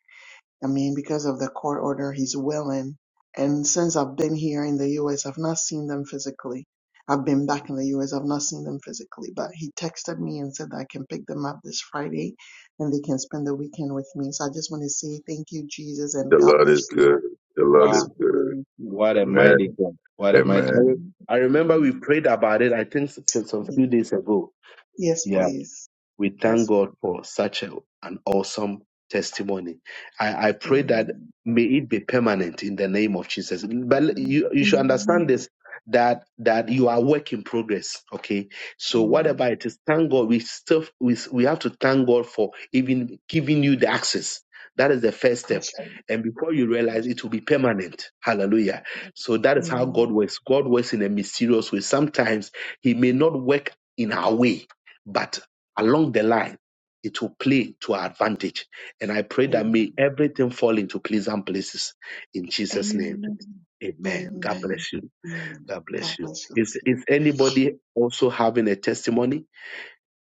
Speaker 10: I mean, because of the court order, he's willing. And since I've been here in the US, I've not seen them physically. I've been back in the US, I've not seen them physically. But he texted me and said that I can pick them up this Friday and they can spend the weekend with me. So I just want to say thank you, Jesus, and
Speaker 6: The
Speaker 10: God
Speaker 6: Lord
Speaker 10: bless
Speaker 6: is
Speaker 10: you
Speaker 6: good.
Speaker 10: right,
Speaker 6: The
Speaker 10: for
Speaker 6: Lord
Speaker 1: Wow,
Speaker 6: is good.
Speaker 10: supporting me.
Speaker 1: what a
Speaker 6: Amen.
Speaker 1: mighty
Speaker 10: Amen.
Speaker 1: God. What a mighty. I,
Speaker 6: Amen.
Speaker 1: re-
Speaker 10: Amen.
Speaker 1: I remember we prayed about it, I think, s- some
Speaker 10: Amen.
Speaker 1: few days ago.
Speaker 10: Yes,
Speaker 1: Yeah.
Speaker 10: please.
Speaker 1: We thank
Speaker 10: Yes.
Speaker 1: God for such a, an awesome testimony. I, I pray that
Speaker 10: Amen.
Speaker 1: may it be permanent in the name of Jesus. But
Speaker 10: Amen.
Speaker 1: you, you should understand
Speaker 10: Amen.
Speaker 1: this that that you are work in progress. Okay. So
Speaker 10: Amen.
Speaker 1: whatever it is, thank God. We still we, we have to thank God for even giving you the access. That is the first step.
Speaker 10: Yes, sir.
Speaker 1: And before you realize
Speaker 10: Yes,
Speaker 1: it will be permanent. Hallelujah.
Speaker 10: sir.
Speaker 1: So that is how God
Speaker 10: Amen.
Speaker 1: works. God works in a mysterious way. Sometimes He may not work in our way, but along the line, it will play to our advantage. And I pray that
Speaker 10: Amen.
Speaker 1: may everything fall into pleasant places in Jesus' name.
Speaker 10: Amen.
Speaker 1: Amen. God
Speaker 10: Amen.
Speaker 1: bless you.
Speaker 10: Amen.
Speaker 1: God
Speaker 10: God
Speaker 1: bless you.
Speaker 10: bless you.
Speaker 1: Is is anybody also having a testimony?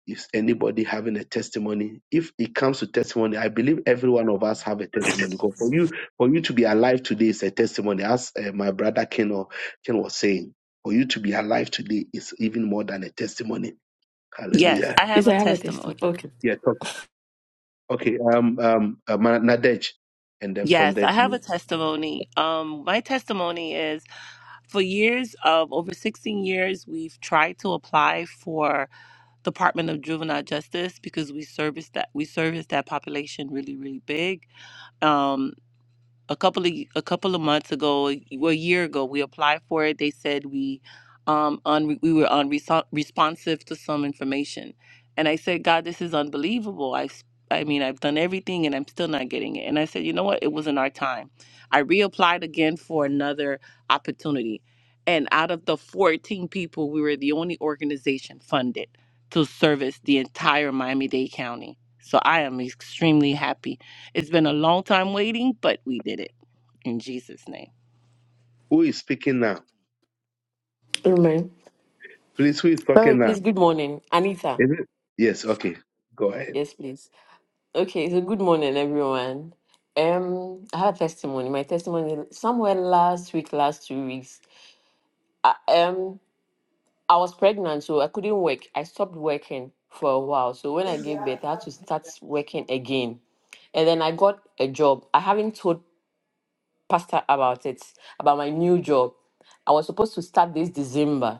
Speaker 1: Is anybody having a testimony? If it comes to testimony, I believe every one of us have a testimony. 'Cause For you, for you to be alive today is a testimony. As uh, my brother Ken, or, Ken was saying, for you to be alive today is even more than a testimony.
Speaker 11: Yes,
Speaker 1: Hallelujah.
Speaker 11: I
Speaker 12: Is
Speaker 11: have a
Speaker 12: I have a
Speaker 11: testimony.
Speaker 12: testimony. Okay.
Speaker 1: Yeah. Okay, um, um, uh, Ma- Nadej, and then from
Speaker 11: Yes, I
Speaker 1: there.
Speaker 11: have a testimony. Um, my testimony is for years of over 16 years, we've tried to apply for Department of Juvenile Justice because we service that we service that population really, really big. Um, a couple of a couple of months ago, a well, year ago, we applied for it. They said we um un, we were unresponsive to some information, and I said, God, this is unbelievable. I s- I mean, I've done everything, and I'm still not getting it. And I said, you know what? It wasn't our time. I reapplied again for another opportunity, and out of the 14 people, we were the only organization funded to service the entire Miami-Dade County. So I am extremely happy it's been a long time waiting, but we did it in Jesus' name.
Speaker 1: Who is speaking now?
Speaker 12: Amen.
Speaker 1: Please, who is
Speaker 12: Sorry,
Speaker 1: talking now?
Speaker 12: please. Good morning, Anita.
Speaker 1: Is it? Yes, okay. Go ahead.
Speaker 12: Yes, please. Okay. So good morning, everyone. Um, I have a testimony. My testimony somewhere last week, last two weeks. I, um, I was pregnant, so I couldn't work. I stopped working for a while. So when I gave birth, I had to start working again. And then I got a job. I haven't told Pastor about it, about my new job. I was supposed to start this December.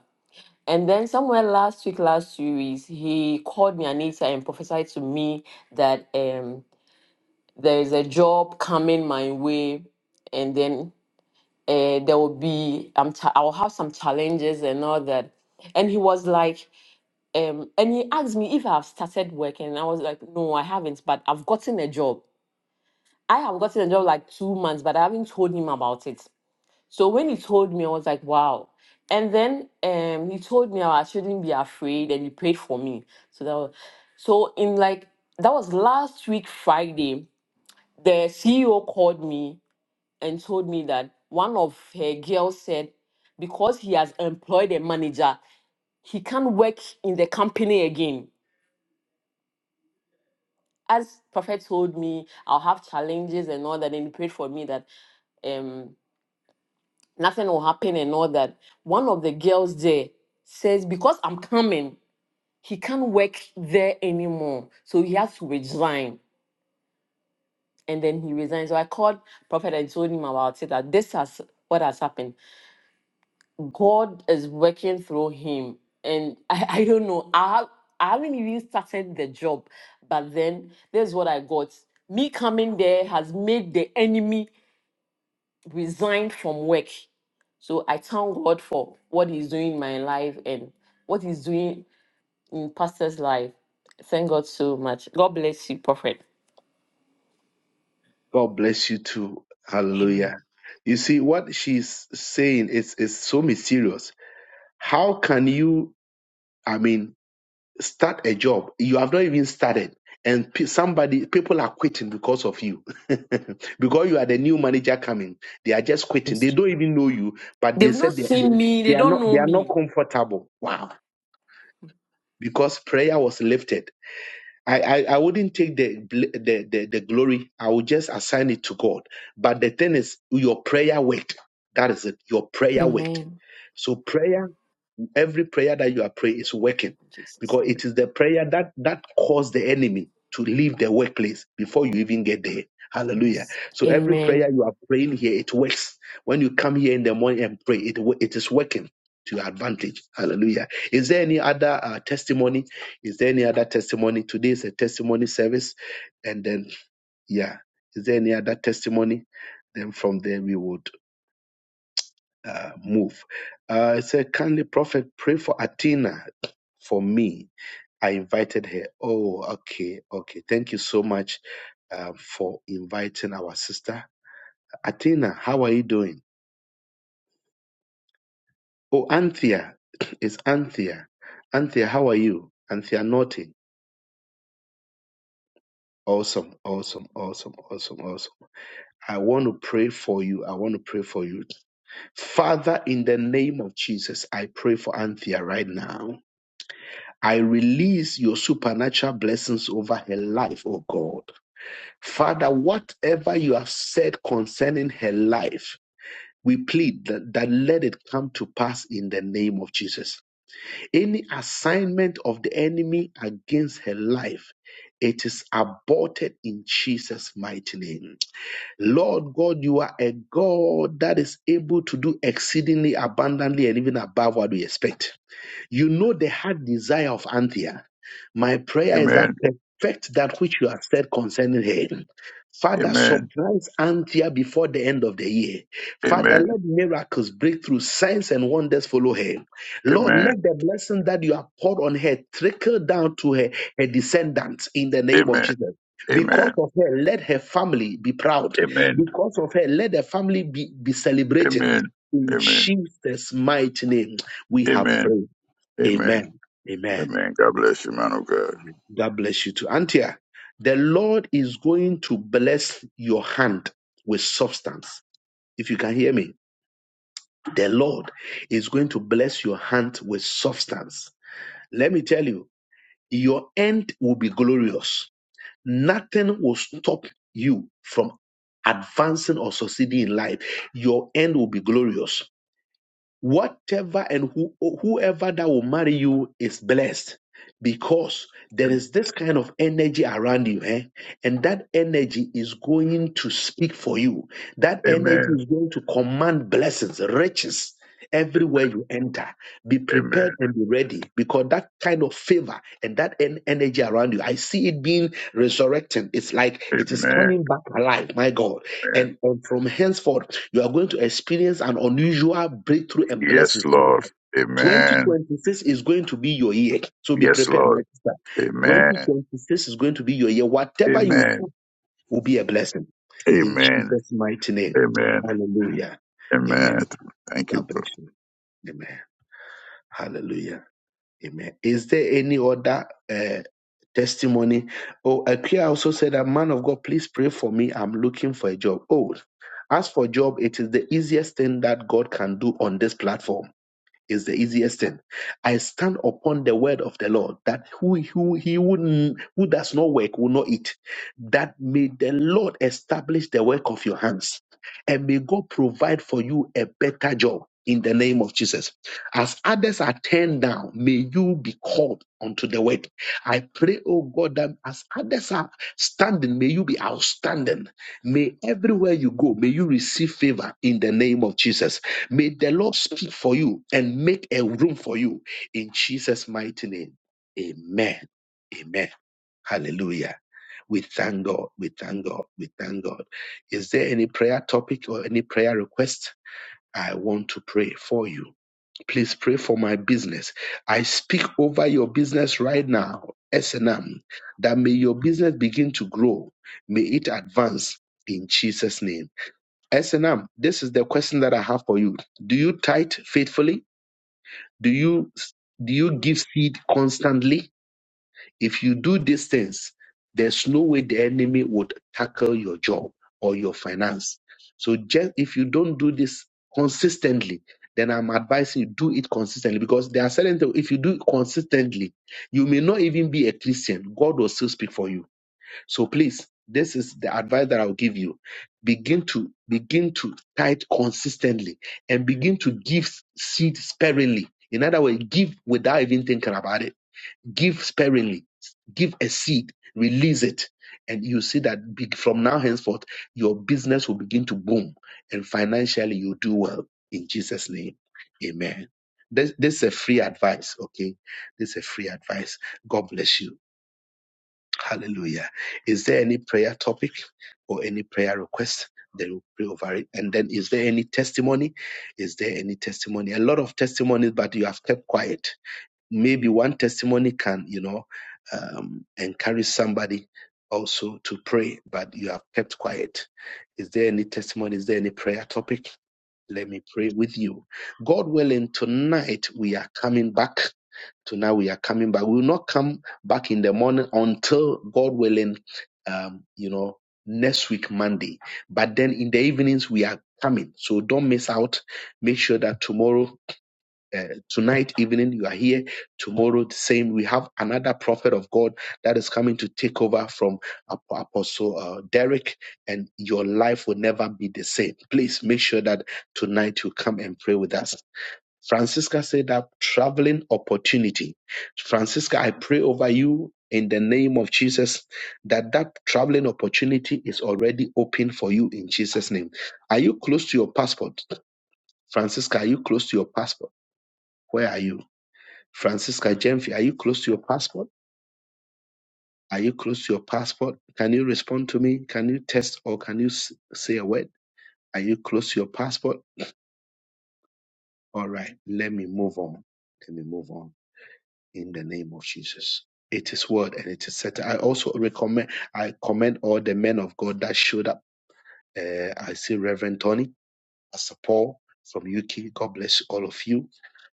Speaker 12: And then somewhere last week, last two weeks, he called me Anita and prophesied to me that um, there is a job coming my way, and then uh, there will be um, ch- I will have some challenges and all that. And he was like, um, and he asked me if I've started working, and I was like, no, I haven't, but I've gotten a job. I have gotten a job like two months, but I haven't told him about it. So when he told me, I was like, wow. And then um, he told me I shouldn't be afraid, and he prayed for me. So that was, so in like that was last week Friday. The CEO called me and told me that one of her girls said because he has employed a manager, he can't work in the company again. As Prophet told me, I'll have challenges and all that, and he prayed for me that um nothing will happen and all that. One of the girls there says, because I'm coming, he can't work there anymore. So he has to resign. And then he resigned. So I called Prophet and told him about it that this has what has happened. God is working through him. And [LAUGHS] I, I don't know. I have I haven't even started the job, but then this is what I got. Me coming there has made the enemy resign from work. So I thank God for what He's doing in my life and what He's doing in Pastor's life. Thank God so much. God bless you, Prophet.
Speaker 1: God bless you too.
Speaker 12: Amen.
Speaker 1: Hallelujah. You see, what she's saying is, is so mysterious. How can you, I mean, start a job you have not even started and pe- somebody people are quitting because of you [LAUGHS] because you are the new manager coming they are just quitting they don't even know you but they
Speaker 12: They've not
Speaker 1: said they, they,
Speaker 12: seen me,
Speaker 1: they
Speaker 12: they
Speaker 1: are
Speaker 12: don't
Speaker 1: not they
Speaker 12: know
Speaker 1: are not
Speaker 12: me.
Speaker 1: comfortable wow because prayer was lifted I, I, I wouldn't take the, bl- the, the the glory. I would just assign it to God. But the thing is, your prayer worked. That is it. Your prayer worked.
Speaker 12: Amen.
Speaker 1: So prayer. Every prayer that you are praying is working
Speaker 12: Jesus.
Speaker 1: because it is the prayer that that caused the enemy to leave the workplace before you even get there. Hallelujah.
Speaker 12: Yes.
Speaker 1: So every
Speaker 12: Amen.
Speaker 1: prayer you are praying here, it works. When you come here in the morning and pray, it wo- it is working to your advantage. Hallelujah. Is there any other uh, testimony? Is there any other testimony? Today is a testimony service, and then yeah, is there any other testimony? Then from there we would uh, move. Uh, it said, kindly prophet, pray for Athena for me. I invited her. Oh, okay, okay. Thank you so much uh, for inviting our sister. Athena, how are you doing? Oh, Anthea, [CLEARS THROAT] it's Anthea. Anthea, how are you? Anthea Naughty. Awesome, awesome, awesome, awesome, awesome. I want to pray for you. I want to pray for you. Father, in the name of Jesus, I pray for Anthea right now. I release your supernatural blessings over her life, oh God. Father, whatever you have said concerning her life, we plead that, that let it come to pass in the name of Jesus. Any assignment of the enemy against her life, it is aborted in Jesus' mighty name. Lord God, you are a God that is able to do exceedingly abundantly and even above what we expect. You know the heart desire of Anthea. My prayer is that
Speaker 6: Amen.
Speaker 1: perfect that which you have said concerning her. Father,
Speaker 6: Amen.
Speaker 1: surprise Anthea before the end of the year. Father,
Speaker 6: Amen.
Speaker 1: let miracles, breakthrough, signs, and wonders follow her. Lord,
Speaker 6: Amen.
Speaker 1: let the blessing that you have poured on her trickle down to her, her descendants in the name of
Speaker 6: Amen.
Speaker 1: Jesus. Because
Speaker 6: Amen.
Speaker 1: of her, let her family be proud.
Speaker 6: Amen.
Speaker 1: Because of her, let the family be, be celebrating.
Speaker 6: Amen.
Speaker 1: In
Speaker 6: Amen.
Speaker 1: Jesus' mighty name, we have
Speaker 6: Amen.
Speaker 1: prayed.
Speaker 6: Amen.
Speaker 1: Amen. Amen.
Speaker 6: Amen. God bless you, man of God.
Speaker 1: God bless you too. Antia, the Lord is going to bless your hand with substance. If you can hear me, the Lord is going to bless your hand with substance. Let me tell you, your end will be glorious. Nothing will stop you from advancing or succeeding in life. Your end will be glorious whatever and who, whoever that will marry you is blessed because there
Speaker 6: Am-
Speaker 1: is this kind of energy around you eh? and that energy is going to speak for you that energy
Speaker 6: Amen.
Speaker 1: is going to command blessings riches everywhere
Speaker 6: Amen.
Speaker 1: you enter be prepared
Speaker 6: Amen.
Speaker 1: and be ready because that kind of favor and that en- energy around you i see it being resurrecting it's like it is coming back alive my god
Speaker 6: Amen.
Speaker 1: and, and from henceforth you are going to experience an unusual breakthrough and
Speaker 6: Yes,
Speaker 1: blessings in your
Speaker 6: Lord.
Speaker 1: life.
Speaker 6: Amen.
Speaker 1: 2026 is going to be your year. So be
Speaker 6: Yes,
Speaker 1: prepared, my
Speaker 6: Lord.
Speaker 1: sister.
Speaker 6: Amen.
Speaker 1: 2026 is going to be your year. Whatever you
Speaker 6: Amen.
Speaker 1: do will be a blessing. In
Speaker 6: Amen.
Speaker 1: Jesus' mighty name.
Speaker 6: Amen.
Speaker 1: Hallelujah.
Speaker 6: Amen.
Speaker 1: Amen.
Speaker 6: Thank
Speaker 1: God
Speaker 6: you.
Speaker 1: bless you. Amen. Hallelujah. Amen. Is there any other uh, testimony? Oh, Akia also said that man of God, please pray for me. I'm looking for a job. Oh, as for job, it is the easiest thing that God can do on this platform is the easiest thing. I stand upon the word of the Lord that who, who he who, n- who does not work will not eat. That may the Lord establish the work of your hands and may God provide for you a better job in the name of Jesus. As others are turned down, may you be called unto the work. I pray, oh God, that as others are standing, may you be outstanding. May everywhere you go, may you receive favor in the name of Jesus. May the Lord speak for you and make a room for you in Jesus' mighty name. Amen. Amen. Hallelujah. We thank God. We thank God. We thank God. Is there any prayer topic or any prayer request? I want to pray for you. Please pray for my business. I speak over your business right now, S&M, that may your business begin to grow. May it advance in Jesus' name. S&M, this is the question that I have for you. Do you tithe faithfully? Do you do you give seed constantly? If you do these things, there's no way the enemy would tackle your job or your finance. So just if you don't do this consistently, then I'm advising you do it consistently because there are certain things if you do it consistently, you may not even be a Christian. God will still speak for you so please, this is the advice that I'll give you. Begin to begin to tithe consistently and begin to give seed sparingly. In other words, give without even thinking about it. Give sparingly. Give a seed, release it, and you see that big from now henceforth your business will begin to boom and financially you do well in Jesus' name. Amen. This, this is a free advice, okay? This is a free advice. God bless you. Hallelujah. Is there any prayer topic or any prayer request? Then we'll pray over it. And then is there any testimony? Is there any testimony? A lot of testimonies, but you have kept quiet. Maybe one testimony can, you know, um, encourage somebody also to pray, but you have kept quiet. Is there any testimony? Is there any prayer topic? Let me pray with you. God willing, tonight we are coming back tonight we are coming back. We will not come back in the morning until God willing, um, you know, next week Monday. But then in the evenings we are coming, so don't miss out. Make sure that tomorrow uh, tonight evening you are here tomorrow the same we have another prophet of god that is coming to take over from Ap- apostle uh, derek and your life will never be the same please make sure that tonight you come and pray with us francisca said that traveling opportunity francisca i pray over you in the name of jesus that that traveling opportunity is already open for you in jesus name are you close to your passport francisca are you close to your passport where are you Francisca Jemfi, are you close to your passport? Are you close to your passport? Can you respond to me? Can you test or can you s- say a word? Are you close to your passport? All right, let me move on. Let me move on in the name of Jesus. It is word and it is set. I also recommend, I commend all the men of God that showed up. Uh, I see Reverend Tony, Pastor Paul from UK. God bless all of you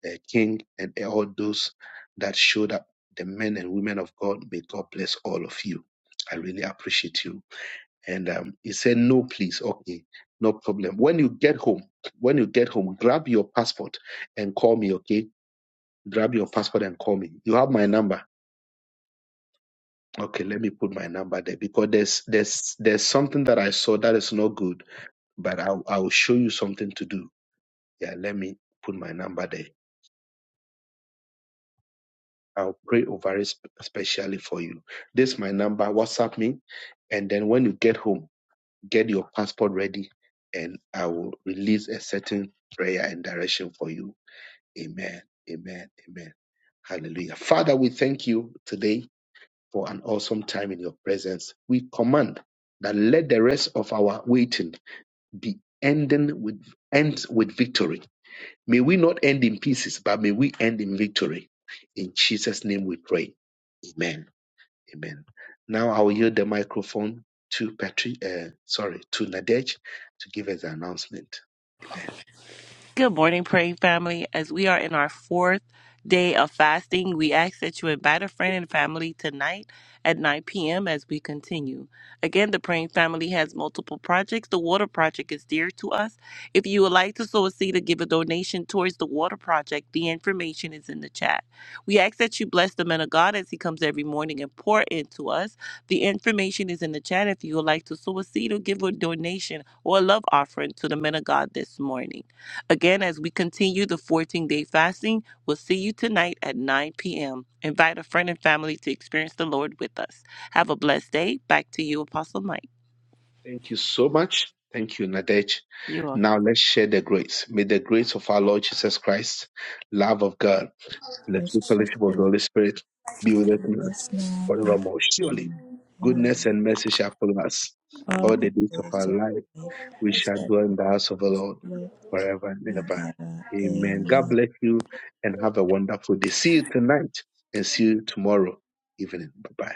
Speaker 1: uh, King, and all those that showed up, the men and women of God. May God bless all of you. I really appreciate you. And um, he said, No, please. Okay, no problem. When you get home, when you get home, grab your passport and call me, okay? Grab your passport and call me. You have my number. Okay, let me put my number there because there's there's there's something that I saw that is not good, but I'll I'll show you something to do. Yeah, let me put my number there I'll pray over it sp- specially for you. This is my number. WhatsApp me. And then when you get home, get your passport ready and I will release a certain prayer and direction for you. Amen. Amen. Amen. Hallelujah. Father, we thank you today for an awesome time in your presence. We command that let the rest of our waiting be ending with ends with victory. May we not end in pieces, but may we end in victory. In Jesus' name we pray. Amen. Amen. Now I will yield the microphone to Patri, uh, sorry, to Nadej to give us the announcement. Amen.
Speaker 11: Good morning, Pray Family. As we are in our fourth day of fasting, we ask that you invite a friend and family tonight at 9 p.m. as we continue. Again, the Praying Family has multiple projects. The Water Project is dear to us. If you would like to sow a seed or give a donation towards the Water Project, the information is in the chat. We ask that you bless the man of God as he comes every morning and pour into us. The information is in the chat if you would like to sow a seed or give a donation or a love offering to the men of God this morning. Again, as we continue the 14 day fasting, we'll see you tonight at 9 p.m. Invite a friend and family to experience the Lord with us. Have a blessed day. Back to you, Apostle Mike.
Speaker 1: Thank you so much. Thank you, Nadej.
Speaker 11: You're
Speaker 1: Now let's share the grace. May the grace of our Lord Jesus Christ, love of God, and the
Speaker 13: as
Speaker 1: true
Speaker 13: she
Speaker 1: fellowship of the Holy Spirit be with us
Speaker 13: fulfills
Speaker 1: now and
Speaker 13: us now and forever.
Speaker 1: forevermore. Surely,
Speaker 13: Amen.
Speaker 1: goodness and mercy shall follow us
Speaker 13: All
Speaker 1: all
Speaker 13: the
Speaker 1: the days of
Speaker 13: days
Speaker 1: our
Speaker 13: of
Speaker 1: life.
Speaker 13: life
Speaker 1: We
Speaker 13: we
Speaker 1: shall dwell in
Speaker 13: shall
Speaker 1: the house of the Lord
Speaker 13: live
Speaker 1: forever and ever.
Speaker 13: forever.
Speaker 1: Amen.
Speaker 13: Amen.
Speaker 1: God bless you and have a wonderful day. See you tonight and see you tomorrow evening. Bye bye.